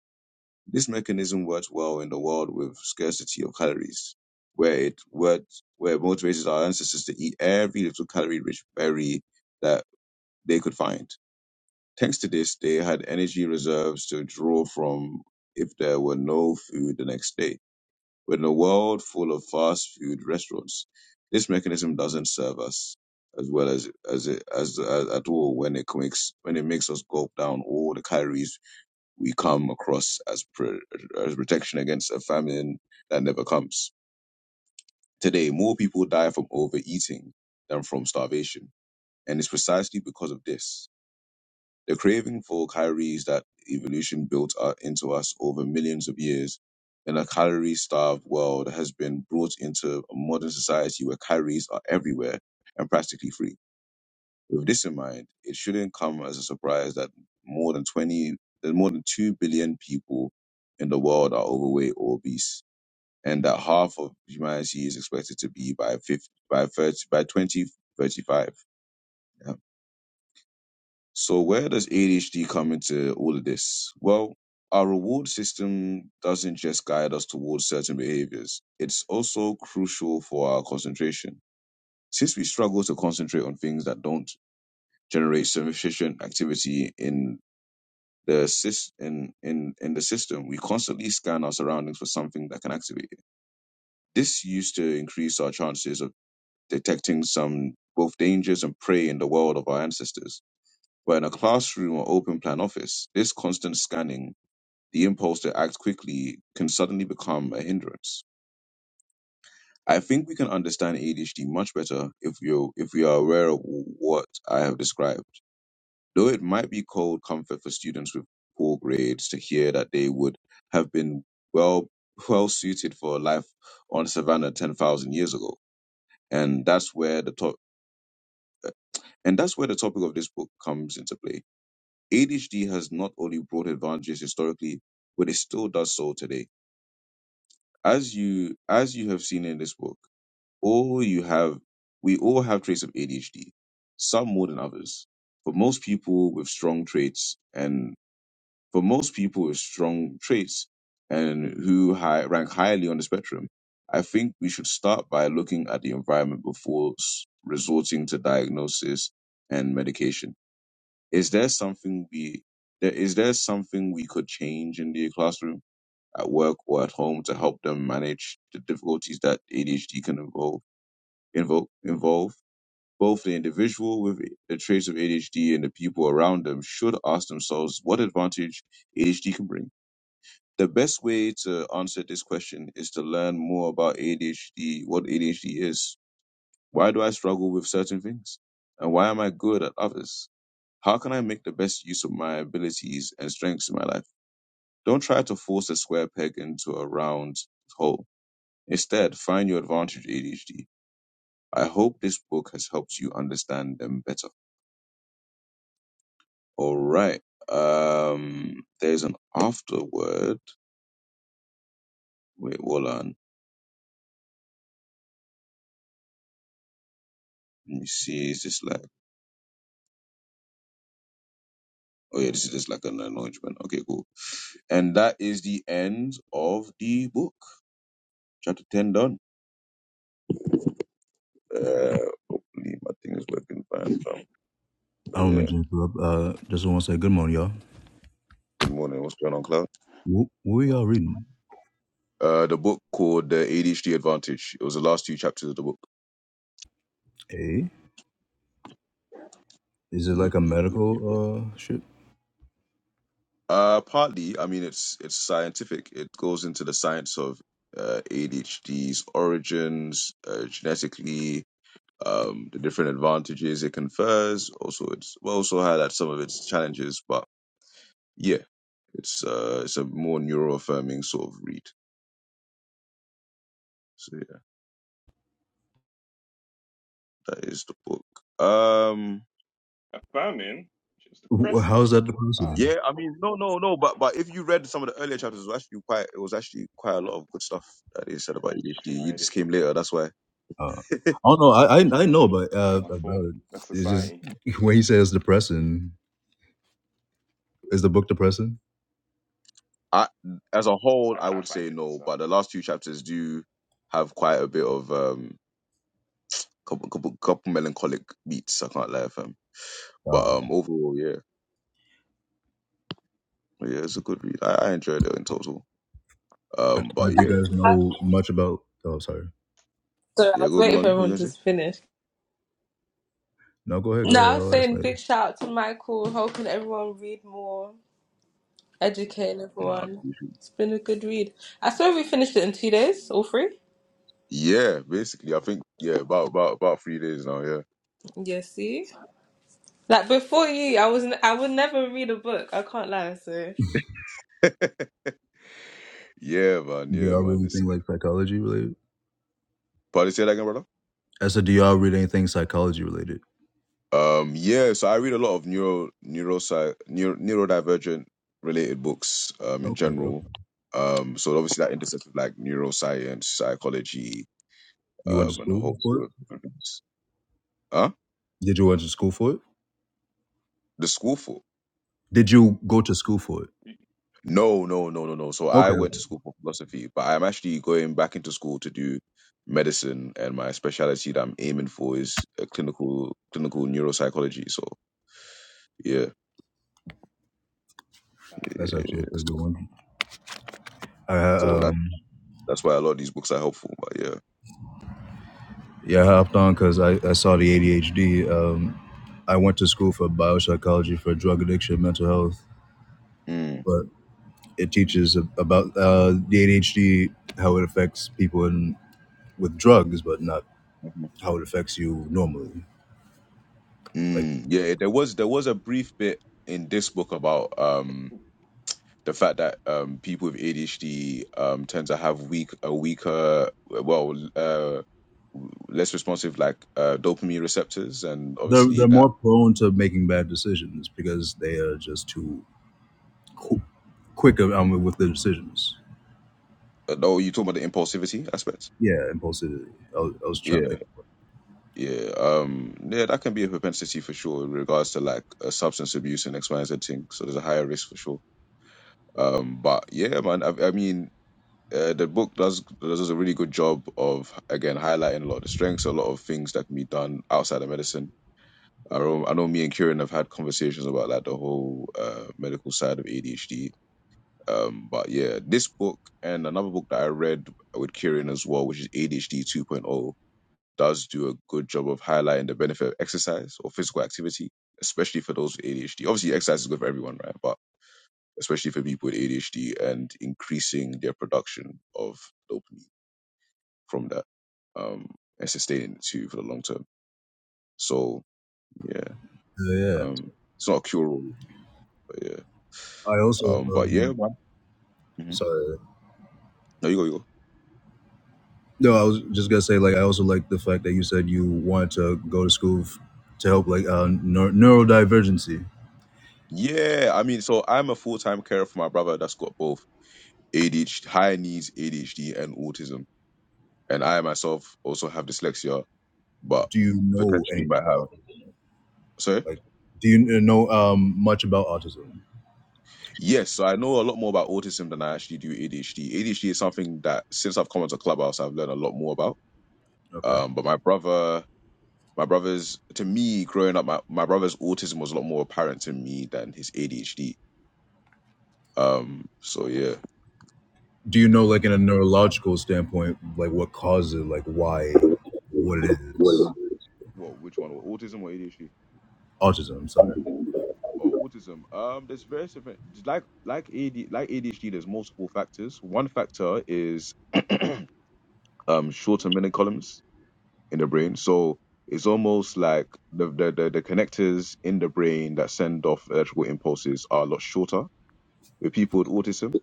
[SPEAKER 1] this mechanism works well in the world with scarcity of calories, where it worked, where it motivated our ancestors to eat every little calorie-rich berry that they could find. Thanks to this, they had energy reserves to draw from if there were no food the next day. But in a world full of fast food restaurants, this mechanism doesn't serve us as well as as it as, as at all when it makes when it makes us gulp down all the calories we come across as, pro- as protection against a famine that never comes. Today, more people die from overeating than from starvation. And it's precisely because of this. The craving for calories that evolution built u- into us over millions of years in a calorie starved world has been brought into a modern society where calories are everywhere and practically free. With this in mind, it shouldn't come as a surprise that more than 20, that more than 2 billion people in the world are overweight or obese, and that half of humanity is expected to be by 50, by 30, by 2035. Yeah. So where does ADHD come into all of this? Well, our reward system doesn't just guide us towards certain behaviors. It's also crucial for our concentration. Since we struggle to concentrate on things that don't generate sufficient activity in the sys- in, in, in the system, we constantly scan our surroundings for something that can activate it. This used to increase our chances of detecting some both dangers and prey in the world of our ancestors. But in a classroom or open plan office, this constant scanning, the impulse to act quickly, can suddenly become a hindrance. I think we can understand ADHD much better if you if we are aware of what I have described Though it might be cold comfort for students with poor grades to hear that they would have been well well suited for life on Savannah ten thousand years ago, and that's where the top and that's where the topic of this book comes into play. ADHD has not only brought advantages historically, but it still does so today. As you as you have seen in this book, all you have we all have traits of ADHD, some more than others. For most people with strong traits and for most people as strong traits and who high, rank highly on the spectrum. I think we should start by looking at the environment before s- resorting to diagnosis and medication. Is there something we there is there something we could change in the classroom, at work, or at home to help them manage the difficulties that ADHD can involve involve involve? Both the individual with the traits of ADHD and the people around them should ask themselves what advantage ADHD can bring the best way to answer this question is to learn more about ADHD, what ADHD is. Why do I struggle with certain things? And why am I good at others? How can I make the best use of my abilities and strengths in my life? Don't try to force a square peg into a round hole. Instead, find your advantage, ADHD. I hope this book has helped you understand them better. All right. Um, there's an afterword. Wait, hold on. Let me see. Is this like? Oh yeah, this is just like an anointment. Okay, cool. And that is the end of the book. Chapter ten done. Uh, believe my thing is working fine, fam.
[SPEAKER 5] I
[SPEAKER 1] But
[SPEAKER 5] don't mean
[SPEAKER 1] yeah,
[SPEAKER 5] to interrupt. Uh, just want to say good morning, y'all.
[SPEAKER 1] good morning. What's going on, Cloud?
[SPEAKER 5] What, what are y'all reading?
[SPEAKER 1] Uh, the book called The ADHD Advantage. It was the last two chapters of the book.
[SPEAKER 5] Eh? Is it like
[SPEAKER 1] Yep,
[SPEAKER 5] a
[SPEAKER 1] yep, yep, yep.
[SPEAKER 5] medical uh shit?
[SPEAKER 1] Uh, partly, I mean, it's it's scientific. It goes into the science of uh, ADHD's origins, uh, genetically, um, the different advantages it confers. Also, it's well, also highlights some of its challenges, but Yeah, it's uh it's a more neuroaffirming sort of read. So yeah, that is the book. Um
[SPEAKER 3] Affirming, which is
[SPEAKER 5] Wh- How
[SPEAKER 3] depressing.
[SPEAKER 5] is that the
[SPEAKER 3] Fuck.
[SPEAKER 5] president?
[SPEAKER 1] yeah, I mean no no no, but but if you read some of the earlier chapters, it was actually quite it was actually quite a lot of good stuff that they said about ADHD.
[SPEAKER 3] If you
[SPEAKER 1] You
[SPEAKER 3] read,
[SPEAKER 1] just
[SPEAKER 3] if you
[SPEAKER 1] came
[SPEAKER 3] read,
[SPEAKER 1] later, that's why.
[SPEAKER 5] Uh, I don't know. I I, I know, but
[SPEAKER 3] it's not
[SPEAKER 5] uh,
[SPEAKER 3] my fault.
[SPEAKER 5] about it.
[SPEAKER 3] That's
[SPEAKER 5] It's just
[SPEAKER 3] society.
[SPEAKER 5] when he says depressing. Is the book depressing?
[SPEAKER 1] I as a whole
[SPEAKER 3] I,
[SPEAKER 1] I
[SPEAKER 3] I
[SPEAKER 1] would
[SPEAKER 3] find
[SPEAKER 1] say
[SPEAKER 3] it.
[SPEAKER 1] no,
[SPEAKER 3] So
[SPEAKER 1] but the last two chapters do have quite a bit of um couple couple, couple melancholic beats, I can't lie, fam. But
[SPEAKER 5] Uh, uh,
[SPEAKER 1] um overall yeah. Yeah, it's a good read. I, I enjoyed it in total. Um but
[SPEAKER 5] do you
[SPEAKER 1] yeah.
[SPEAKER 5] guys know much about? Oh, sorry.
[SPEAKER 6] So I
[SPEAKER 1] Yeah,
[SPEAKER 6] was
[SPEAKER 1] go
[SPEAKER 6] waiting for
[SPEAKER 1] Melanie, what you
[SPEAKER 6] everyone
[SPEAKER 1] gonna
[SPEAKER 6] to
[SPEAKER 1] say?
[SPEAKER 6] finish.
[SPEAKER 5] No, go ahead. Go
[SPEAKER 6] No,
[SPEAKER 5] ahead.
[SPEAKER 6] I was
[SPEAKER 5] I'll ask
[SPEAKER 6] saying big
[SPEAKER 5] later.
[SPEAKER 6] shout out to Michael, hoping everyone read more, educating
[SPEAKER 1] Nah.
[SPEAKER 6] everyone. It's been a good read. I swear we finished it
[SPEAKER 3] yeah,
[SPEAKER 6] in two
[SPEAKER 3] yeah,
[SPEAKER 6] days, all three.
[SPEAKER 1] Yeah, basically, I think yeah, about about about three days now. Yeah,
[SPEAKER 6] Yeah, see? Like before you, I was I would never read a book. I can't lie, so
[SPEAKER 1] yeah, man,
[SPEAKER 5] Do
[SPEAKER 1] yeah,
[SPEAKER 5] y'all
[SPEAKER 1] man.
[SPEAKER 5] really
[SPEAKER 1] It's,
[SPEAKER 5] think like psychology related?
[SPEAKER 1] pardon, say that again, brother.
[SPEAKER 5] I said, do y'all read anything psychology related?
[SPEAKER 1] Um, yeah, so I read a lot of neuro neurosci neuro, neurodivergent related books um in
[SPEAKER 5] Okay, okay.
[SPEAKER 1] general. Um, so obviously that intersects with like neuroscience, psychology,
[SPEAKER 5] You went to
[SPEAKER 1] um, and a
[SPEAKER 5] school
[SPEAKER 1] whole
[SPEAKER 5] for it?
[SPEAKER 1] slew of different things. Huh?
[SPEAKER 5] Did you went to school for it?
[SPEAKER 1] The school
[SPEAKER 5] Did you go to school for it?
[SPEAKER 3] yeah.
[SPEAKER 1] No, no, no, no, no. So I
[SPEAKER 5] Okay, okay.
[SPEAKER 1] went to school for philosophy, but I'm actually going back into school to do medicine, and my specialty that I'm aiming for is uh clinical clinical neuropsychology. So yeah,
[SPEAKER 3] Um,
[SPEAKER 5] that's actually a
[SPEAKER 1] yeah.
[SPEAKER 5] pretty
[SPEAKER 1] So,
[SPEAKER 5] good one. I
[SPEAKER 1] so
[SPEAKER 5] uh,
[SPEAKER 1] that
[SPEAKER 5] um
[SPEAKER 1] that's why a lot of these books are helpful. But yeah,
[SPEAKER 5] yeah, I hopped on because I, I saw the ADHD. Um, I went to school for biopsychology for drug addiction, and mental health,
[SPEAKER 1] mm.
[SPEAKER 5] but it teaches ab- about uh, the ADHD, how it affects people in, with drugs, but not
[SPEAKER 1] mhm.
[SPEAKER 5] how it affects you normally. Like
[SPEAKER 1] Mm. yeah. There was there was a brief bit in this book about um the fact that um people with ADHD um tend to have weak a weaker well uh less responsive like uh, dopamine receptors and
[SPEAKER 5] they're
[SPEAKER 1] obviously
[SPEAKER 5] they're
[SPEAKER 1] that
[SPEAKER 5] more prone to making bad decisions because they are just too qu- quicker um, with their decisions.
[SPEAKER 1] uh, oh you talking about the impulsivity aspect
[SPEAKER 5] Yeah, impulsivity. I was, I was trying to
[SPEAKER 1] yeah
[SPEAKER 5] think.
[SPEAKER 1] yeah um yeah that can be a propensity for sure in regards to like uh, substance abuse and x y and z thing so there's a higher risk for sure um but yeah man i, I mean uh, the book does does a really good job of again highlighting a lot of the strengths, a lot of things that can be done outside of medicine. I know, I know me and Kieran have had conversations about like the whole uh, medical side of ADHD Um, but yeah, this book and another book that I read with Kieran as well, which is ADHD 2.0, does do a good job of highlighting the benefit of exercise or physical activity, especially for those with ADHD. Obviously, exercise is good for everyone, right? But especially for people with ADHD and increasing their production of dopamine from that um, and sustaining it too for the long term. So yeah,
[SPEAKER 5] Uh, yeah.
[SPEAKER 1] um, it's not a cure all, but yeah,
[SPEAKER 5] I also,
[SPEAKER 1] um, but yeah,
[SPEAKER 5] um,
[SPEAKER 1] man. Mhm.
[SPEAKER 5] sorry.
[SPEAKER 1] No, you go, you go.
[SPEAKER 5] No, I was just gonna say, like, I also like the fact that you said you wanted to go to school f- to help, like, uh, neur- neurodivergency.
[SPEAKER 1] Yeah, I mean, so I'm a full time carer for my brother that's got both ADHD, high needs ADHD, and autism. And I myself also have dyslexia, but
[SPEAKER 5] Do you know
[SPEAKER 1] potentially
[SPEAKER 5] anything
[SPEAKER 1] might
[SPEAKER 5] about
[SPEAKER 1] have.
[SPEAKER 5] autism?
[SPEAKER 1] Sorry?
[SPEAKER 5] Like, do you uh, know um much about autism?
[SPEAKER 1] Yes, so I know a lot more about autism than I actually do ADHD. ADHD is something that since I've come into Clubhouse, I've learned a lot more about.
[SPEAKER 5] Okay.
[SPEAKER 1] Um, but my brother, my brother's, to me, growing up, my, my brother's autism was a lot more apparent to me than his ADHD. Um, so yeah.
[SPEAKER 5] Do you know, like, in a neurological standpoint, like, what causes, like, why, what it is?
[SPEAKER 1] What, which one? Autism or ADHD?
[SPEAKER 5] Autism.
[SPEAKER 1] Oh,
[SPEAKER 5] Sorry.
[SPEAKER 1] autism. Um, there's various different like like AD, like ADHD. There's multiple factors. One factor is um short and middle columns in the brain. So it's almost like the, the the the connectors in the brain that send off electrical impulses are a lot shorter with people with autism,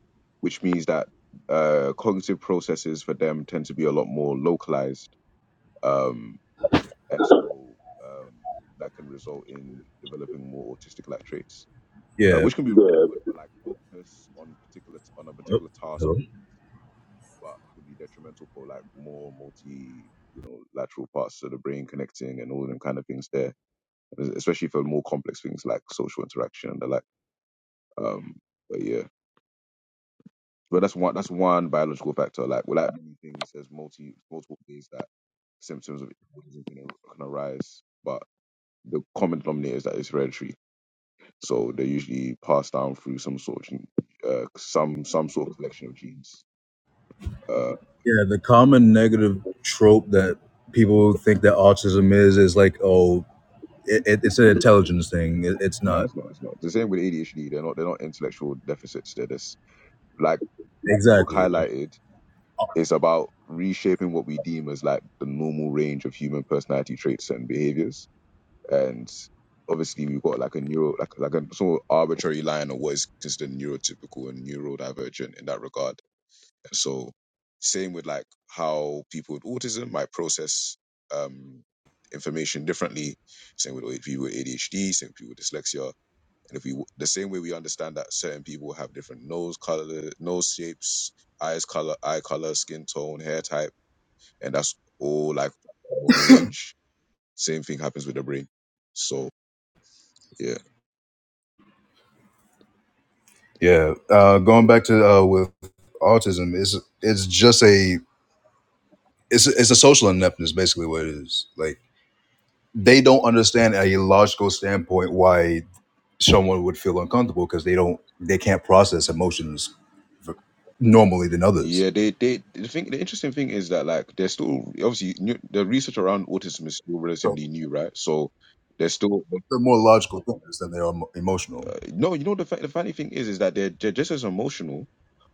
[SPEAKER 1] which means that uh cognitive processes for them tend to be a lot more localized. Um, and so um that can result in developing more autistic like traits. uh,
[SPEAKER 5] Yeah.
[SPEAKER 1] which can be really Yeah, good for like focus on particular on a
[SPEAKER 5] Oh,
[SPEAKER 1] particular task,
[SPEAKER 5] hello.
[SPEAKER 1] but can be detrimental for like more multi you know lateral parts of the brain connecting and all them kind of things there, especially for more complex things like social interaction and the like. Um, but yeah, but that's one that's one biological factor. Like with like many things, there's multi multiple ways that symptoms of autism can, can arise, but the common denominator is that it's hereditary So they're usually passed down through some sort of gene- uh, some some sort of collection of genes. Uh,
[SPEAKER 5] Yeah, the common negative trope that people think that autism is is like, oh, it, it, it's an intelligence thing. It, it's
[SPEAKER 1] no,
[SPEAKER 5] not
[SPEAKER 1] it's not. It's not the same with ADHD. They're not. They're not intellectual deficits. They're just like like the book
[SPEAKER 5] exactly. Like,
[SPEAKER 1] highlighted. It's about reshaping what we deem as like the normal range of human personality traits and behaviors. And obviously, we've got like a neuro, like like a sort of arbitrary line of what is considered neurotypical and neurodivergent in that regard So same with like how people with autism might process um, information differently. Same with people with ADHD, same with people with dyslexia. And if we the same way we understand that certain people have different nose color, nose shapes, eyes color, eye color, skin tone, hair type, and that's all like normal range. Same thing happens with the brain. So yeah.
[SPEAKER 5] yeah, uh, going back to uh, with autism, it's it's just a it's it's a social ineptness, basically what it is. Like they don't understand a logical standpoint why someone would feel uncomfortable because they don't they can't process emotions normally than others.
[SPEAKER 1] Yeah, they they the thing the interesting thing is that like they're still obviously new, the research around autism is still
[SPEAKER 5] So
[SPEAKER 1] relatively new, right? So they're still
[SPEAKER 5] they're more logical thinkers than they are emo- emotional.
[SPEAKER 1] uh, no, you know the fa- the funny thing is is that they're they're just as emotional,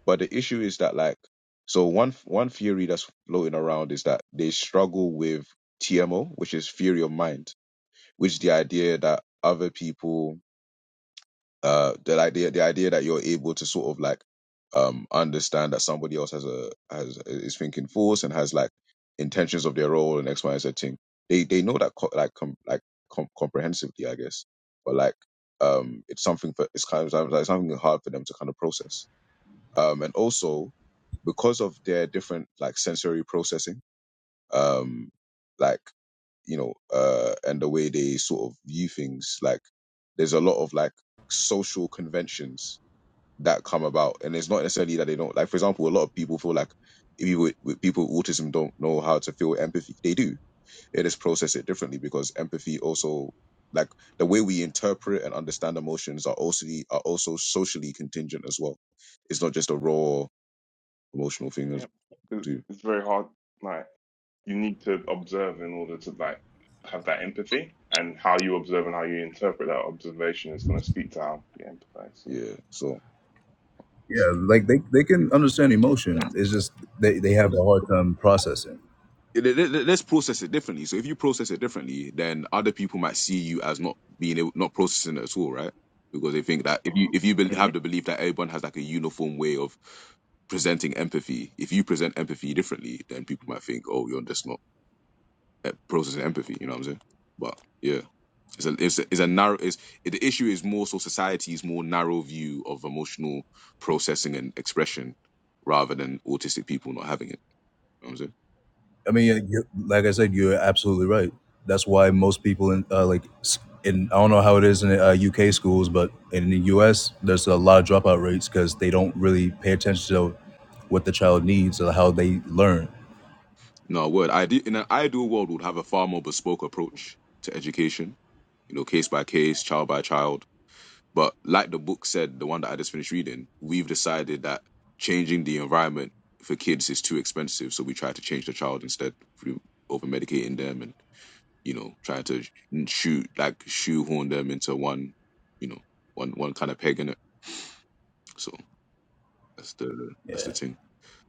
[SPEAKER 1] but the issue is that like so one one theory that's floating around is that they struggle with TMO, which is theory of mind, which is the idea that other people uh the idea the idea that you're able to sort of like um understand that somebody else has a has is thinking force and has like intentions of their role and x y and z thing they they know that co- like com- like com- comprehensively i guess but like um it's something for it's kind of like something hard for them to kind of process um and also because of their different like sensory processing um like you know, uh, and the way they sort of view things. Like, there's a lot of like social conventions that come about, and it's not necessarily that they don't like. For example, a lot of people feel like people with, with people with autism don't know how to feel empathy. They do. They just process it differently because empathy also like the way we interpret and understand emotions are also are also socially contingent as well. It's not just a raw emotional thing as
[SPEAKER 3] Yeah, 'cause
[SPEAKER 1] do.
[SPEAKER 3] it's very hard. Like you need to observe in order to like have that empathy, and how you observe and how you interpret that observation is going to speak to how you empathize. So.
[SPEAKER 1] Yeah. So.
[SPEAKER 5] Yeah, like they they can understand emotion. It's just they they have a hard time processing.
[SPEAKER 1] Let- let- let- Let's process it differently. So if you process it differently, then other people might see you as not being able, not processing it at all, right? Because they think that if you if you bel- have the belief that everyone has like a uniform way of presenting empathy, if you present empathy differently, then people might think, oh, you're just not eh, processing empathy. You know what I'm saying? But yeah, it's a
[SPEAKER 3] hmm
[SPEAKER 1] it's a, it's a narrow. It's, the issue is more so society's more narrow view of emotional processing and expression rather than autistic people not having it. You know what I'm saying?
[SPEAKER 5] I mean, you you- like I said, you're absolutely right. That's why most people in uh, like s- in I don't know how it is in uh, UK schools, but in the US, there's a lot of dropout rates because they don't really pay attention to what the child needs or how they learn.
[SPEAKER 1] No, word. I do, in an ideal world, would have a far more bespoke approach to education. You know, case by case, child by child. But like the book said, the one that I just finished reading, we've decided that changing the environment for kids is too expensive, so we try to change the child instead through over medicating them and you know trying to shoot like shoehorn them into one, you know, one one kind of peg in it. So that's the that's the
[SPEAKER 5] Yeah.
[SPEAKER 1] thing.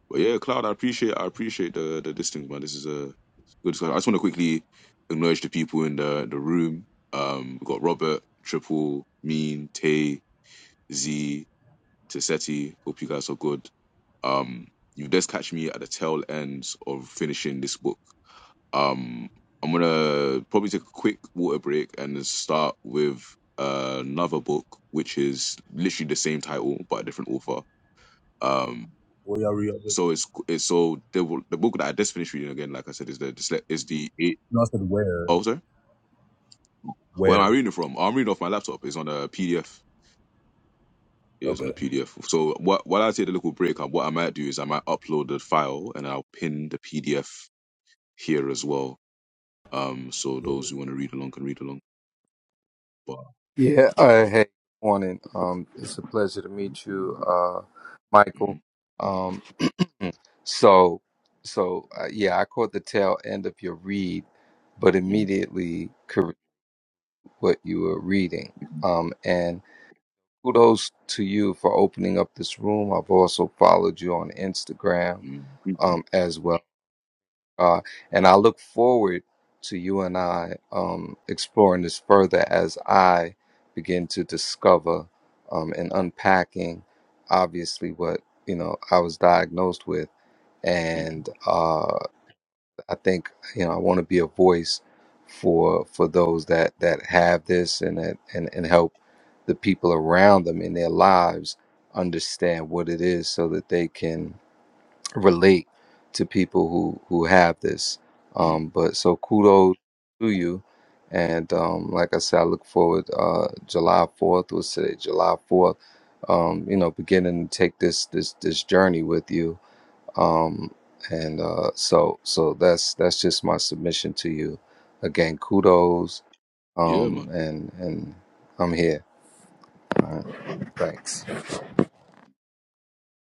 [SPEAKER 1] But yeah, Cloud, I appreciate I appreciate the the distance, man. This is a good discussion. I just want to quickly acknowledge the people in the the room. Um, we've got Robert, Triple, Mean, Tay, Z, Tassetti. Hope you guys are good. Um, you just catch me at the tail ends of finishing this book. Um, I'm gonna probably take a quick water break and then start with uh, another book, which is literally the same title but a different author. Um,
[SPEAKER 5] Well, y'all re-
[SPEAKER 1] so it's, it's so the the book that I just finished reading again, like I said, is the dysle- is the eight.
[SPEAKER 5] no, I said where
[SPEAKER 1] Oh, sorry. Where am I
[SPEAKER 5] where.
[SPEAKER 1] reading it from? Oh, I'm reading off my laptop. It's on a PDF. It's on
[SPEAKER 5] Okay.
[SPEAKER 1] a PDF. So what while I take a little break, uh, what I might do is I might upload the file and I'll pin the PDF here as well. Um, so those who want to read along can read along. But
[SPEAKER 7] Yeah, uh, hey, good morning. Um, it's a pleasure to meet you, uh, Michael.
[SPEAKER 1] Mhm,
[SPEAKER 7] Um, mm, so, so uh, yeah, I caught the tail end of your read, but
[SPEAKER 1] mhm,
[SPEAKER 7] immediately correct what you were reading.
[SPEAKER 1] mhm,
[SPEAKER 7] Um, and kudos to you for opening up this room. I've also followed you on Instagram,
[SPEAKER 1] mhm,
[SPEAKER 7] um, as well. God. And I look forward to you and I um, exploring this further as I begin to discover um, and unpacking, obviously, what you know I was diagnosed with.
[SPEAKER 1] mhm,
[SPEAKER 7] And uh, I think you know I want to be a voice for for those that that have this and that, and and help the people around them in their lives understand what it is so that they can relate to people who who have this.
[SPEAKER 1] mhm.
[SPEAKER 7] Um, but so kudos to you, and um, like I said, I look forward. Uh, July fourth was today, July fourth. Um, you know, beginning to take this this this journey with you. Um, and uh, so so that's that's just my submission to you. Again, kudos.
[SPEAKER 1] yeah,
[SPEAKER 7] Um,
[SPEAKER 1] man.
[SPEAKER 7] and and I'm here. Thanks.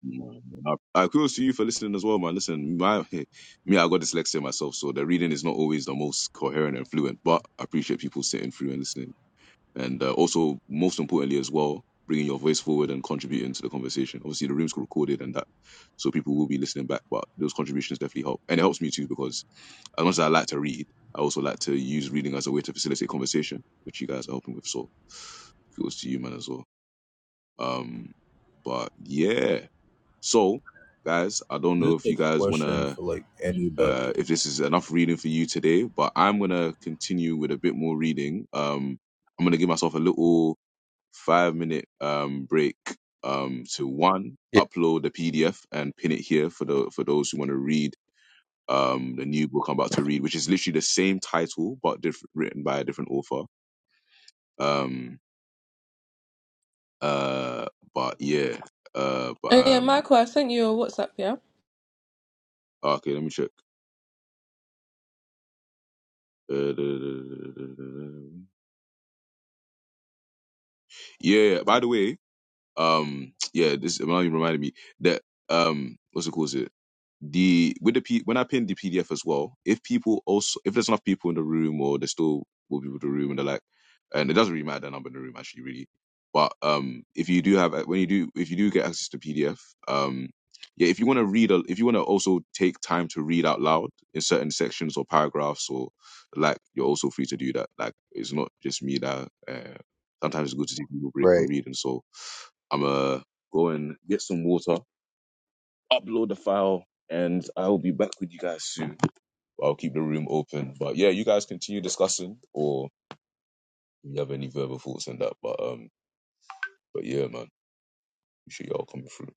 [SPEAKER 1] I uh, uh, kudos to you for listening as well, man. Listen, my, hey, me, I got dyslexia myself, so the reading is not always the most coherent and fluent. But I appreciate people sitting through and listening, and uh, also most importantly as well, bringing your voice forward and contributing to the conversation. Obviously, the room's recorded and that, so people will be listening back. But those contributions definitely help, and it helps me too because as much as I like to read, I also like to use reading as a way to facilitate conversation, which you guys are helping with. So kudos to you, man, as well. Um, but yeah. So, guys, I don't know
[SPEAKER 5] This
[SPEAKER 1] if
[SPEAKER 5] is a
[SPEAKER 1] you guys want
[SPEAKER 5] question
[SPEAKER 1] to,
[SPEAKER 5] for like anybody.
[SPEAKER 1] uh, if this is enough reading for you today, but I'm going to continue with a bit more reading. Um, I'm going to give myself a little five minute um, break um, to one,
[SPEAKER 7] Yeah,
[SPEAKER 1] upload the PDF and pin it here for the for those who want to read um, the new book I'm about to read, which is literally the same title but different, written by a different author. Um, uh, but yeah, uh, but
[SPEAKER 6] Oh yeah,
[SPEAKER 1] um,
[SPEAKER 6] Michael, I sent you a WhatsApp, yeah?
[SPEAKER 1] okay, let me check. Uh, Yeah. By the way, um, yeah, this Melanie reminded me that um, what's it called? the with the P, when I pin the PDF as well, if people also if there's enough people in the room or there's still more people in the room and they're like, and it doesn't really matter the number in the room actually really, but um if you do have uh, when you do if you do get access to PDF um yeah if you want to read a, if you want to also take time to read out loud in certain sections or paragraphs or like you're also free to do that like it's not just me that uh, sometimes it's good to take people break from
[SPEAKER 7] great.
[SPEAKER 1] reading so I'm uh go and get some water upload the file, and I will be back with you guys soon. I'll keep the room open. But yeah, you guys continue discussing, or if you have any verbal thoughts on that. But um, but yeah, man, appreciate y'all coming through.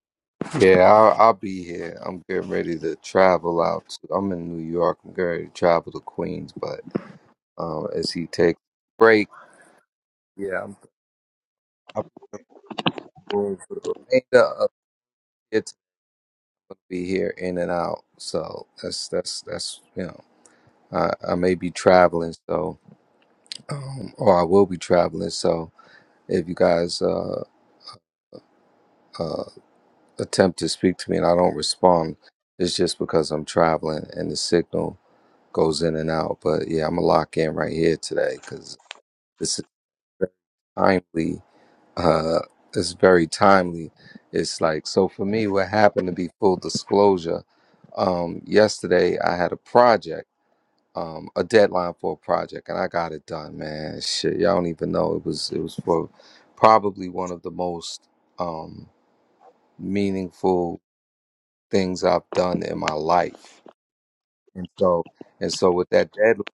[SPEAKER 7] Yeah, I'll, I'll be here. I'm getting ready to travel out. To, I'm in New York. I'm getting ready to travel to Queens, but um, as he takes a break, yeah, I'm, I'll be room for the remainder of it. I'll be here in and out. So that's that's that's you know, I, I may be traveling, so um, or I will be traveling. So if you guys uh, uh, attempt to speak to me and I don't respond, it's just because I'm traveling and the signal. goes in and out. But yeah, I'm gonna lock in right here today because this is very timely. Uh, it's very timely. It's like so for me. What happened to be full disclosure? Um, yesterday I had a project, um, a deadline for a project, and I got it done. Man, shit, y'all don't even know it was. It was for probably one of the most um, meaningful things I've done in my life, and so and so with that deadline.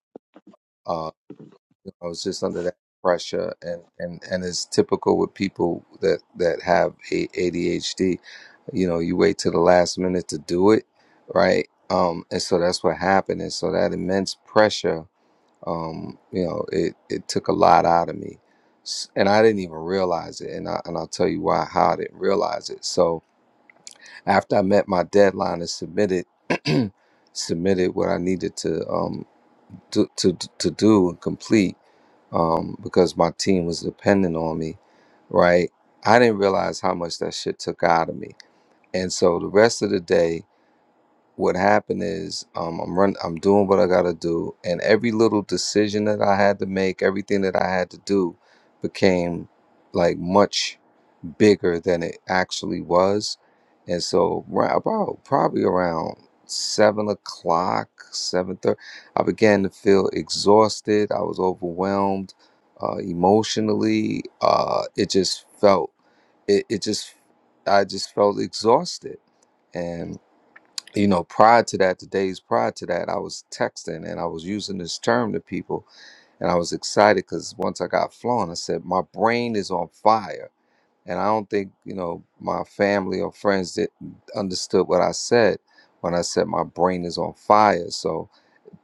[SPEAKER 7] I was just under that pressure, and and and it's typical with people that that have a ADHD. You know, you wait till the last minute to do it, right? Um, and so that's what happened. And so that immense pressure, um, you know, it it took a lot out of me, S- and I didn't even realize it. And I and I'll tell you why how I didn't realize it. So after I met my deadline and submitted submitted what I needed to um to to to do and complete um, because my team was dependent on me, right? I didn't realize how much that shit took out of me. And so the rest of the day, what happened is um, I'm run, I'm doing what I gotta do, and every little decision that I had to make, everything that I had to do, became like much bigger than it actually was. And so ra- about probably around seven o'clock, seven thirty, I began to feel exhausted. I was overwhelmed uh, emotionally. Uh, it just felt it, it just I just felt exhausted. And you know, prior to that, the days prior to that, I was texting and I was using this term to people, and I was excited because once I got flowing, I said, "My brain is on fire." and I don't think you know my family or friends that understood what I said when I said my brain is on fire. So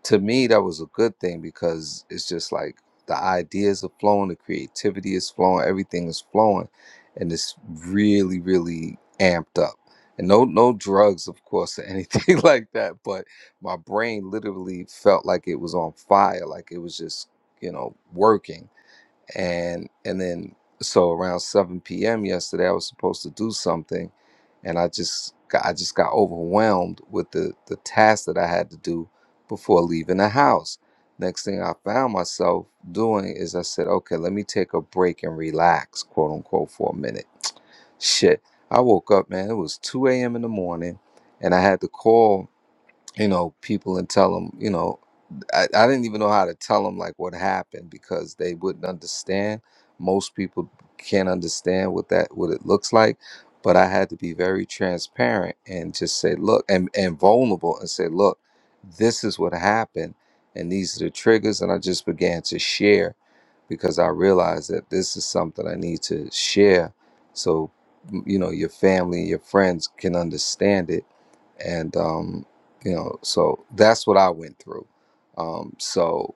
[SPEAKER 7] to me, that was a good thing because it's just like the ideas are flowing, the creativity is flowing, everything is flowing, and it's really, really amped up. And no, no drugs, of course, or anything like that. But my brain literally felt like it was on fire, like it was just you know working and and then so around 7 p.m. yesterday I was supposed to do something and I just got, I just got overwhelmed with the the task that I had to do before leaving the house. Next thing I found myself doing is I said, "Okay, let me take a break and relax, quote unquote, for a minute." Shit, I woke up, man. It was 2 a.m. in the morning, and I had to call, you know, people and tell them, you know. I, I didn't even know how to tell them like what happened because they wouldn't understand. Most people can't understand what that what it looks like, but I had to be very transparent and just say, look, and and vulnerable and say, look, this is what happened, and these are the triggers. And I just began to share because I realized that this is something I need to share, so m- you know your family and your friends can understand it, and um, you know, so that's what I went through um, so,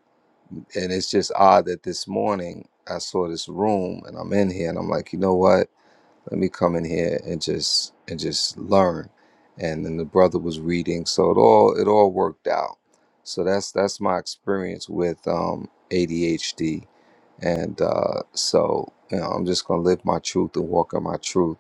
[SPEAKER 7] and it's just odd that this morning I saw this room and I'm in here and I'm like, you know what? Let me come in here and just and just learn. And then the brother was reading, so it all it all worked out. So that's that's my experience with um, ADHD, and uh, so you know I'm just gonna live my truth and walk in my truth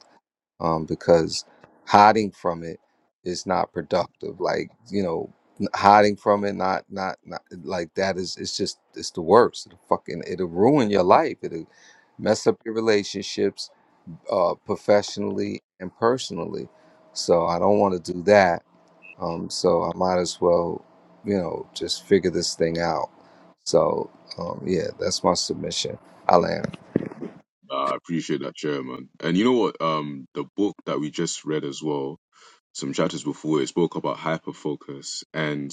[SPEAKER 7] um, because hiding from it is not productive. Like you know, n- hiding from it, not not not like that is it's just it's the worst. It'll fucking it'll ruin your life. It'll mess up your relationships, uh, professionally and personally. So I don't want to do that. Um, so I might as well, you know, just figure this thing out. So um, yeah, that's my submission. I'll,
[SPEAKER 1] Uh, I appreciate that, chairman. And you know what? Um, the book that we just read as well, some chapters before, it spoke about hyperfocus and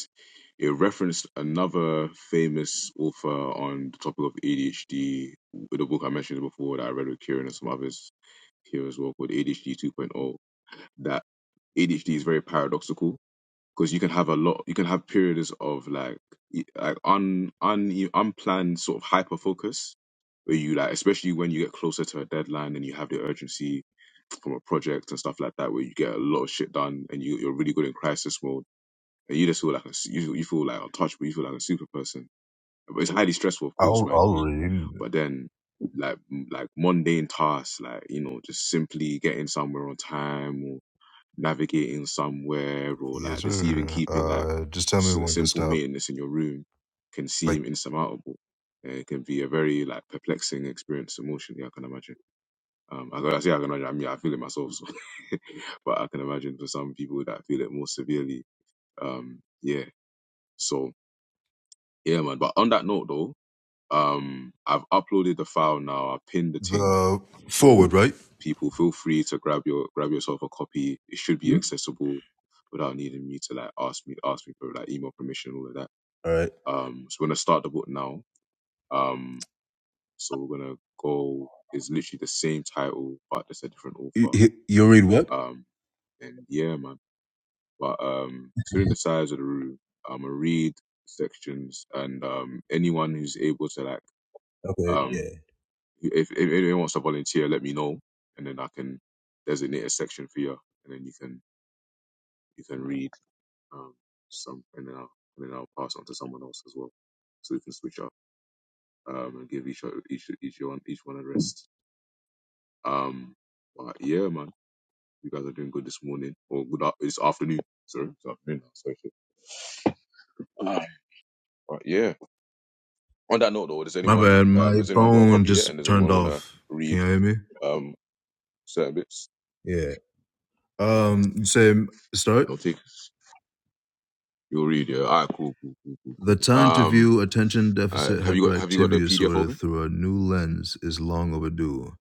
[SPEAKER 1] it referenced another famous author on the topic of ADHD with a book I mentioned before that I read with Kieran and some others here as well called ADHD 2.0. That ADHD is very paradoxical because you can have a lot, you can have periods of like e- like un un unplanned sort of hyper focus where you like, especially when you get closer to a deadline and you have the urgency from a project and stuff like that, where you get a lot of shit done and you you're really good in crisis mode and you just feel like a, s- you you feel like untouchable, you feel like a super person. But it's highly stressful, of course,
[SPEAKER 5] I'll
[SPEAKER 1] mind you.
[SPEAKER 5] I'll read.
[SPEAKER 1] But then like m- like mundane tasks like you know just simply getting somewhere on time or navigating somewhere or
[SPEAKER 5] Yes,
[SPEAKER 1] like just even
[SPEAKER 5] sir.
[SPEAKER 1] keeping like
[SPEAKER 5] Uh, just tell me
[SPEAKER 1] s-
[SPEAKER 5] when to
[SPEAKER 1] simple
[SPEAKER 5] stop.
[SPEAKER 1] maintenance in your room can
[SPEAKER 5] Like
[SPEAKER 1] seem insurmountable. Uh, It can be a very like perplexing experience emotionally. I can imagine. Um, I, I say I can imagine. I mean, I feel it myself, so. but I can imagine for some people that feel it more severely. Um, yeah. So yeah, man. But on that note, though, um, I've uploaded the file now. I pinned the thing,
[SPEAKER 5] the forward,
[SPEAKER 1] so
[SPEAKER 5] right?
[SPEAKER 1] people feel free to grab your grab yourself a copy. It should be
[SPEAKER 5] Hmm?
[SPEAKER 1] accessible without needing me to like ask me ask me for like email permission and all of that.
[SPEAKER 5] All right.
[SPEAKER 1] Um, so we're gonna start the book now. Um, so we're gonna go. It's literally the same title, but it's a different
[SPEAKER 5] You,
[SPEAKER 1] author.
[SPEAKER 5] you- you'll read what?
[SPEAKER 1] Um, and yeah, man. But um, considering the size of the room, I'm gonna read sections, and um, anyone who's able to like
[SPEAKER 5] Okay.
[SPEAKER 1] um.
[SPEAKER 5] Yeah.
[SPEAKER 1] If, if anyone wants to volunteer, let me know, and then I can designate a section for you, and then you can you can read um, some, and then I'll and then I'll pass on to someone else as well, so we can switch up um, and give each o- each each one each one a rest. Um, but yeah, man, you guys are doing good this morning or good up. this afternoon. Sorry, it's afternoon now. Sorry. shit. Um, but yeah. On that note, though, does
[SPEAKER 5] My
[SPEAKER 1] anyone
[SPEAKER 5] bad.
[SPEAKER 1] um
[SPEAKER 5] My
[SPEAKER 1] has anyone got a
[SPEAKER 5] phone
[SPEAKER 1] copy yet?
[SPEAKER 5] just
[SPEAKER 1] And does
[SPEAKER 5] turned
[SPEAKER 1] anyone want to
[SPEAKER 5] off. Can you
[SPEAKER 1] read
[SPEAKER 5] hear me?
[SPEAKER 1] um certain bits?
[SPEAKER 5] Yeah. Um. You say start.
[SPEAKER 1] No, You'll read, yeah. All right, cool, cool, cool, cool,
[SPEAKER 5] The
[SPEAKER 1] cool.
[SPEAKER 5] time to
[SPEAKER 1] Um,
[SPEAKER 5] view attention
[SPEAKER 1] uh,
[SPEAKER 5] deficit
[SPEAKER 1] have you got have you got the
[SPEAKER 5] hyperactivity
[SPEAKER 1] PDF
[SPEAKER 5] disorder
[SPEAKER 1] open?
[SPEAKER 5] through a new lens is long overdue.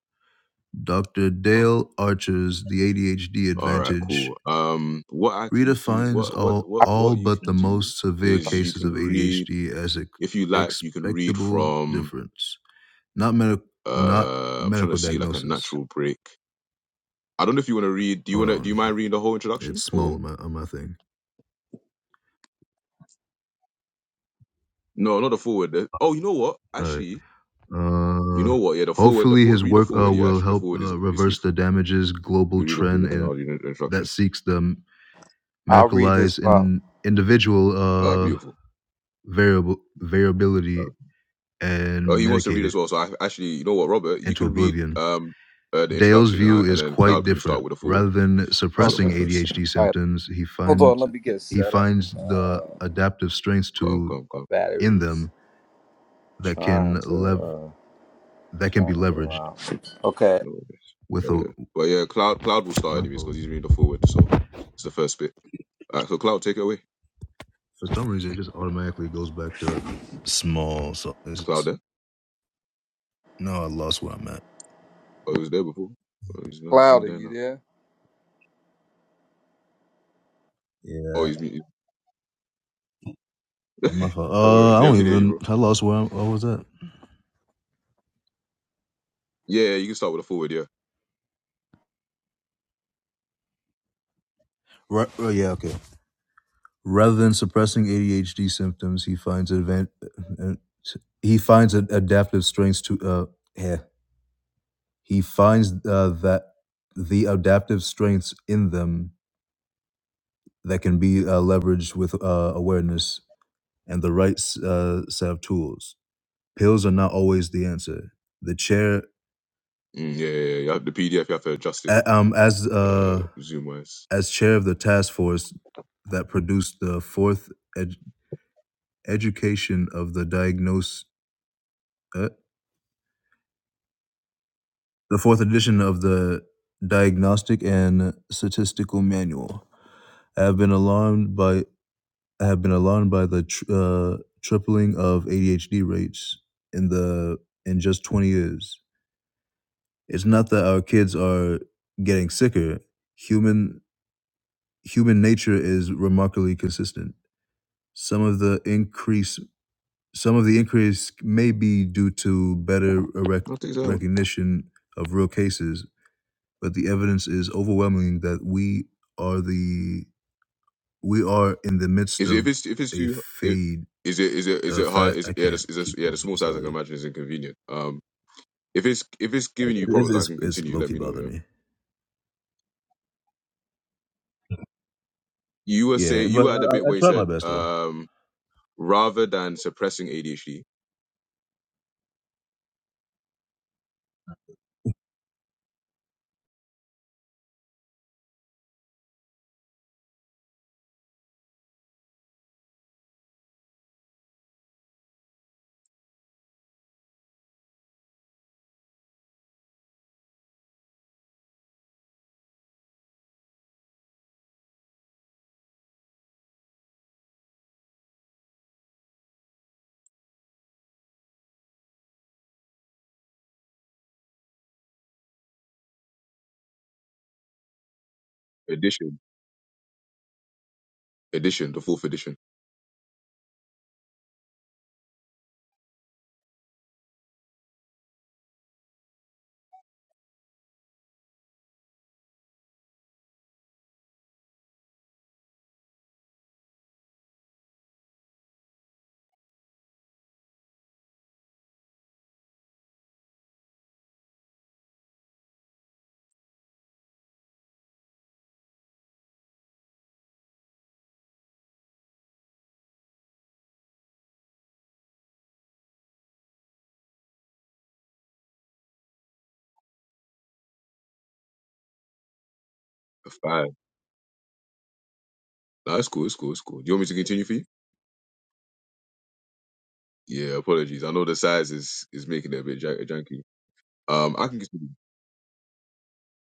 [SPEAKER 5] Dr.
[SPEAKER 1] Oh,
[SPEAKER 5] Dale Archer's The ADHD
[SPEAKER 1] all right,
[SPEAKER 5] Advantage
[SPEAKER 1] cool. Um, what I
[SPEAKER 5] Rita
[SPEAKER 1] can do,
[SPEAKER 5] finds
[SPEAKER 1] what what
[SPEAKER 5] all,
[SPEAKER 1] what
[SPEAKER 5] all
[SPEAKER 1] what you
[SPEAKER 5] but the
[SPEAKER 1] can do
[SPEAKER 5] most severe
[SPEAKER 1] is you
[SPEAKER 5] cases
[SPEAKER 1] can
[SPEAKER 5] of
[SPEAKER 1] read
[SPEAKER 5] ADHD as ex-
[SPEAKER 1] if you like. You can read
[SPEAKER 5] expectable
[SPEAKER 1] from.
[SPEAKER 5] difference, not medi not
[SPEAKER 1] Uh, I'm trying to
[SPEAKER 5] medical
[SPEAKER 1] see like a
[SPEAKER 5] diagnosis.
[SPEAKER 1] natural break. I don't know if you want to read. Do you
[SPEAKER 5] Hold
[SPEAKER 1] want to? Do you
[SPEAKER 5] on,
[SPEAKER 1] mind reading the whole
[SPEAKER 5] it's
[SPEAKER 1] introduction
[SPEAKER 5] small
[SPEAKER 1] or
[SPEAKER 5] on my, on my thing.
[SPEAKER 1] no? Not the forward. The- Oh, you know what?
[SPEAKER 5] All right.
[SPEAKER 1] Actually, you
[SPEAKER 5] Uh,
[SPEAKER 1] know what? Yeah, the forward. The
[SPEAKER 5] hopefully,
[SPEAKER 1] forward.
[SPEAKER 5] his
[SPEAKER 1] Read the
[SPEAKER 5] work uh,
[SPEAKER 1] forward. Yeah,
[SPEAKER 5] will
[SPEAKER 1] actually, the
[SPEAKER 5] help
[SPEAKER 1] forward is
[SPEAKER 5] uh,
[SPEAKER 1] is
[SPEAKER 5] reverse the
[SPEAKER 1] useful.
[SPEAKER 5] damages global
[SPEAKER 1] You read the
[SPEAKER 5] trend
[SPEAKER 1] forward and I'll
[SPEAKER 5] and
[SPEAKER 1] read the
[SPEAKER 5] that
[SPEAKER 1] introduction.
[SPEAKER 5] seeks the
[SPEAKER 7] I'll read this.
[SPEAKER 5] medicalized
[SPEAKER 7] Well,
[SPEAKER 5] in individual
[SPEAKER 1] Ah,
[SPEAKER 7] right.
[SPEAKER 5] uh,
[SPEAKER 1] beautiful.
[SPEAKER 5] variable variability and
[SPEAKER 1] Oh, he wants to
[SPEAKER 5] medicate
[SPEAKER 1] read as
[SPEAKER 5] it
[SPEAKER 1] well. So I actually, you know what, Robert, you
[SPEAKER 5] into
[SPEAKER 1] can read
[SPEAKER 5] oblivion.
[SPEAKER 1] um uh, the
[SPEAKER 5] Dale's
[SPEAKER 1] introduction, and,
[SPEAKER 5] view
[SPEAKER 1] I, and
[SPEAKER 5] is
[SPEAKER 1] then
[SPEAKER 5] quite
[SPEAKER 1] Cloud can start
[SPEAKER 5] different.
[SPEAKER 1] with a forward.
[SPEAKER 5] Rather than
[SPEAKER 1] Is he
[SPEAKER 7] Okay.
[SPEAKER 5] suppressing
[SPEAKER 1] offered first?
[SPEAKER 5] ADHD
[SPEAKER 7] All right.
[SPEAKER 5] symptoms, he
[SPEAKER 7] Hold on,
[SPEAKER 5] finds
[SPEAKER 7] let me get
[SPEAKER 5] he
[SPEAKER 7] set up.
[SPEAKER 5] finds the
[SPEAKER 7] Uh,
[SPEAKER 5] adaptive strengths
[SPEAKER 1] Come,
[SPEAKER 5] to
[SPEAKER 1] come,
[SPEAKER 7] my
[SPEAKER 1] come.
[SPEAKER 5] in
[SPEAKER 7] battery's
[SPEAKER 5] them that
[SPEAKER 7] trying
[SPEAKER 5] can
[SPEAKER 7] to
[SPEAKER 5] lev
[SPEAKER 7] uh
[SPEAKER 5] that can be
[SPEAKER 7] trying to go
[SPEAKER 5] leveraged
[SPEAKER 7] out. Okay,
[SPEAKER 1] No, yes.
[SPEAKER 5] with
[SPEAKER 1] but
[SPEAKER 5] a
[SPEAKER 1] yeah, but yeah, Cloud Cloud will start
[SPEAKER 5] my
[SPEAKER 1] anyways
[SPEAKER 5] fault.
[SPEAKER 1] because he's reading the forward. So it's the first bit. All right, so Cloud, take it away. Is
[SPEAKER 5] For some reason, it just automatically goes back to small. So
[SPEAKER 1] Cloud
[SPEAKER 5] it's
[SPEAKER 1] there?
[SPEAKER 5] no, I lost where I'm at.
[SPEAKER 1] Oh, he was there before. Oh, he's not. He's
[SPEAKER 7] Cloud,
[SPEAKER 1] not
[SPEAKER 7] are
[SPEAKER 1] there
[SPEAKER 7] you
[SPEAKER 1] now.
[SPEAKER 7] there?
[SPEAKER 1] Oh,
[SPEAKER 5] Yeah,
[SPEAKER 1] he's muted.
[SPEAKER 5] my fault.
[SPEAKER 1] Don't worry.
[SPEAKER 5] Uh, I
[SPEAKER 1] Yeah, we
[SPEAKER 5] don't
[SPEAKER 1] can hear you,
[SPEAKER 5] even.
[SPEAKER 1] bro.
[SPEAKER 5] I lost where I'm, what was that?
[SPEAKER 1] Yeah, yeah, you can start with a forward. Yeah.
[SPEAKER 5] Right. Oh yeah. Okay. Rather than suppressing ADHD symptoms, he finds advan- uh, he finds ad- adaptive strengths to uh, yeah. he finds uh, that the adaptive strengths in them that can be uh, leveraged with uh, awareness and the right uh, set of tools. Pills are not always the answer. The chair,
[SPEAKER 1] Mm, yeah, yeah, yeah. You have the PDF. You have to adjust it.
[SPEAKER 5] a- um, as
[SPEAKER 1] Uh,
[SPEAKER 5] uh,
[SPEAKER 1] zoom wise.
[SPEAKER 5] as chair of the task force that produced the fourth ed- education of the diagnose. Uh, the fourth edition of the Diagnostic and Statistical Manual. I have been alarmed by I have been alarmed by the tr- uh, tripling of ADHD rates in the in just 20 years. It's not that our kids are getting sicker. Human human nature is remarkably consistent. Some of the increase some of the increase may be due to better rec-
[SPEAKER 1] I'll take that.
[SPEAKER 5] recognition of real cases but the evidence is overwhelming that we are the we are in the midst
[SPEAKER 1] Is it, if
[SPEAKER 5] of
[SPEAKER 1] it's if it's
[SPEAKER 5] a
[SPEAKER 1] too if,
[SPEAKER 5] fade
[SPEAKER 1] is it is it is
[SPEAKER 5] a
[SPEAKER 1] it hard
[SPEAKER 5] fat
[SPEAKER 1] is
[SPEAKER 5] i
[SPEAKER 1] yeah
[SPEAKER 5] can't
[SPEAKER 1] this, is
[SPEAKER 5] keep
[SPEAKER 1] this, yeah
[SPEAKER 5] going
[SPEAKER 1] the
[SPEAKER 5] I'm
[SPEAKER 1] small size I can
[SPEAKER 5] sorry
[SPEAKER 1] imagine is inconvenient. Um, if it's if it's giving you
[SPEAKER 5] it's
[SPEAKER 1] problems, I
[SPEAKER 5] it's,
[SPEAKER 1] can
[SPEAKER 5] it's
[SPEAKER 1] continue. Let
[SPEAKER 5] low-key
[SPEAKER 1] me know. Yeah,
[SPEAKER 5] bothering me
[SPEAKER 1] you were say
[SPEAKER 5] yeah
[SPEAKER 1] you
[SPEAKER 5] but
[SPEAKER 1] were at the
[SPEAKER 5] I, I
[SPEAKER 1] bit where
[SPEAKER 5] I
[SPEAKER 1] you
[SPEAKER 5] try my
[SPEAKER 1] said
[SPEAKER 5] best though
[SPEAKER 1] um rather than suppressing ADHD edition edition the fourth edition the five. No, it's cool. It's cool. It's cool. Do you want me to continue for you? Yeah, apologies. I know the size is is making it a bit jank- janky. Um, I can continue.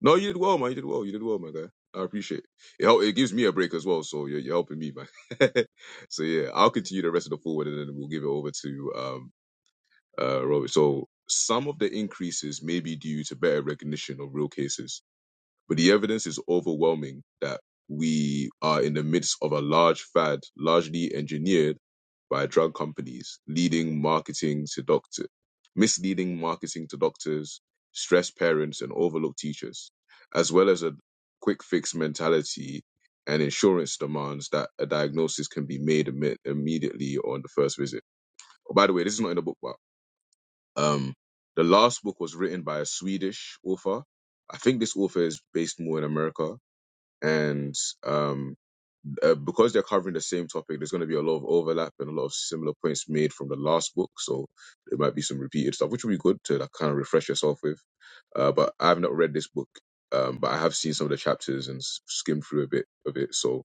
[SPEAKER 1] No, you did well, man. You did well. You did well, my guy. I appreciate it. It, help, it gives me a break as well, so you're, you're helping me, man. so yeah, I'll continue the rest of the forward, and then we'll give it over to um uh Robert. So some of the increases may be due to better recognition of real cases but the evidence is overwhelming that we are in the midst of a large fad, largely engineered by drug companies, leading marketing to doctor, misleading marketing to doctors, stressed parents, and overlooked teachers, as well as a quick fix mentality and insurance demands that a diagnosis can be made imme- immediately on the first visit. Oh, by the way, this is not in the book, but um, the last book was written by a Swedish author. I think this author is based more in America and um, uh, because they're covering the same topic, there's going to be a lot of overlap and a lot of similar points made from the last book. So there might be some repeated stuff, which would be good to like, kind of refresh yourself with. Uh, but I have not read this book, um, but I have seen some of the chapters and s- skimmed through a bit of it. So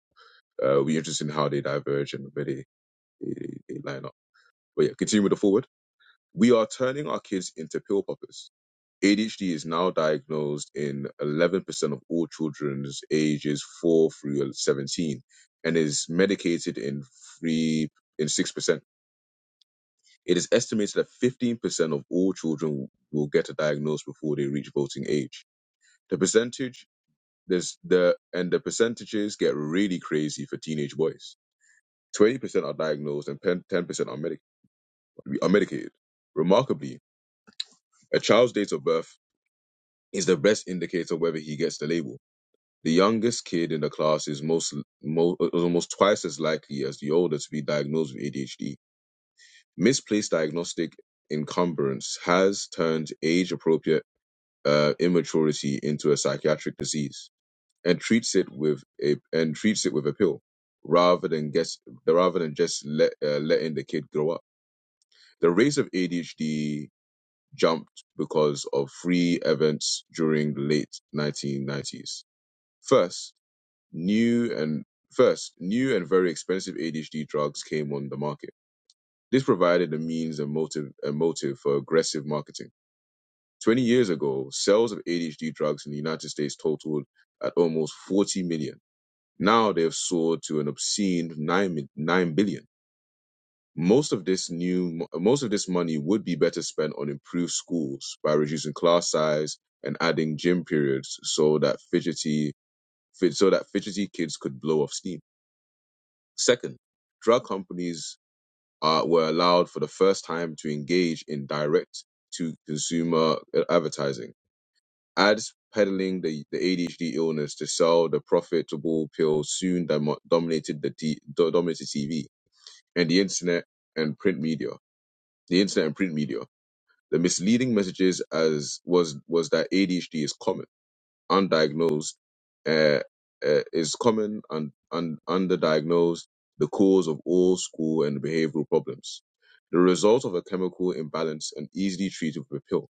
[SPEAKER 1] uh, it'll be interesting how they diverge and where they, they, they line up. But yeah, continue with the forward. We are turning our kids into pill poppers. ADHD is now diagnosed in 11% of all children's ages 4 through 17 and is medicated in 3 in 6%. It is estimated that 15% of all children will get a diagnosis before they reach voting age. The percentage there's the and the percentages get really crazy for teenage boys. 20% are diagnosed and 10% are, medic- are medicated. Remarkably, a child's date of birth is the best indicator whether he gets the label The youngest kid in the class is most, mo is almost twice as likely as the older to be diagnosed with ADHD. Misplaced diagnostic encumbrance has turned age-appropriate uh, immaturity into a psychiatric disease and treats it with a and treats it with a pill rather than guess rather than just let, uh, letting the kid grow up. The rates of ADHD jumped because of three events during the late 1990s. First, new and first new and very expensive ADHD drugs came on the market. This provided a means and motive a motive for aggressive marketing. 20 years ago, sales of ADHD drugs in the United States totaled at almost 40 million. Now they have soared to an obscene 9, 9 billion. Most of this new most of this money would be better spent on improved schools by reducing class size and adding gym periods so that fidgety so that fidgety kids could blow off steam Second, drug companies uh, were allowed for the first time to engage in direct to consumer uh, advertising. Ads peddling the, the ADHD illness to sell the profitable pill soon dom- dominated the t- do- dominated TV and the internet and print media. The internet and print media. The misleading messages as was was that ADHD is common undiagnosed uh, uh, is common and, and underdiagnosed the cause of all school and behavioral problems. The result of a chemical imbalance and easily treated with a pill.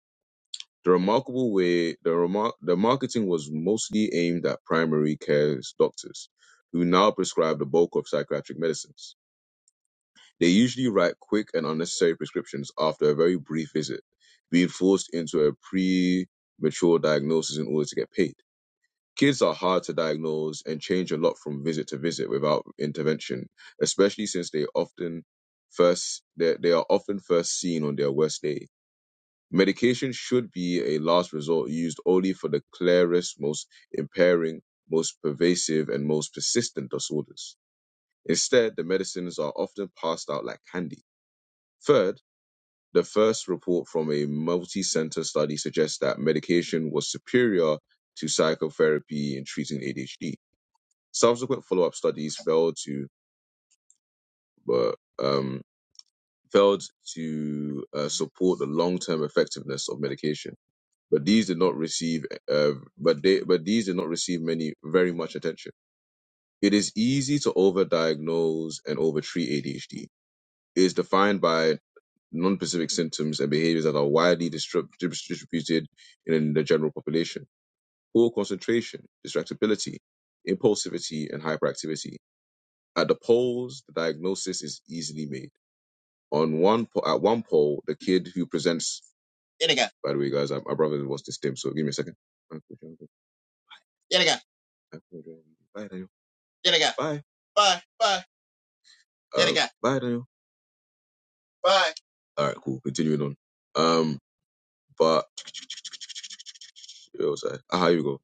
[SPEAKER 1] The remarkable way the remar- the marketing was mostly aimed at primary care doctors, who now prescribe the bulk of psychiatric medicines. They usually write quick and unnecessary prescriptions after a very brief visit, being forced into a premature diagnosis in order to get paid Kids are hard to diagnose and change a lot from visit to visit without intervention, especially since they often first they, they are often first seen on their worst day. Medication should be a last resort used only for the clearest, most impairing, most pervasive, and most persistent disorders. Instead, the medicines are often passed out like candy. Third, the first report from a multi-center study suggests that medication was superior to psychotherapy in treating ADHD Subsequent follow-up studies failed to but, um, failed to uh, support the long-term effectiveness of medication, but these did not receive uh, but they but these did not receive many very much attention. It is easy to overdiagnose and overtreat ADHD. It is defined by non-specific symptoms and behaviors that are widely distrib- distributed in the general population. Poor concentration, distractibility, impulsivity, and hyperactivity At the polls, the diagnosis is easily made. On one po- at one poll, the kid who presents. Yeah, nigga. By the way, guys, I, my brother was this dim, so give me a second. Yeah, nigga. Bye, Daniel. Yeah, nigga. Bye. Bye. Bye. Yeah, nigga. Um, Bye, Daniel. Bye. All right, cool. Continuing on. Um, but where was I? Ah, here we go.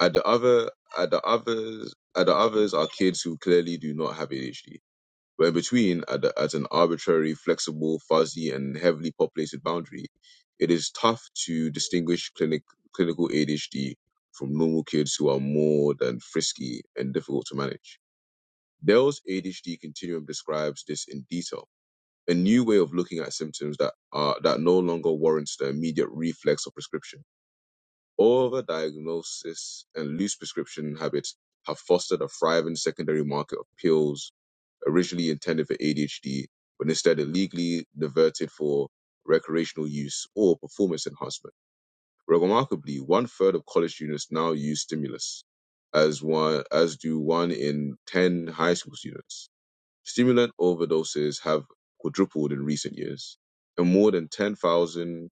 [SPEAKER 1] At the other, at the others, at the others are kids who clearly do not have ADHD But in between, at, the, at an arbitrary, flexible, fuzzy, and heavily populated boundary, it is tough to distinguish clinic, clinical ADHD from normal kids who are more than frisky and difficult to manage. Dell's ADHD continuum describes this in detail. A new way of looking at symptoms that are that no longer warrants the immediate reflex of prescription. overdiagnosis, and loose prescription habits have fostered a thriving secondary market of pills originally intended for ADHD, but instead illegally diverted for recreational use or performance enhancement. Remarkably, one third of college students now use stimulants, as one as do one in ten high school students. Stimulant overdoses have quadrupled in recent years, and more than ten thousand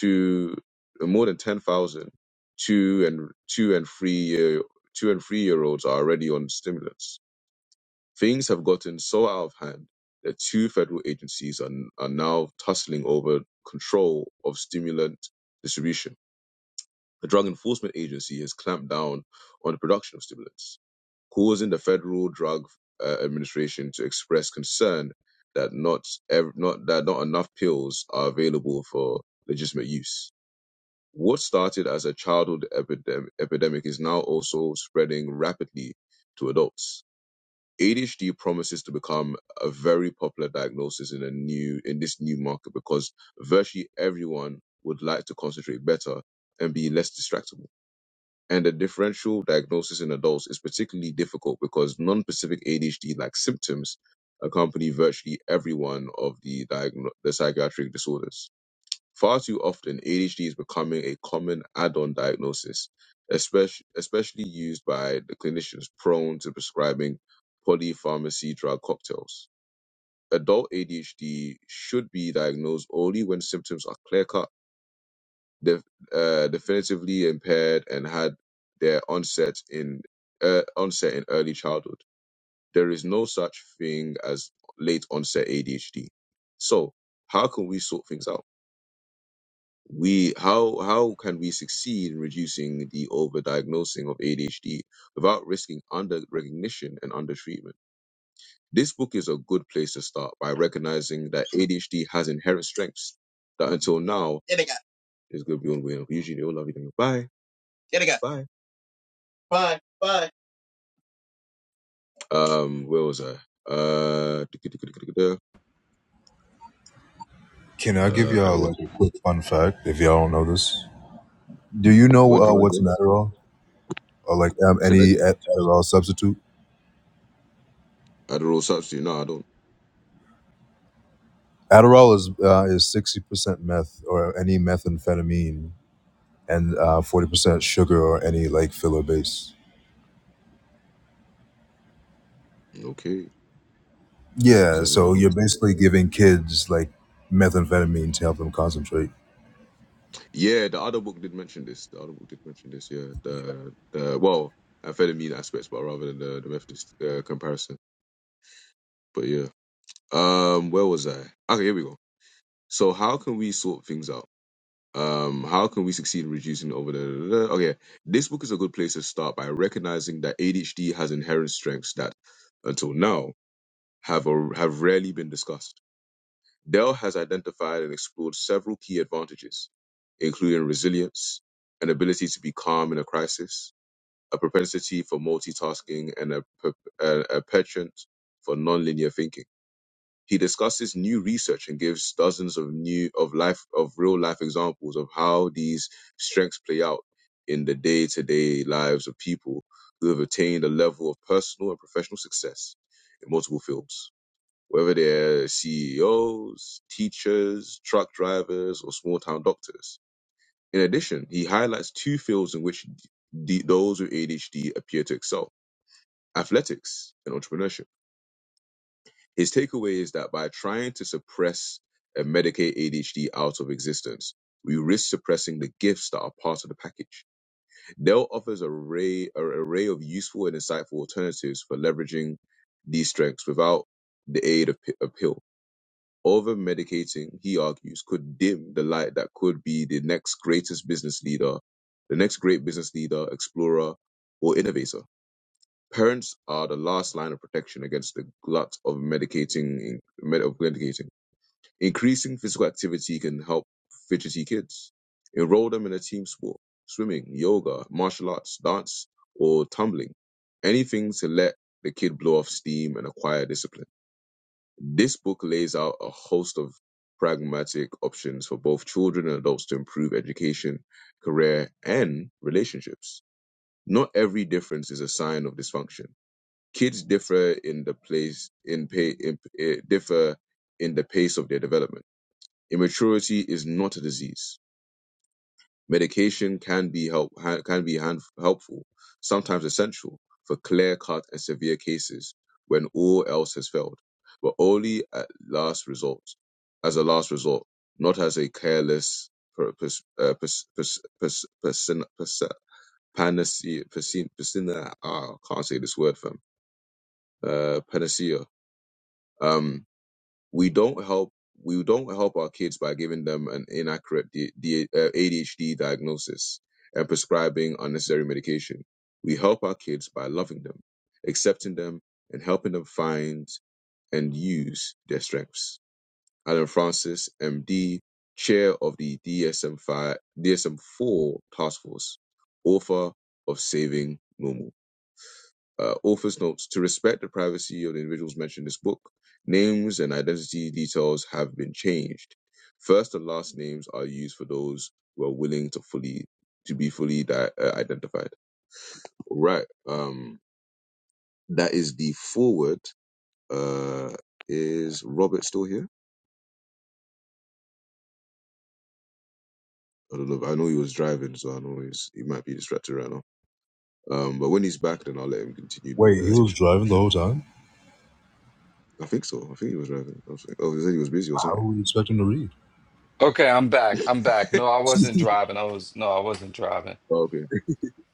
[SPEAKER 1] to and more than ten thousand two and two and three year two and three year olds are already on stimulants Things have gotten so out of hand that two federal agencies are, are now tussling over control of stimulant distribution. The Drug Enforcement Agency has clamped down on the production of stimulants, causing the Federal Drug uh, Administration to express concern that not, ev- not that not enough pills are available for legitimate use. What started as a childhood epidem- epidemic is now also spreading rapidly to adults ADHD promises to become a very popular diagnosis in a new in this new market because virtually everyone would like to concentrate better and be less distractible. And the differential diagnosis in adults is particularly difficult because non-specific ADHD like symptoms accompany virtually every one of the diagno- the psychiatric disorders. Far too often, ADHD is becoming a common add-on diagnosis, especially, especially used by the clinicians prone to prescribing polypharmacy drug cocktails. Adult ADHD should be diagnosed only when symptoms are clear-cut, def- uh, definitively impaired, and had their onset in uh, onset in early childhood. There is no such thing as late onset ADHD. So, how can we sort things out? we how how can we succeed in reducing the overdiagnosing of ADHD without risking under recognition and under treatment? This book is a good place to start by recognizing that ADHD has inherent strengths that until now Get it, got- is going to be unaware of. Usually, they all love you. Bye. Get it, got- Bye. Bye. Bye. Um, where was I? Uh, uh,
[SPEAKER 5] Can I give
[SPEAKER 1] I
[SPEAKER 5] y'all
[SPEAKER 1] was.
[SPEAKER 5] like a quick fun fact? If y'all don't know this, do you know
[SPEAKER 1] What do
[SPEAKER 5] uh,
[SPEAKER 1] you want to
[SPEAKER 5] what's an
[SPEAKER 1] say?
[SPEAKER 5] Adderall or like um,
[SPEAKER 1] Say that
[SPEAKER 5] any
[SPEAKER 1] again.
[SPEAKER 5] Ad- Adderall substitute?
[SPEAKER 1] Adderall substitute? No, I don't.
[SPEAKER 5] Adderall is uh, is sixty percent meth or any methamphetamine and uh, forty percent sugar or any like filler base.
[SPEAKER 1] Okay, you
[SPEAKER 5] Yeah,
[SPEAKER 1] said I did
[SPEAKER 5] so
[SPEAKER 1] not know.
[SPEAKER 5] you're basically giving kids like methamphetamine to help them concentrate.
[SPEAKER 1] Yeah, the other book did mention this. The other book did mention this. Yeah, the the well, amphetamine aspects, but rather than the the Methodist uh, comparison. But yeah, um, where was I? Okay, here we go. So how can we sort things out? Um, how can we succeed in reducing over the? Okay, this book is a good place to start by recognizing that ADHD has inherent strengths that, until now, have a, have rarely been discussed Dell has identified and explored several key advantages, including resilience, an ability to be calm in a crisis, a propensity for multitasking, and a, per- a, a penchant for nonlinear thinking. He discusses new research and gives dozens of new of life of real life examples of how these strengths play out in the day to day lives of people who have attained a level of personal and professional success in multiple fields whether they're CEOs, teachers, truck drivers, or small town doctors. In addition, he highlights two fields in which d- those with ADHD appear to excel athletics and entrepreneurship. His takeaway is that by trying to suppress and medicate ADHD out of existence, we risk suppressing the gifts that are part of the package. Dell offers a array, an array of useful and insightful alternatives for leveraging these strengths without the aid of, p- of pills. Over medicating, he argues, could dim the light that could be the next greatest business leader, the next great business leader, explorer, or innovator. Parents are the last line of protection against the glut of medicating. med- Of medicating. Increasing physical activity can help fidgety kids. Enroll them in a team sport, swimming, yoga, martial arts, dance, or tumbling. Anything to let the kid blow off steam and acquire discipline. This book lays out a host of pragmatic options for both children and adults to improve education, career, and relationships. Not every difference is a sign of dysfunction. Kids differ in the place in pay in, eh, differ in the pace of their development. Immaturity is not a disease. Medication can be help ha- can be hand, helpful, sometimes essential, for clear-cut and severe cases when all else has failed, but only at last resort, as a last resort, not as a careless per- pers- uh, pers- pers- pers- person- pers- panacea. persin- persin- ah, I can't say this word, fam. Uh, panacea. um, we don't help we don't help our kids by giving them an inaccurate D, D, uh, ADHD diagnosis and prescribing unnecessary medication. We help our kids by loving them, accepting them, and helping them find and use their strengths. Alan Francis, MD, chair of the DSM-5, DSM-4 task force, author of Saving Normal. Uh, author's notes to respect the privacy of the individuals mentioned in this book, names and identity details have been changed. First and last names are used for those who are willing to fully to be fully di- uh, identified. All Right. Um. That is the forward. Uh. Is Robert still here? I don't know. I know he was driving, so I know he's, he might be distracted right now. Um. But when he's back, then I'll let him continue with
[SPEAKER 5] Wait, he
[SPEAKER 1] the
[SPEAKER 5] was driving the
[SPEAKER 1] introduction.
[SPEAKER 5] whole time?
[SPEAKER 1] I think so. I think he was driving. I was like, oh, he said he was busy or
[SPEAKER 5] How
[SPEAKER 1] something.
[SPEAKER 5] would you expect him to read?
[SPEAKER 7] Okay, I'm back. I'm back. No, I wasn't driving. I was no, I wasn't driving.
[SPEAKER 1] Okay.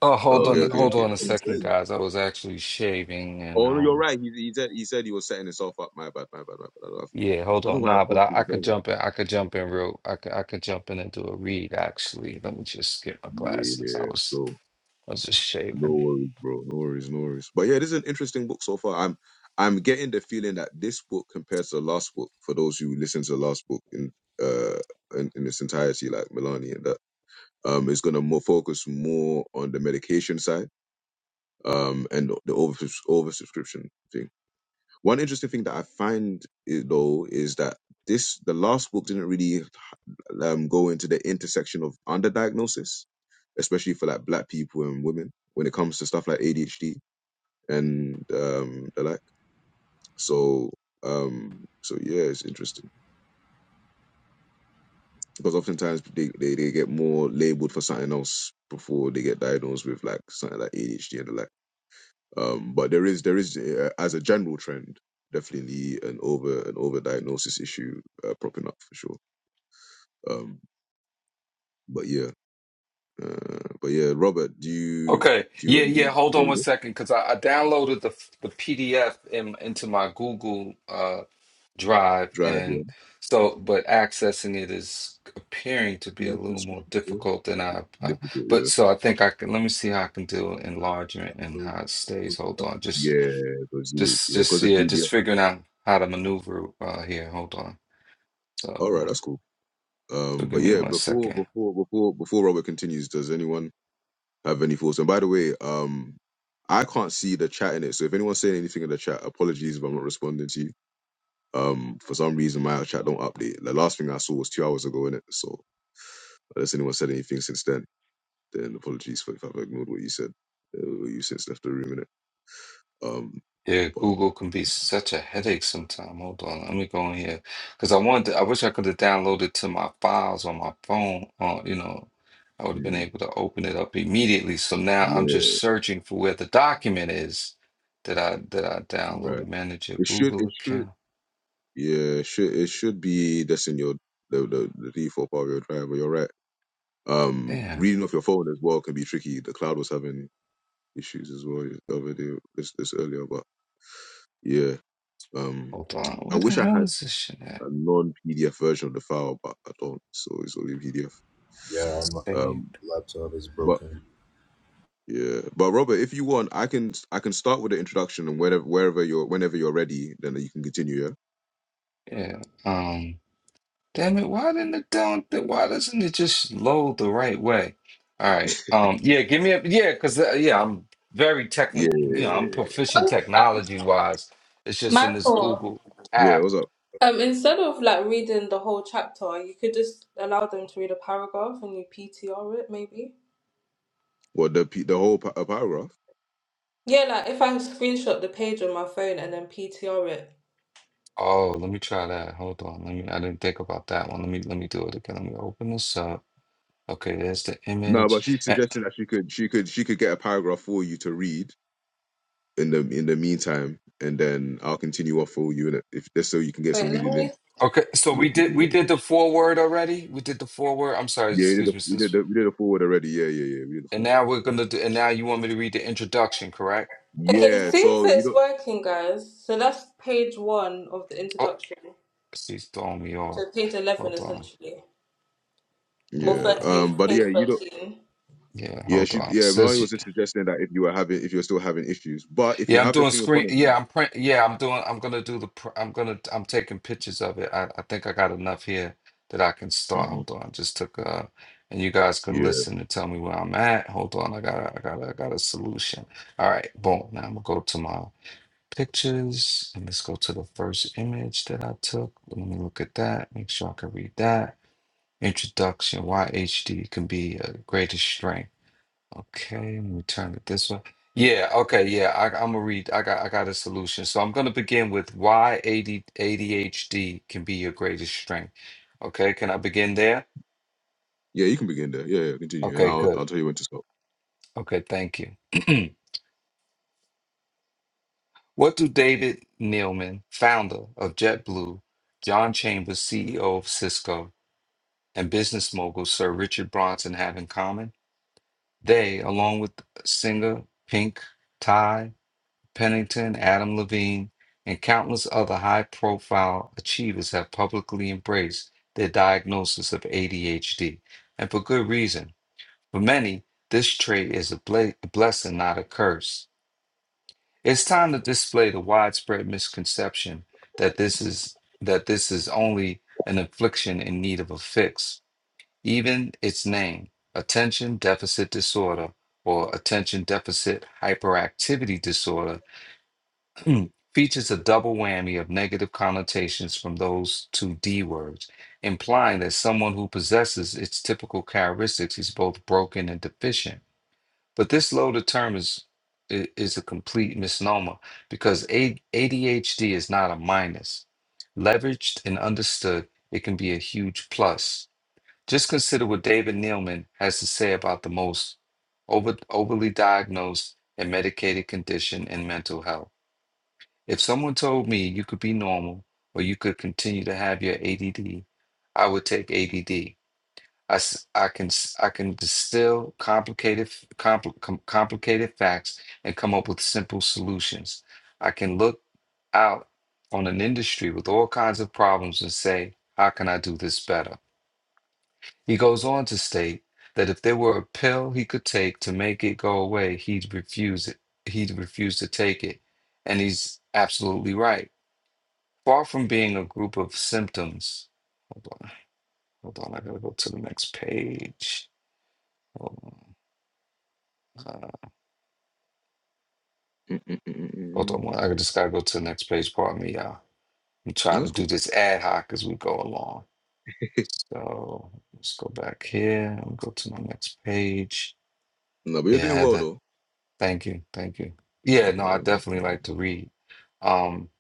[SPEAKER 7] Oh, hold
[SPEAKER 5] oh, that's,
[SPEAKER 1] Okay,
[SPEAKER 7] on,
[SPEAKER 5] that's
[SPEAKER 1] okay,
[SPEAKER 7] hold
[SPEAKER 5] not
[SPEAKER 1] okay,
[SPEAKER 7] on a
[SPEAKER 5] what
[SPEAKER 1] okay.
[SPEAKER 5] I'm
[SPEAKER 7] second,
[SPEAKER 5] saying.
[SPEAKER 7] guys. I was actually shaving, and
[SPEAKER 1] Oh no, you're
[SPEAKER 7] um,
[SPEAKER 1] right. He he said he said he was setting himself up. My bad, my bad, my bad. I don't, have-
[SPEAKER 7] yeah, hold
[SPEAKER 1] I don't
[SPEAKER 7] on.
[SPEAKER 1] know why I
[SPEAKER 7] Nah, but
[SPEAKER 1] forced
[SPEAKER 7] I,
[SPEAKER 1] him.
[SPEAKER 7] I could jump in. I could jump in real. I could I could jump in and do a read. Actually, let me just get my
[SPEAKER 1] Yeah,
[SPEAKER 7] glasses. I
[SPEAKER 1] yeah.
[SPEAKER 7] was
[SPEAKER 1] So
[SPEAKER 7] I was just
[SPEAKER 1] no
[SPEAKER 7] shaving.
[SPEAKER 1] worries, bro. No worries, no worries. But yeah, this is an interesting book so far. I'm I'm getting the feeling that this book compared to the last book, for those who listen to the last book in uh in, in its entirety, like Milani and that, um, is gonna more focus more on the medication side, um, and the over oversubscription thing One interesting thing that I find eh, though is that this the last book didn't really um, go into the intersection of underdiagnosis, especially for like black people and women when it comes to stuff like ADHD and um, the like. So um, so yeah, it's interesting because oftentimes they, they, they get more labeled for something else before they get diagnosed with like something like ADHD and the like. Um, but there is there is uh, as a general trend definitely an over an overdiagnosis issue uh, propping up for sure. Um, but yeah, uh, but yeah, Robert, do you
[SPEAKER 7] Okay.
[SPEAKER 1] do you,
[SPEAKER 7] Yeah,
[SPEAKER 1] want to
[SPEAKER 7] yeah.
[SPEAKER 1] do
[SPEAKER 7] Hold
[SPEAKER 1] there
[SPEAKER 7] on
[SPEAKER 1] you
[SPEAKER 7] one
[SPEAKER 1] go.
[SPEAKER 7] second, because I, I downloaded the the PDF in, into my Google uh, Drive,
[SPEAKER 1] drive?
[SPEAKER 7] and
[SPEAKER 1] Yeah,
[SPEAKER 7] so but accessing it is appearing to be a
[SPEAKER 5] Not the
[SPEAKER 7] little
[SPEAKER 5] screen
[SPEAKER 7] more
[SPEAKER 5] video,
[SPEAKER 7] difficult than I. Uh,
[SPEAKER 1] difficult.
[SPEAKER 7] but
[SPEAKER 1] Yeah,
[SPEAKER 7] so I think I can. Let me see how I can do enlargement and
[SPEAKER 5] but
[SPEAKER 7] how it stays. Hold
[SPEAKER 5] but-
[SPEAKER 7] on. Just,
[SPEAKER 1] yeah, because you
[SPEAKER 7] just,
[SPEAKER 1] yeah
[SPEAKER 7] just.
[SPEAKER 1] because the
[SPEAKER 7] Yeah, just
[SPEAKER 1] PBS.
[SPEAKER 7] figuring out how to maneuver uh, here. Hold on.
[SPEAKER 1] All right,
[SPEAKER 7] So,
[SPEAKER 1] that's cool.
[SPEAKER 7] so
[SPEAKER 1] Um,
[SPEAKER 7] give
[SPEAKER 1] but
[SPEAKER 7] me
[SPEAKER 1] yeah,
[SPEAKER 7] one
[SPEAKER 1] before
[SPEAKER 7] second.
[SPEAKER 1] before before before Robert continues, does anyone have any thoughts? And by the way, um, I can't see the chat in it, so if anyone's saying anything in the chat, apologies if I'm not responding to you Um, for some reason, my chat don't update. The last thing I saw was two hours ago in it. So unless anyone said anything since then, then apologies for if I've ignored what you said. Uh, you since left the room in it. Um,
[SPEAKER 7] Yeah,
[SPEAKER 1] but
[SPEAKER 7] Google can be such a headache sometimes. Hold on, let me go in here because I wanted. To, I wish I could have downloaded to my files on my phone. On you know, I would have been
[SPEAKER 1] mm,
[SPEAKER 7] able to open it up immediately. So now I'm
[SPEAKER 1] yeah,
[SPEAKER 7] just searching for where the document is that I that I
[SPEAKER 1] right.
[SPEAKER 7] downloaded. Manage your
[SPEAKER 1] It should,
[SPEAKER 7] Google
[SPEAKER 1] it should,
[SPEAKER 7] account.
[SPEAKER 1] yeah, it should, it should be that's in your the the, the default part of your driver. You're right. Um,
[SPEAKER 7] Damn.
[SPEAKER 1] reading off your phone as well can be tricky. The cloud was having issues as well the other day, this this earlier, but yeah. Um,
[SPEAKER 7] Hold on.
[SPEAKER 1] I
[SPEAKER 7] Where the
[SPEAKER 1] wish I had.
[SPEAKER 7] hell is this shit at?
[SPEAKER 1] a non-PDF version of the file, but I don't, so it's only PDF.
[SPEAKER 5] yeah, I'm, I'm,
[SPEAKER 7] Save.
[SPEAKER 1] Um,
[SPEAKER 5] laptop is
[SPEAKER 1] but
[SPEAKER 5] broken.
[SPEAKER 1] yeah, but Robert, if you want, I can I can start with the introduction and wherever wherever you're whenever you're ready, then you can continue.
[SPEAKER 7] Yeah. Um. Damn it, why didn't it don't why doesn't it just load the right way? All right. Um yeah, give me a yeah, cuz uh, yeah, I'm very
[SPEAKER 1] Yeah, yeah,
[SPEAKER 7] technical, you know,
[SPEAKER 1] yeah.
[SPEAKER 7] I'm proficient
[SPEAKER 6] What?
[SPEAKER 7] technology wise. It's just in this
[SPEAKER 6] Michael.
[SPEAKER 7] Google
[SPEAKER 1] yeah Yeah,
[SPEAKER 7] app.
[SPEAKER 1] what's up?
[SPEAKER 6] Um, instead of like reading the whole chapter, you could just allow them to read a paragraph and you PTR it, maybe.
[SPEAKER 1] What the p- the whole pa- a paragraph?
[SPEAKER 6] Yeah, like if I screenshot the page on my phone and then PTR it,
[SPEAKER 7] Oh, let me try that. Hold on. Let me I didn't think about that one. Let me let me do it again. Let me open this up. Okay, there's the
[SPEAKER 1] No, but
[SPEAKER 7] image.
[SPEAKER 1] she's
[SPEAKER 7] Eh,
[SPEAKER 1] suggesting that she could she could she could get a paragraph for you to read in the in the meantime, and then I'll continue off for you, and if just so you can get some
[SPEAKER 6] Wait, let
[SPEAKER 1] reading
[SPEAKER 6] me.
[SPEAKER 1] in
[SPEAKER 7] Okay, so
[SPEAKER 1] is
[SPEAKER 7] we
[SPEAKER 1] what she
[SPEAKER 7] did we
[SPEAKER 1] suggested.
[SPEAKER 7] did the foreword already. We did the foreword. I'm sorry,
[SPEAKER 1] Yeah, we did
[SPEAKER 7] excuse
[SPEAKER 1] the
[SPEAKER 7] me,
[SPEAKER 1] we
[SPEAKER 7] sis.
[SPEAKER 1] did a we did the forward already. Yeah, yeah, yeah. We did the
[SPEAKER 7] And
[SPEAKER 1] forward.
[SPEAKER 7] now we're gonna do and now you want me to read the introduction, correct?
[SPEAKER 6] Okay,
[SPEAKER 1] Yeah,
[SPEAKER 6] see if
[SPEAKER 1] so you don't.
[SPEAKER 6] it's working, guys. So that's page one of the
[SPEAKER 7] Oh,
[SPEAKER 6] introduction.
[SPEAKER 7] she's throwing me off.
[SPEAKER 6] So page 11,
[SPEAKER 7] Hold on.
[SPEAKER 6] essentially.
[SPEAKER 7] Hold
[SPEAKER 6] Well,
[SPEAKER 1] Yeah.
[SPEAKER 7] on.
[SPEAKER 6] 13,
[SPEAKER 1] Um. But
[SPEAKER 6] page
[SPEAKER 1] yeah, you know.
[SPEAKER 6] 13.
[SPEAKER 7] Yeah,
[SPEAKER 1] Yeah.
[SPEAKER 7] hold
[SPEAKER 1] She.
[SPEAKER 7] on.
[SPEAKER 1] Yeah. Melanie
[SPEAKER 7] Says,
[SPEAKER 1] was suggesting that if you were having, if you're still having issues, but if you
[SPEAKER 7] yeah, I'm
[SPEAKER 1] have the
[SPEAKER 7] doing
[SPEAKER 1] thing in
[SPEAKER 7] screen.
[SPEAKER 1] front of you.
[SPEAKER 7] Yeah, I'm print. Yeah, I'm doing. I'm gonna do the. pr- I'm gonna. I'm taking pictures of it. I, I think I got enough here that I can start.
[SPEAKER 1] Mhm.
[SPEAKER 7] Hold on. Just took. Uh, and you guys can
[SPEAKER 1] Yeah.
[SPEAKER 7] listen and tell me where I'm at. Hold on. I got. I got. I got a solution. All right. Boom. Now I'm gonna go to my pictures and let's go to the first image that I took. Let me look at that. Make sure I can read that. Introduction. Why HD can be a greatest strength. Okay, let me turn it this way. Yeah, okay, yeah. I, I'm gonna read. I got I got a solution. So I'm gonna begin with why AD, ADHD can be your greatest strength. Okay, can I begin there?
[SPEAKER 1] Yeah. You can begin there. Yeah. Yeah. Continue, and
[SPEAKER 7] Okay,
[SPEAKER 1] I'll
[SPEAKER 7] good.
[SPEAKER 1] I'll tell you when to stop.
[SPEAKER 7] Okay, thank you. What do David Neilman, founder of JetBlue, John Chambers, CEO of Cisco, and business mogul Sir Richard Bronson have in common? They, along with singer Pink, Pennington, Adam Levine, and countless other high profile achievers have publicly embraced their diagnosis of ADHD, and for good reason. For many, this trait is a bla- a blessing, not a curse. It's time to display the widespread misconception that this is that this is only an affliction in need of a fix. Even its name, attention deficit disorder or attention deficit hyperactivity disorder, Mm. features a double whammy of negative connotations from those two D words, implying that someone who possesses its typical characteristics is both broken and deficient. But this loaded term is i- is a complete misnomer because A- ADHD is not a minus. Leveraged and understood, it can be a huge plus. Just consider what David Neilman has to say about the most over, overly diagnosed and medicated condition in mental health. If someone told me you could be normal or you could continue to have your ADD, I would take ADD. I, s- I can s- I can distill complicated f- compli- com- complicated facts and come up with simple solutions. I can look out on an industry with all kinds of problems and say, how can I do this better? He goes on to state that if there were a pill he could take to make it go away, he'd refuse it. He'd refuse to take it. And he's absolutely right Far from being a group of symptoms. Hold on. Hold on. I gotta go to the next page. Hold on. Uh, hold on.
[SPEAKER 1] Mm-mm-mm-mm-mm.
[SPEAKER 7] one- I just gotta go to the next page. Pardon me, y'all. I'm trying to
[SPEAKER 1] That's
[SPEAKER 7] do
[SPEAKER 1] cool.
[SPEAKER 7] this ad hoc as we go along. So let's go back here and go to my next page.
[SPEAKER 1] No, but you're
[SPEAKER 7] Yeah, I
[SPEAKER 1] doing
[SPEAKER 7] had
[SPEAKER 1] well
[SPEAKER 7] to.
[SPEAKER 1] though.
[SPEAKER 7] Thank you. Thank you. Yeah, no, I definitely like to read. Um,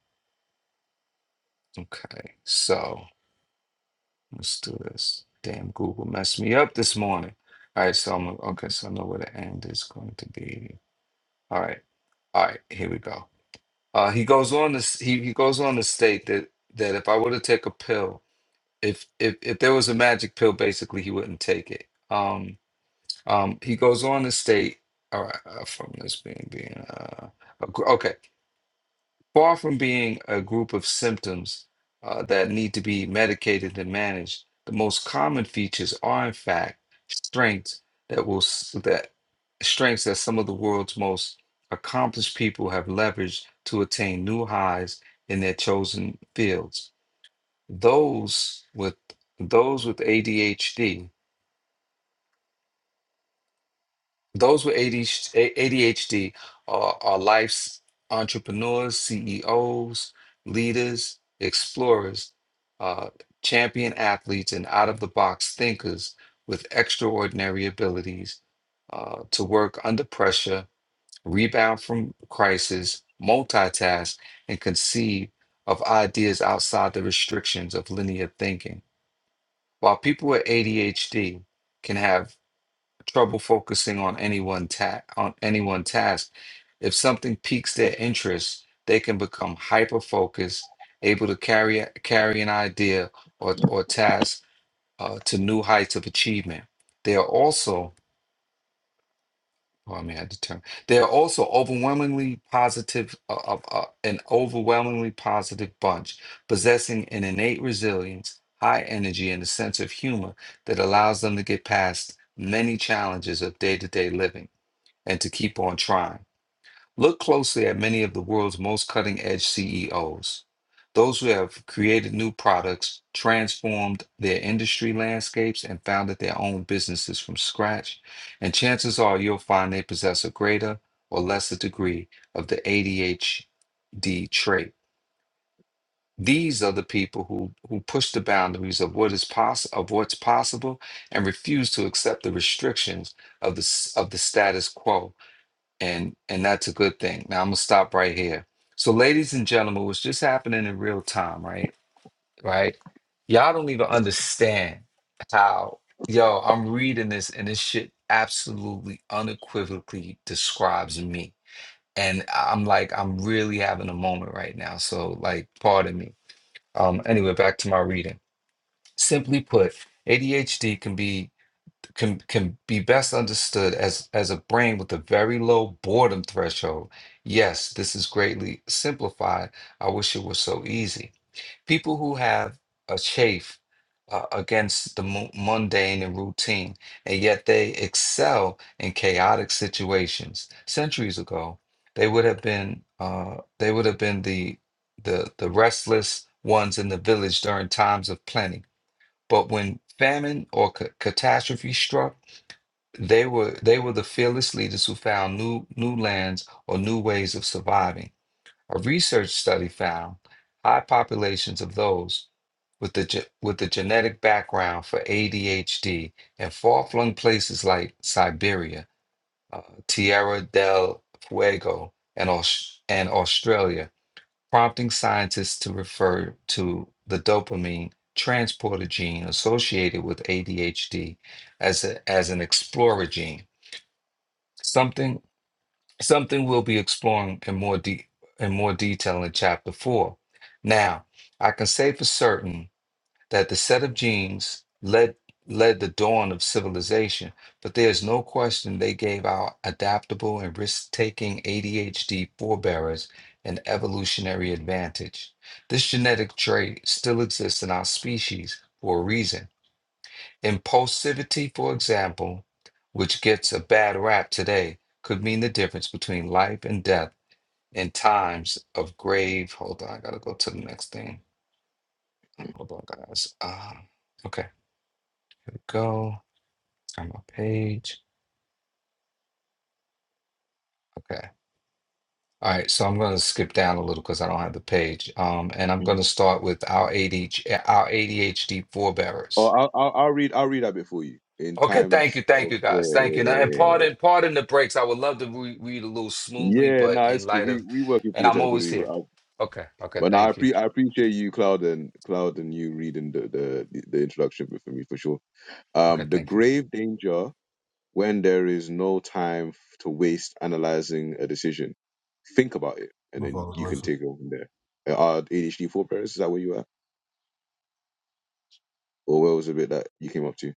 [SPEAKER 7] okay, so let's do this. Damn, Google messed me up this morning. All right, so I'm okay. So I know where the end is going to be. All right. All right, here we go. Uh, he goes on to s- he, he goes on to state that that if I were to take a pill, if if if there was a magic pill, basically he wouldn't take it. Um, um, he goes on to state, all right, uh, from this being being uh, ag- okay. Far from being a group of symptoms uh, that need to be medicated and managed, the most common features are, in fact, strengths that will s- that strengths that some of the world's most accomplished people have leveraged to attain new highs in their chosen fields. Those with those with ADHD Those with ADHD, are, are life's entrepreneurs, CEOs, leaders, explorers, uh, champion athletes, and out of the box thinkers with extraordinary abilities uh, to work under pressure, rebound from crisis, multitask, and conceive of ideas outside the restrictions of linear thinking. While people with ADHD can have trouble focusing on any one ta- on any one task. If something piques their interest, they can become hyper focused, able to carry carry an idea or or task uh, to new heights of achievement. They are also oh, I mean, I had They are also overwhelmingly positive, uh, uh, uh, an overwhelmingly positive bunch, possessing an innate resilience, high energy, and a sense of humor that allows them to get past many challenges of day to day living and to keep on trying. Look closely at many of the world's most cutting edge CEOs, those who have created new products, transformed their industry landscapes, and founded their own businesses from scratch. And chances are you'll find they possess a greater or lesser degree of the ADHD trait. These are the people who, who push the boundaries of what is poss- of what's possible and refuse to accept the restrictions of the s- of the status quo and and that's a good thing. Now I'm gonna stop right here. So, ladies and gentlemen, what's just happening in real time, right? Right? Y'all don't even understand how yo. I'm reading this, and this shit absolutely unequivocally describes me. And I'm like, I'm really having a moment right now. So, like, pardon me. Um. Anyway, back to my reading. Simply put, ADHD can be can can be best understood as as a brain with a very low boredom threshold. Yes, this is greatly simplified. I wish it was so easy. People who have a chafe uh, against the mu- mundane and routine, and yet they excel in chaotic situations. Centuries ago, they would have been uh, they would have been the the the restless ones in the village during times of plenty. But when famine or ca- catastrophe struck, they were they were the fearless leaders who found new new lands or new ways of surviving. A research study found high populations of those with the ge- with the genetic background for ADHD in far-flung places like Siberia, uh, Tierra del Fuego, and Aus- and Australia, prompting scientists to refer to the dopamine transporter gene associated with ADHD as a, as an explorer gene. Something something we'll be exploring in more de- in more detail in chapter 4. Now, I can say for certain that the set of genes led led the dawn of civilization, but there's no question they gave our adaptable and risk-taking ADHD forebearers an evolutionary advantage. This genetic trait still exists in our species for a reason Impulsivity, for example, which gets a bad rap today, could mean the difference between life and death in times of grave. Hold on, I gotta go to the next thing. Oh, Hold on, guys. Um, okay, here we go. I'm on page. Okay. All right, so I'm going to skip down a little because I don't have the page. Um, and I'm going
[SPEAKER 1] Mhm.
[SPEAKER 7] to start with our ADHD, our ADHD
[SPEAKER 1] Oh,
[SPEAKER 7] forebearers.
[SPEAKER 1] I'll, I'll I'll read I'll read that bit for you in
[SPEAKER 7] Okay, thank
[SPEAKER 1] times
[SPEAKER 7] you, thank
[SPEAKER 1] of
[SPEAKER 7] you,
[SPEAKER 1] yeah
[SPEAKER 7] guys,
[SPEAKER 1] yeah
[SPEAKER 7] thank you.
[SPEAKER 1] yeah
[SPEAKER 7] Now, and
[SPEAKER 1] yeah. yeah.
[SPEAKER 7] pardon, pardon the breaks. I would love to re- read a little
[SPEAKER 1] Yeah,
[SPEAKER 7] smoothly,
[SPEAKER 1] Yeah,
[SPEAKER 7] but
[SPEAKER 1] Nah, it's
[SPEAKER 7] in
[SPEAKER 1] cool.
[SPEAKER 7] light
[SPEAKER 1] We
[SPEAKER 7] of,
[SPEAKER 1] we working
[SPEAKER 7] and
[SPEAKER 1] through
[SPEAKER 7] I'm
[SPEAKER 1] the technical
[SPEAKER 7] always
[SPEAKER 1] difficulty,
[SPEAKER 7] here.
[SPEAKER 1] but I,
[SPEAKER 7] Okay, okay,
[SPEAKER 1] but now I
[SPEAKER 7] thank you.
[SPEAKER 1] pre I appreciate you, Cloud and Cloud and you reading the the the introduction bit for me for sure.
[SPEAKER 7] Okay,
[SPEAKER 1] Um, the
[SPEAKER 7] thank you.
[SPEAKER 1] grave danger when there is no time to waste analyzing a decision. Think about it, and
[SPEAKER 5] My
[SPEAKER 1] then
[SPEAKER 5] father's
[SPEAKER 1] you can
[SPEAKER 5] life
[SPEAKER 1] take it from there. Uh, Are ADHD forbearers? Is that where you are, or where was the bit that you came up to?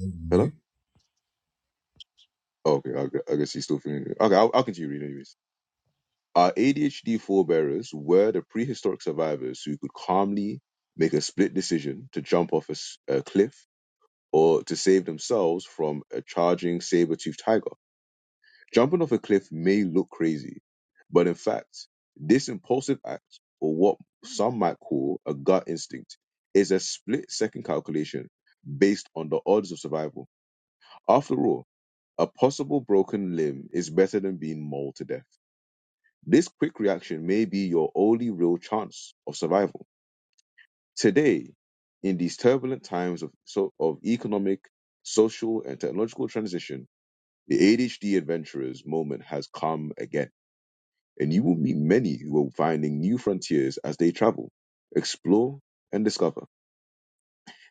[SPEAKER 5] is
[SPEAKER 1] Hello.
[SPEAKER 5] me.
[SPEAKER 1] Oh, okay, I, gu- I guess he's still thinking. Okay, I'll, I'll continue reading. Anyways, our ADHD forebearers were the prehistoric survivors who could calmly make a split decision to jump off a, s- a cliff or to save themselves from a charging saber-toothed tiger. Jumping off a cliff may look crazy, but in fact, this impulsive act, or what some might call a gut instinct, is a split second calculation based on the odds of survival. After all, a possible broken limb is better than being mauled to death. This quick reaction may be your only real chance of survival. Today, in these turbulent times of, so, of economic, social, and technological transition, the ADHD adventurer's moment has come again. and you will meet many who are finding new frontiers as they travel, explore, and discover.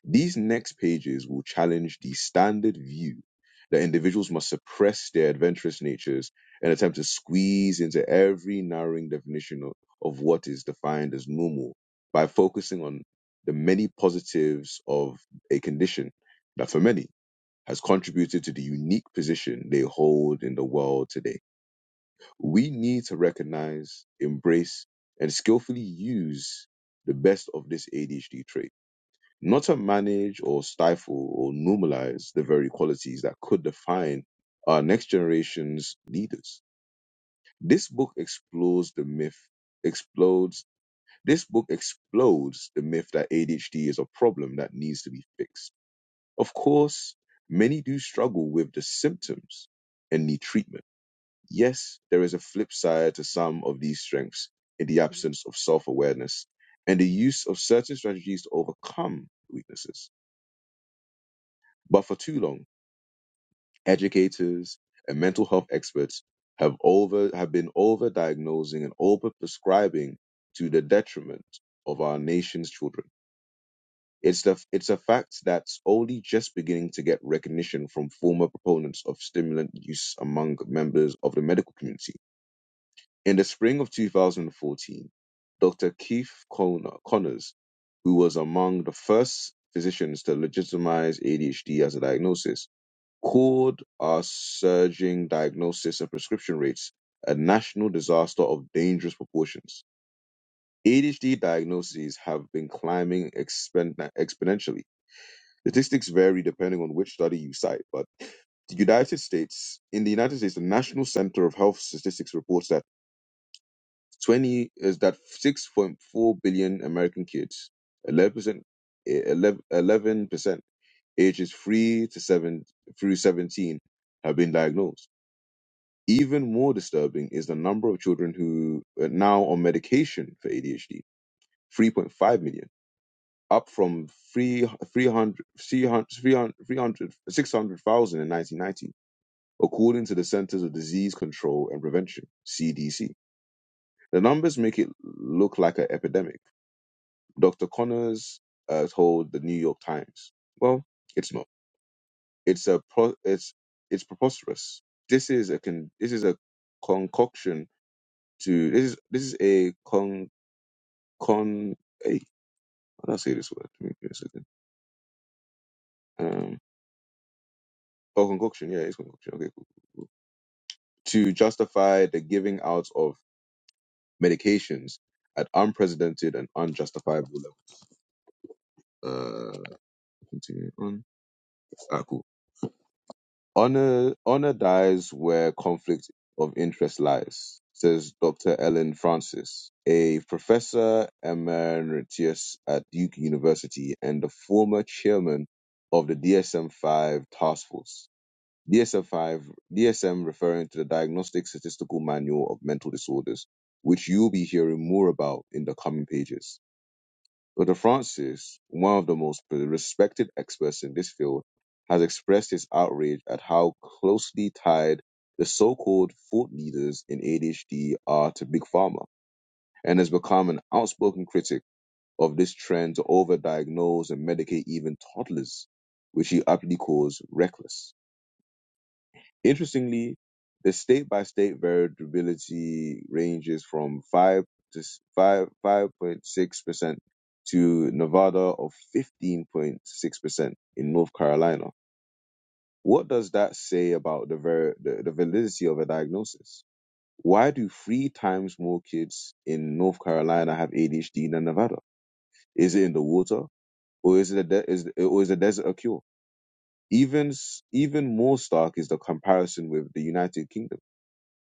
[SPEAKER 1] These next pages will challenge the standard view that individuals must suppress their adventurous natures and attempt to squeeze into every narrowing definition of, of what is defined as normal by focusing on the many positives of a condition that for many has contributed to the unique position they hold in the world today. We need to recognize, embrace, and skillfully use the best of this ADHD trait, not to manage or stifle or normalize the very qualities that could define our next generation's leaders. This book explores the myth, explodes, this book explodes the myth that ADHD is a problem that needs to be fixed. Of course, many do struggle with the symptoms and need treatment Yes, there is a flip side to some of these strengths in the absence of self awareness and the use of certain strategies to overcome weaknesses. But for too long, educators and mental health experts have over have been over diagnosing and over prescribing to the detriment of our nation's children. It's the it's a fact that's only just beginning to get recognition from former proponents of stimulant use among members of the medical community In the spring of 2014, Dr. Keith Conno- Connors, who was among the first physicians to legitimize ADHD as a diagnosis, called our surging diagnosis and prescription rates a national disaster of dangerous proportions. ADHD diagnoses have been climbing expen- exponentially. Statistics vary depending on which study you cite, but the United States, in the United States, the National Center of Health Statistics reports that 20 is that 6.4 billion American kids, 11%, 11% ages 3 to 7 through 17 have been diagnosed. Even more disturbing is the number of children who are now on medication for ADHD, 3.5 million, up from 3, 300, in 1990, according to the Centers of Disease Control and Prevention, CDC. The numbers make it look like an epidemic Dr. Connors uh, told the New York Times, "Well, it's not. It's a pro- it's it's preposterous. This is a con- this is a concoction to this is this is a con con a how do I say this word? Let me give me a second. Um, oh, concoction. Yeah, it's concoction. Okay, cool, cool, cool. To justify the giving out of medications at unprecedented and unjustifiable level. Uh, continue on. Ah, cool. Honor, honor dies where conflict of interest lies, says Dr. Ellen Francis, a professor emeritus at Duke University and the former chairman of the DSM 5 task force. DSM 5, DSM referring to the Diagnostic Statistical Manual of Mental Disorders, which you'll be hearing more about in the coming pages. Dr. Francis, one of the most respected experts in this field, has expressed his outrage at how closely tied the so called thought leaders in ADHD are to Big Pharma and has become an outspoken critic of this trend to overdiagnose and medicate even toddlers, which he aptly calls reckless. Interestingly, the state by state variability ranges from 5 to s- 5 5.6% to Nevada of 15.6% in North Carolina. What does that say about the, ver- the the validity of a diagnosis? Why do three times more kids in North Carolina have ADHD than Nevada? Is it in the water, or is it a de- is or is the desert a cure? Even s- even more stark is the comparison with the United Kingdom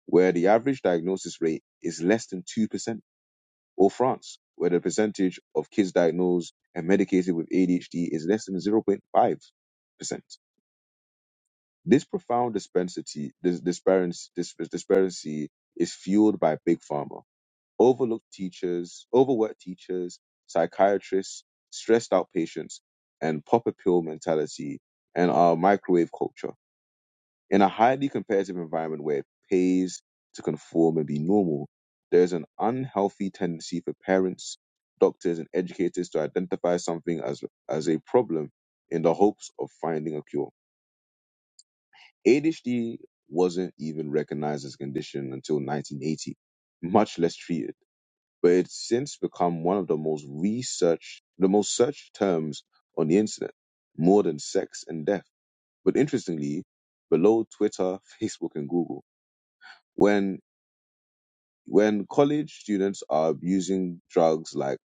[SPEAKER 1] where the average diagnosis rate is less than 2%, or France, where the percentage of kids diagnosed and medicated with ADHD is less than 0.5%. This profound disparity, this disparity, this disparity is fueled by Big Pharma, overlooked teachers, overworked teachers, psychiatrists, stressed out patients, and pop a pill mentality and our microwave culture. In a highly competitive environment where it pays to conform and be normal, there is an unhealthy tendency for parents, doctors, and educators to identify something as, as a problem in the hopes of finding a cure. ADHD wasn't even recognized as a condition until 1980, much less treated. But it's since become one of the most researched, the most searched terms on the internet, more than sex and death. But interestingly, below Twitter, Facebook, and Google when when college students are using drugs like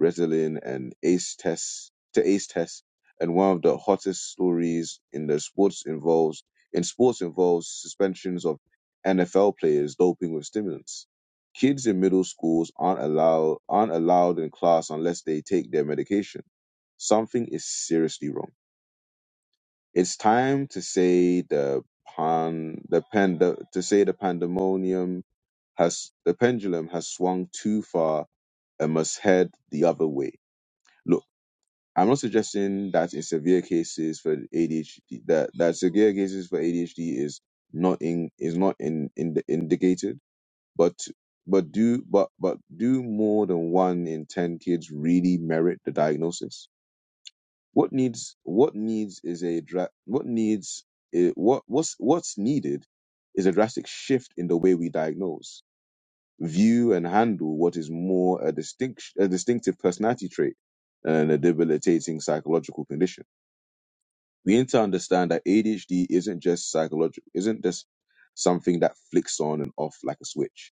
[SPEAKER 1] Ritalin and ACE tests to ACE tests, and one of the hottest stories in the sports involves in sports involves suspensions of NFL players doping with stimulants. Kids in middle schools aren't allowed aren't allowed in class unless they take their medication. Something is seriously wrong. It's time to say the pan the pand to say the pandemonium has the pendulum has swung too far and must head the other way. Look, I'm not suggesting that in severe cases for ADHD that, that severe cases for ADHD is not in is not in, in indicated, but but do but but do more than one in ten kids really merit the diagnosis? What needs what needs is a dra- what needs i- what what's what's needed is a drastic shift in the way we diagnose, view, and handle what is more a distinct, a distinctive personality trait and a debilitating psychological condition. We need to understand that ADHD isn't just psychological, isn't just something that flicks on and off like a switch.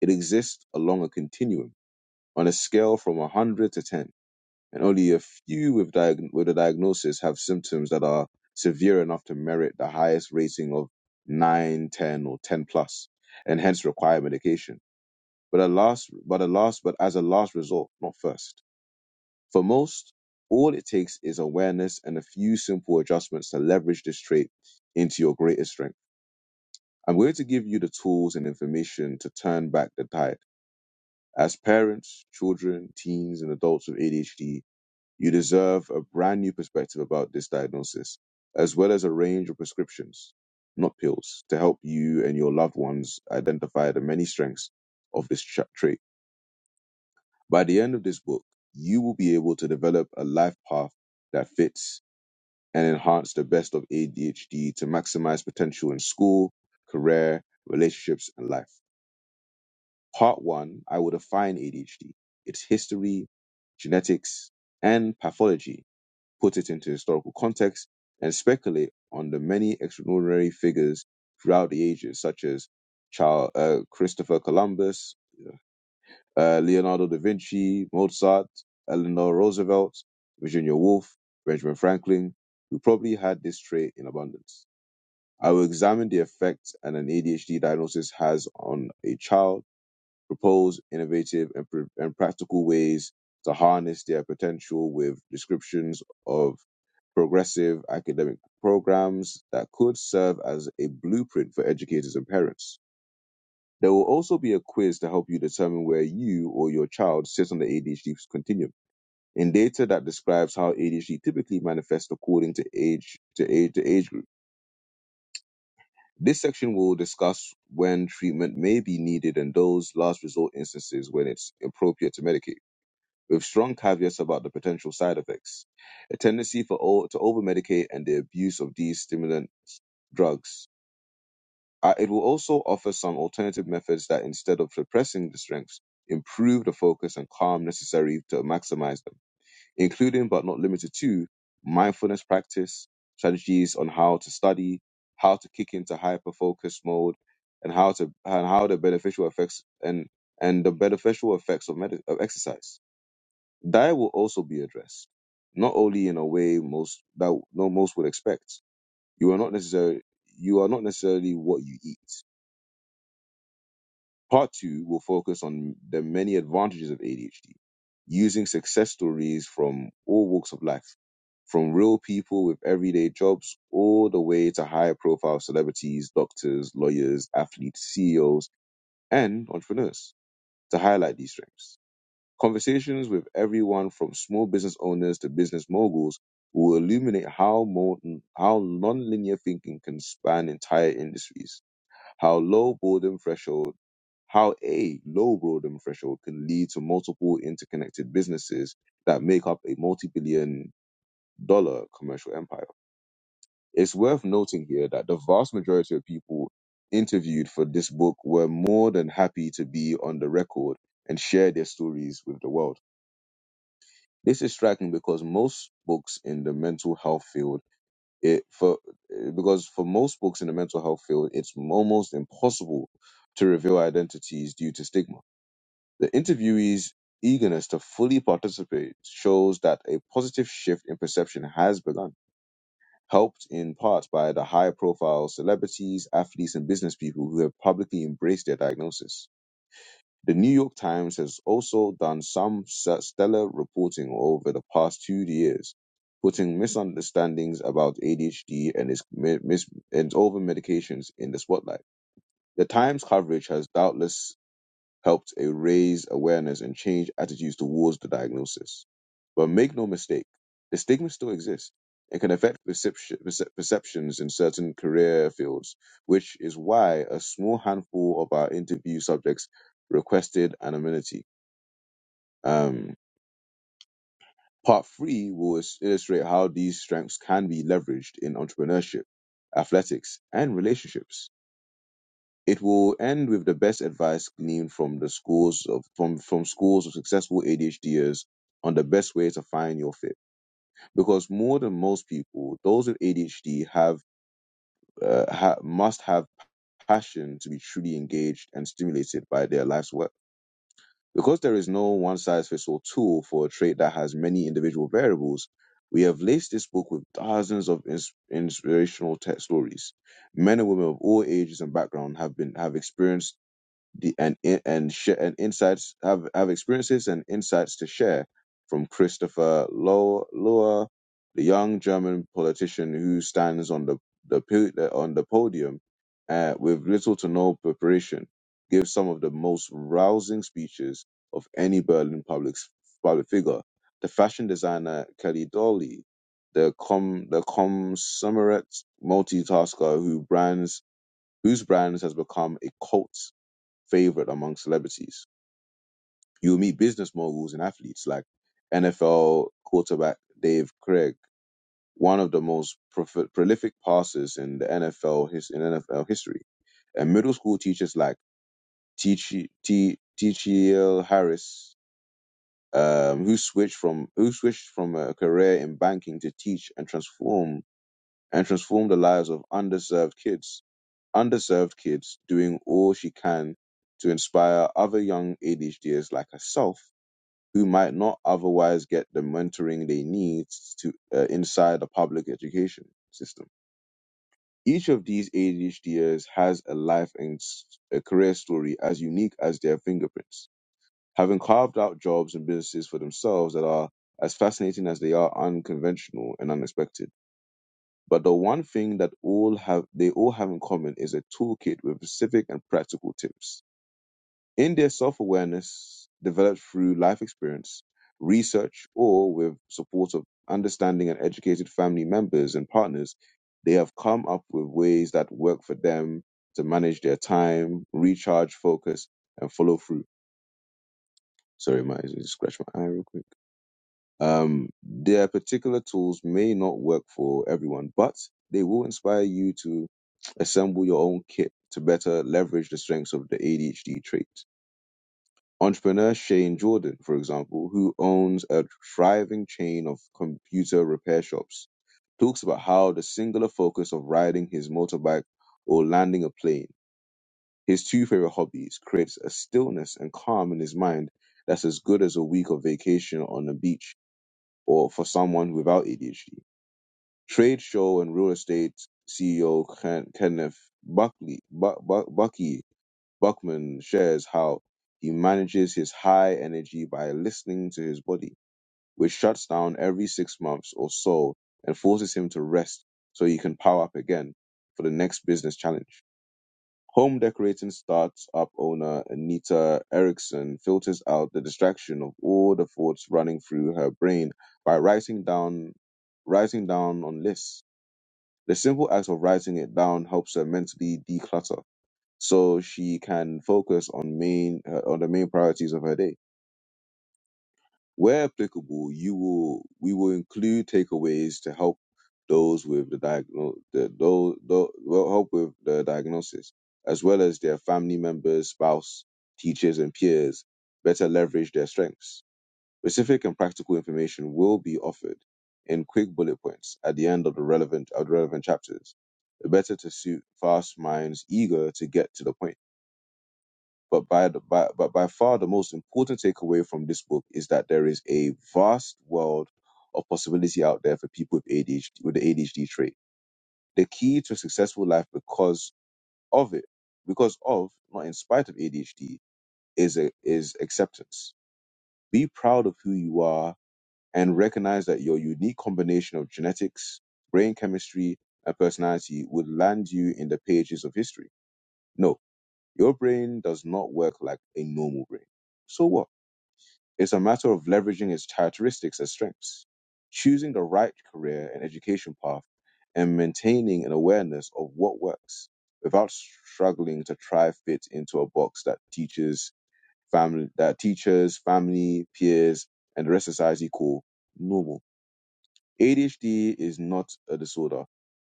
[SPEAKER 1] It exists along a continuum on a scale from 100 to 10 and only a few with, diag- with a diagnosis have symptoms that are severe enough to merit the highest rating of 9, 10, or 10 plus, and hence require medication. But a last, but a last, but as a last resort, not first. For most, all it takes is awareness and a few simple adjustments to leverage this trait into your greatest strength. I'm going to give you the tools and information to turn back the tide. As parents, children, teens, and adults with ADHD, You deserve a brand new perspective about this diagnosis, as well as a range of prescriptions, not pills, to help you and your loved ones identify the many strengths of this tra- trait. By the end of this book, you will be able to develop a life path that fits and enhance the best of ADHD to maximize potential in school, career, relationships, and life. Part one I will define ADHD, its history, genetics, and pathology put it into historical context, and speculate on the many extraordinary figures throughout the ages, such as Charles, uh, Christopher Columbus, uh, Leonardo da Vinci, Mozart, Eleanor Roosevelt, Virginia Woolf, Benjamin Franklin, who probably had this trait in abundance. I will examine the effect an ADHD diagnosis has on a child propose innovative and, pr- and practical ways to harness their potential with descriptions of progressive academic programs that could serve as a blueprint for educators and parents. There will also be a quiz to help you determine where you or your child sits on the ADHD continuum in data that describes how ADHD typically manifests according to age to age to age group. This section will discuss when treatment may be needed and those last resort instances when it's appropriate to medicate. with strong caveats about the potential side effects. A tendency for all to overmedicate and the abuse of these stimulant drugs. Uh, it will also offer some alternative methods that, instead of suppressing the strengths, improve the focus and calm necessary to maximize them, including but not limited to mindfulness practice, strategies on how to study, how to kick into hyper focus mode, and how to and how the beneficial effects and and the beneficial effects of, medi- of exercise. That will also be addressed, not only in a way most that no most would expect. You are not necessarily you are not necessarily what you eat. Part two will focus on the many advantages of ADHD, using success stories from all walks of life, from real people with everyday jobs all the way to higher profile celebrities, doctors, lawyers, athletes, CEOs, and entrepreneurs to highlight these strengths. Conversations with everyone from small business owners to business moguls will illuminate how more, how nonlinear thinking can span entire industries, how low boredom threshold, how a low boredom threshold can lead to multiple interconnected businesses that make up a multi-billion dollar commercial empire. It's worth noting here that the vast majority of people interviewed for this book were more than happy to be on the record and share their stories with the world. This is striking because most books in the mental health field, it for eh, because for most books in the mental health field, it's almost impossible to reveal identities due to stigma. The interviewee's eagerness to fully participate shows that a positive shift in perception has begun, helped in part by the high-profile celebrities, athletes, and business people who have publicly embraced their diagnosis. The New York Times has also done some stellar reporting over the past two years, putting misunderstandings about ADHD and its mi- mis- and over medications in the spotlight. The Times coverage has doubtless helped a raise awareness and change attitudes towards the diagnosis. But make no mistake, the stigma still exists and can affect perception, percep- perceptions in certain career fields, which is why a small handful of our interview subjects requested anonymity. Um, part three will is- illustrate how these strengths can be leveraged in entrepreneurship, athletics, and relationships. It will end with the best advice gleaned from the schools of from, from schools of successful ADHDers on the best way to find your fit. Because more than most people, those with ADHD have uh, ha- must have passion to be truly engaged and stimulated by their life's work. Because there is no one size fits all tool for a trait that has many individual variables, we have laced this book with thousands of ins- inspirational tech stories. Men and women of all ages and background have been have experienced the, and and share and insights have have experiences and insights to share from Christopher Lohr, Lohr the young German politician who stands on the the po- on the podium uh, with little to no preparation, gives some of the most rousing speeches of any Berlin public s- public figure. The fashion designer Kelly Dolly, the com the consummate multitasker who brands whose brands has become a cult favored among celebrities. You'll meet business moguls and athletes like NFL quarterback Dave Craig, one of the most prof- prolific passers in the NFL his in NFL history, and middle school teachers like T.G. Harris, um, who switched from who switched from a career in banking to teach and transform and transform the lives of underserved kids. Underserved kids doing all she can to inspire other young ADHDers like herself who might not otherwise get the mentoring they need to uh, inside the public education system. Each of these ADHDers has a life and s- a career story as unique as their fingerprints, having carved out jobs and businesses for themselves that are as fascinating as they are unconventional and unexpected. But the one thing that all have they all have in common is a toolkit with specific and practical tips in their self awareness developed through life experience, research, or with support of understanding and educated family members and partners, they have come up with ways that work for them to manage their time, recharge, focus, and follow through. Sorry, my just scratch my eye real quick. Um, their particular tools may not work for everyone, but they will inspire you to assemble your own kit to better leverage the strengths of the ADHD trait. Entrepreneur Shane Jordan, for example, who owns a thriving chain of computer repair shops, talks about how the singular focus of riding his motorbike or landing a plane, his two favorite hobbies, creates a stillness and calm in his mind that's as good as a week of vacation on the beach or for someone without ADHD. Trade show and real estate CEO Ken- Kenneth Buckley, Bu- Bu- Bucky Buckman shares how he manages his high energy by listening to his body, which shuts down every six months or so and forces him to rest so he can power up again for the next business challenge. Home decorating startup owner Anita Erickson filters out the distraction of all the thoughts running through her brain by writing down writing down on lists. The simple act of writing it down helps her mentally declutter so she can focus on main uh, on the main priorities of her day. Where applicable, you will we will include takeaways to help those with the diagnose the those, those well, help with the diagnosis, as well as their family members, spouse, teachers, and peers better leverage their strengths. Specific and practical information will be offered in quick bullet points at the end of the relevant of the relevant chapters. Better to suit fast minds eager to get to the point But by, the, by, but by far the most important takeaway from this book is that there is a vast world of possibility out there for people with ADHD, with the ADHD trait. The key to a successful life because of it, because of, not in spite of ADHD, is, a, is acceptance. Be proud of who you are and recognize that your unique combination of genetics, brain chemistry, and personality would land you in the pages of history. No, your brain does not work like a normal brain. So what? It's a matter of leveraging his characteristics as strengths, choosing the right career and education path, and maintaining an awareness of what works without struggling to try fit into a box that teaches family that teachers, family, peers, and the rest of society call normal. ADHD is not a disorder.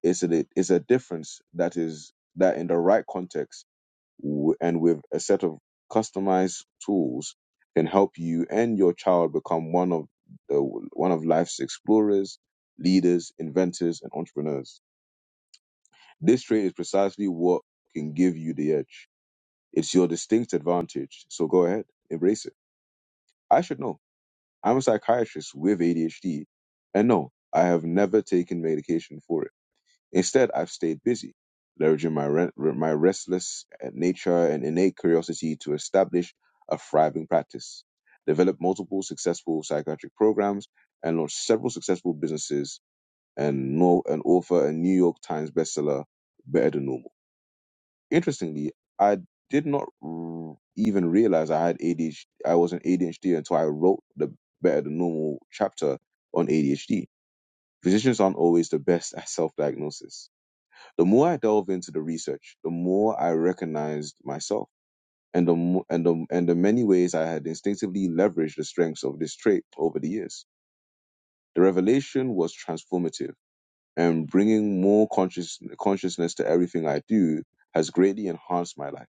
[SPEAKER 1] It's a it's a difference that is that in the right context w- and with a set of customized tools can help you and your child become one of the one of life's explorers, leaders, inventors, and entrepreneurs. This trait is precisely what can give you the edge. It's your distinct advantage. So go ahead, embrace it. I should know. I'm a psychiatrist with ADHD, and no, I have never taken medication for it Instead, I've stayed busy, leveraging my, re- my restless uh, nature and innate curiosity to establish a thriving practice, develop multiple successful psychiatric programs, and launch several successful businesses and, no- and author a New York Times bestseller, Better Than Normal. Interestingly, I did not r- even realize I had ADHD. I was an ADHD until I wrote the Better Than Normal chapter on ADHD. Physicians aren't always the best at self-diagnosis the more I delve into the research, the more I recognized myself and the, mo- and the, and the many ways I had instinctively leveraged the strengths of this trait over the years. The revelation was transformative and bringing more conscious, consciousness to everything I do has greatly enhanced my life.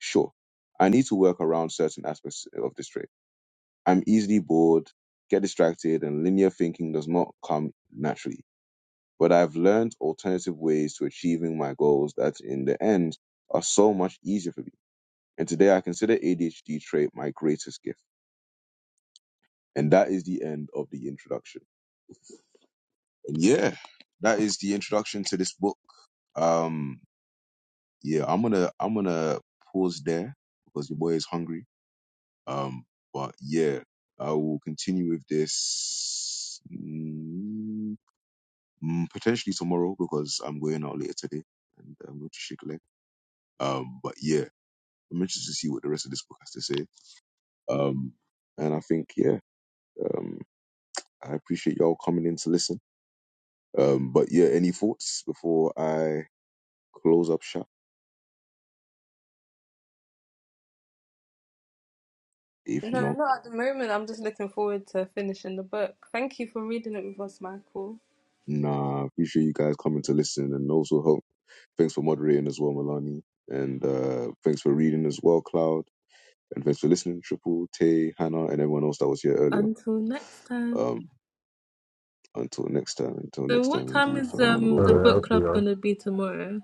[SPEAKER 1] Sure, I need to work around certain aspects of this trait. I'm easily bored, get distracted, and linear thinking does not come naturally but I've learned alternative ways to achieving my goals that in the end are so much easier for me. And today I consider ADHD trait my greatest gift. And that is the end of the introduction. And yeah, that is the introduction to this book. Um, yeah, I'm gonna I'm gonna pause there because your boy is hungry. Um, but yeah, I will continue with this mm, mm, potentially tomorrow because I'm going out later today and I'm going to shake fil a leg. Um, but yeah. I'm interested to see what the rest of this book has to say. Um, and I think, yeah, um, I appreciate y'all coming in to listen. Um, but yeah, any thoughts before I close up shop? If
[SPEAKER 6] No,
[SPEAKER 1] not,
[SPEAKER 6] not at the moment. I'm just looking forward to finishing the book. Thank you for reading it with us, Michael.
[SPEAKER 1] nah, I appreciate you guys coming to listen and also hope. Thanks for moderating as well, Milani. And uh, thanks for reading as well, Cloud. And thanks for listening, Triple, Tay, Hannah, and everyone else that was here earlier.
[SPEAKER 6] Until next time.
[SPEAKER 1] Um, until next time, until
[SPEAKER 6] So,
[SPEAKER 1] next
[SPEAKER 6] what
[SPEAKER 1] time,
[SPEAKER 6] time
[SPEAKER 1] indeed,
[SPEAKER 6] is
[SPEAKER 1] fam. I want to
[SPEAKER 6] um
[SPEAKER 1] go
[SPEAKER 5] All
[SPEAKER 6] the
[SPEAKER 1] grab.
[SPEAKER 6] book
[SPEAKER 5] right,
[SPEAKER 6] club
[SPEAKER 5] okay,
[SPEAKER 6] gonna be tomorrow?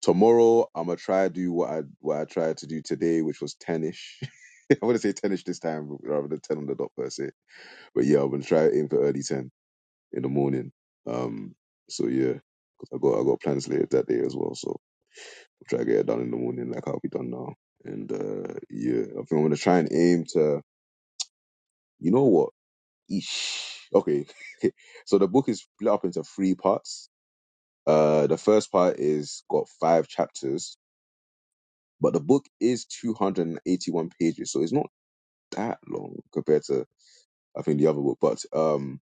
[SPEAKER 1] Tomorrow I'm gonna try to do what I what I tried to do today, which was ten-ish. I want to say ten-ish this time rather than ten on the dot per se. But yeah, I'm gonna try aim for early ten in the morning. Um, so yeah, 'cause I got I got plans later that day as well. So I'll try to get it done in the morning, like I'll be done now. And uh, yeah, I think I'm gonna try and aim to. You know what? Eesh. Okay, so the book is split up into three parts. Uh, the first part is got five chapters, But the book is 281 pages, so it's not that long compared to I think the other book. But um,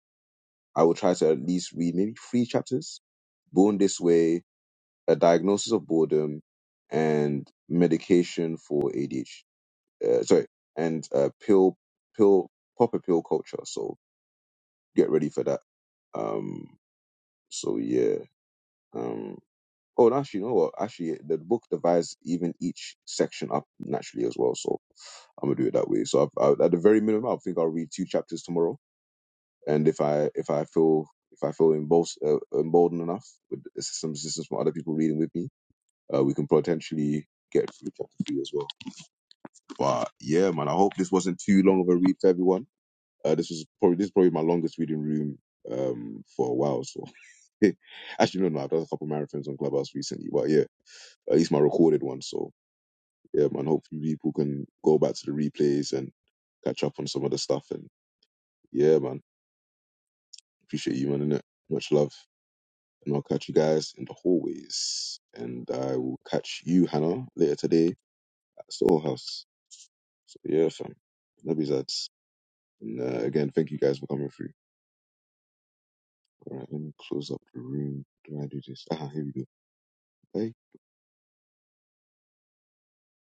[SPEAKER 1] I will try to at least read maybe three chapters. Born This Way, A Diagnosis of Boredom, and Medication for ADHD. Uh, sorry, and uh, pill pill proper pill culture. So get ready for that. Um, so yeah. Um, oh, and actually, you know what? Actually, the book divides even each section up naturally as well. So I'm gonna do it that way. So i I, at the very minimum, I think I'll read two chapters tomorrow, and if I if I feel if I feel embold, uh, emboldened enough with some assistance from other people reading with me, uh, we can potentially get through chapter three as well. But yeah, man, I hope this wasn't too long of a read for everyone. Uh, this was probably this is probably my longest reading room um, for a while. So actually, no, no, I've done a couple marathons on Clubhouse recently, but yeah, at least my recorded one. So yeah, man, hopefully people can go back to the replays and catch up on some of the stuff and Yeah, man. Appreciate you, man, innit? Much love. And I'll catch you guys in the hallways. And I will catch you, Hannah, later today at Soul House. So, yeah, fam. Love you, Zads. And uh, again, thank you guys for coming through. All right, let me close up the room. Do I do this? Ah, here we go. Bye.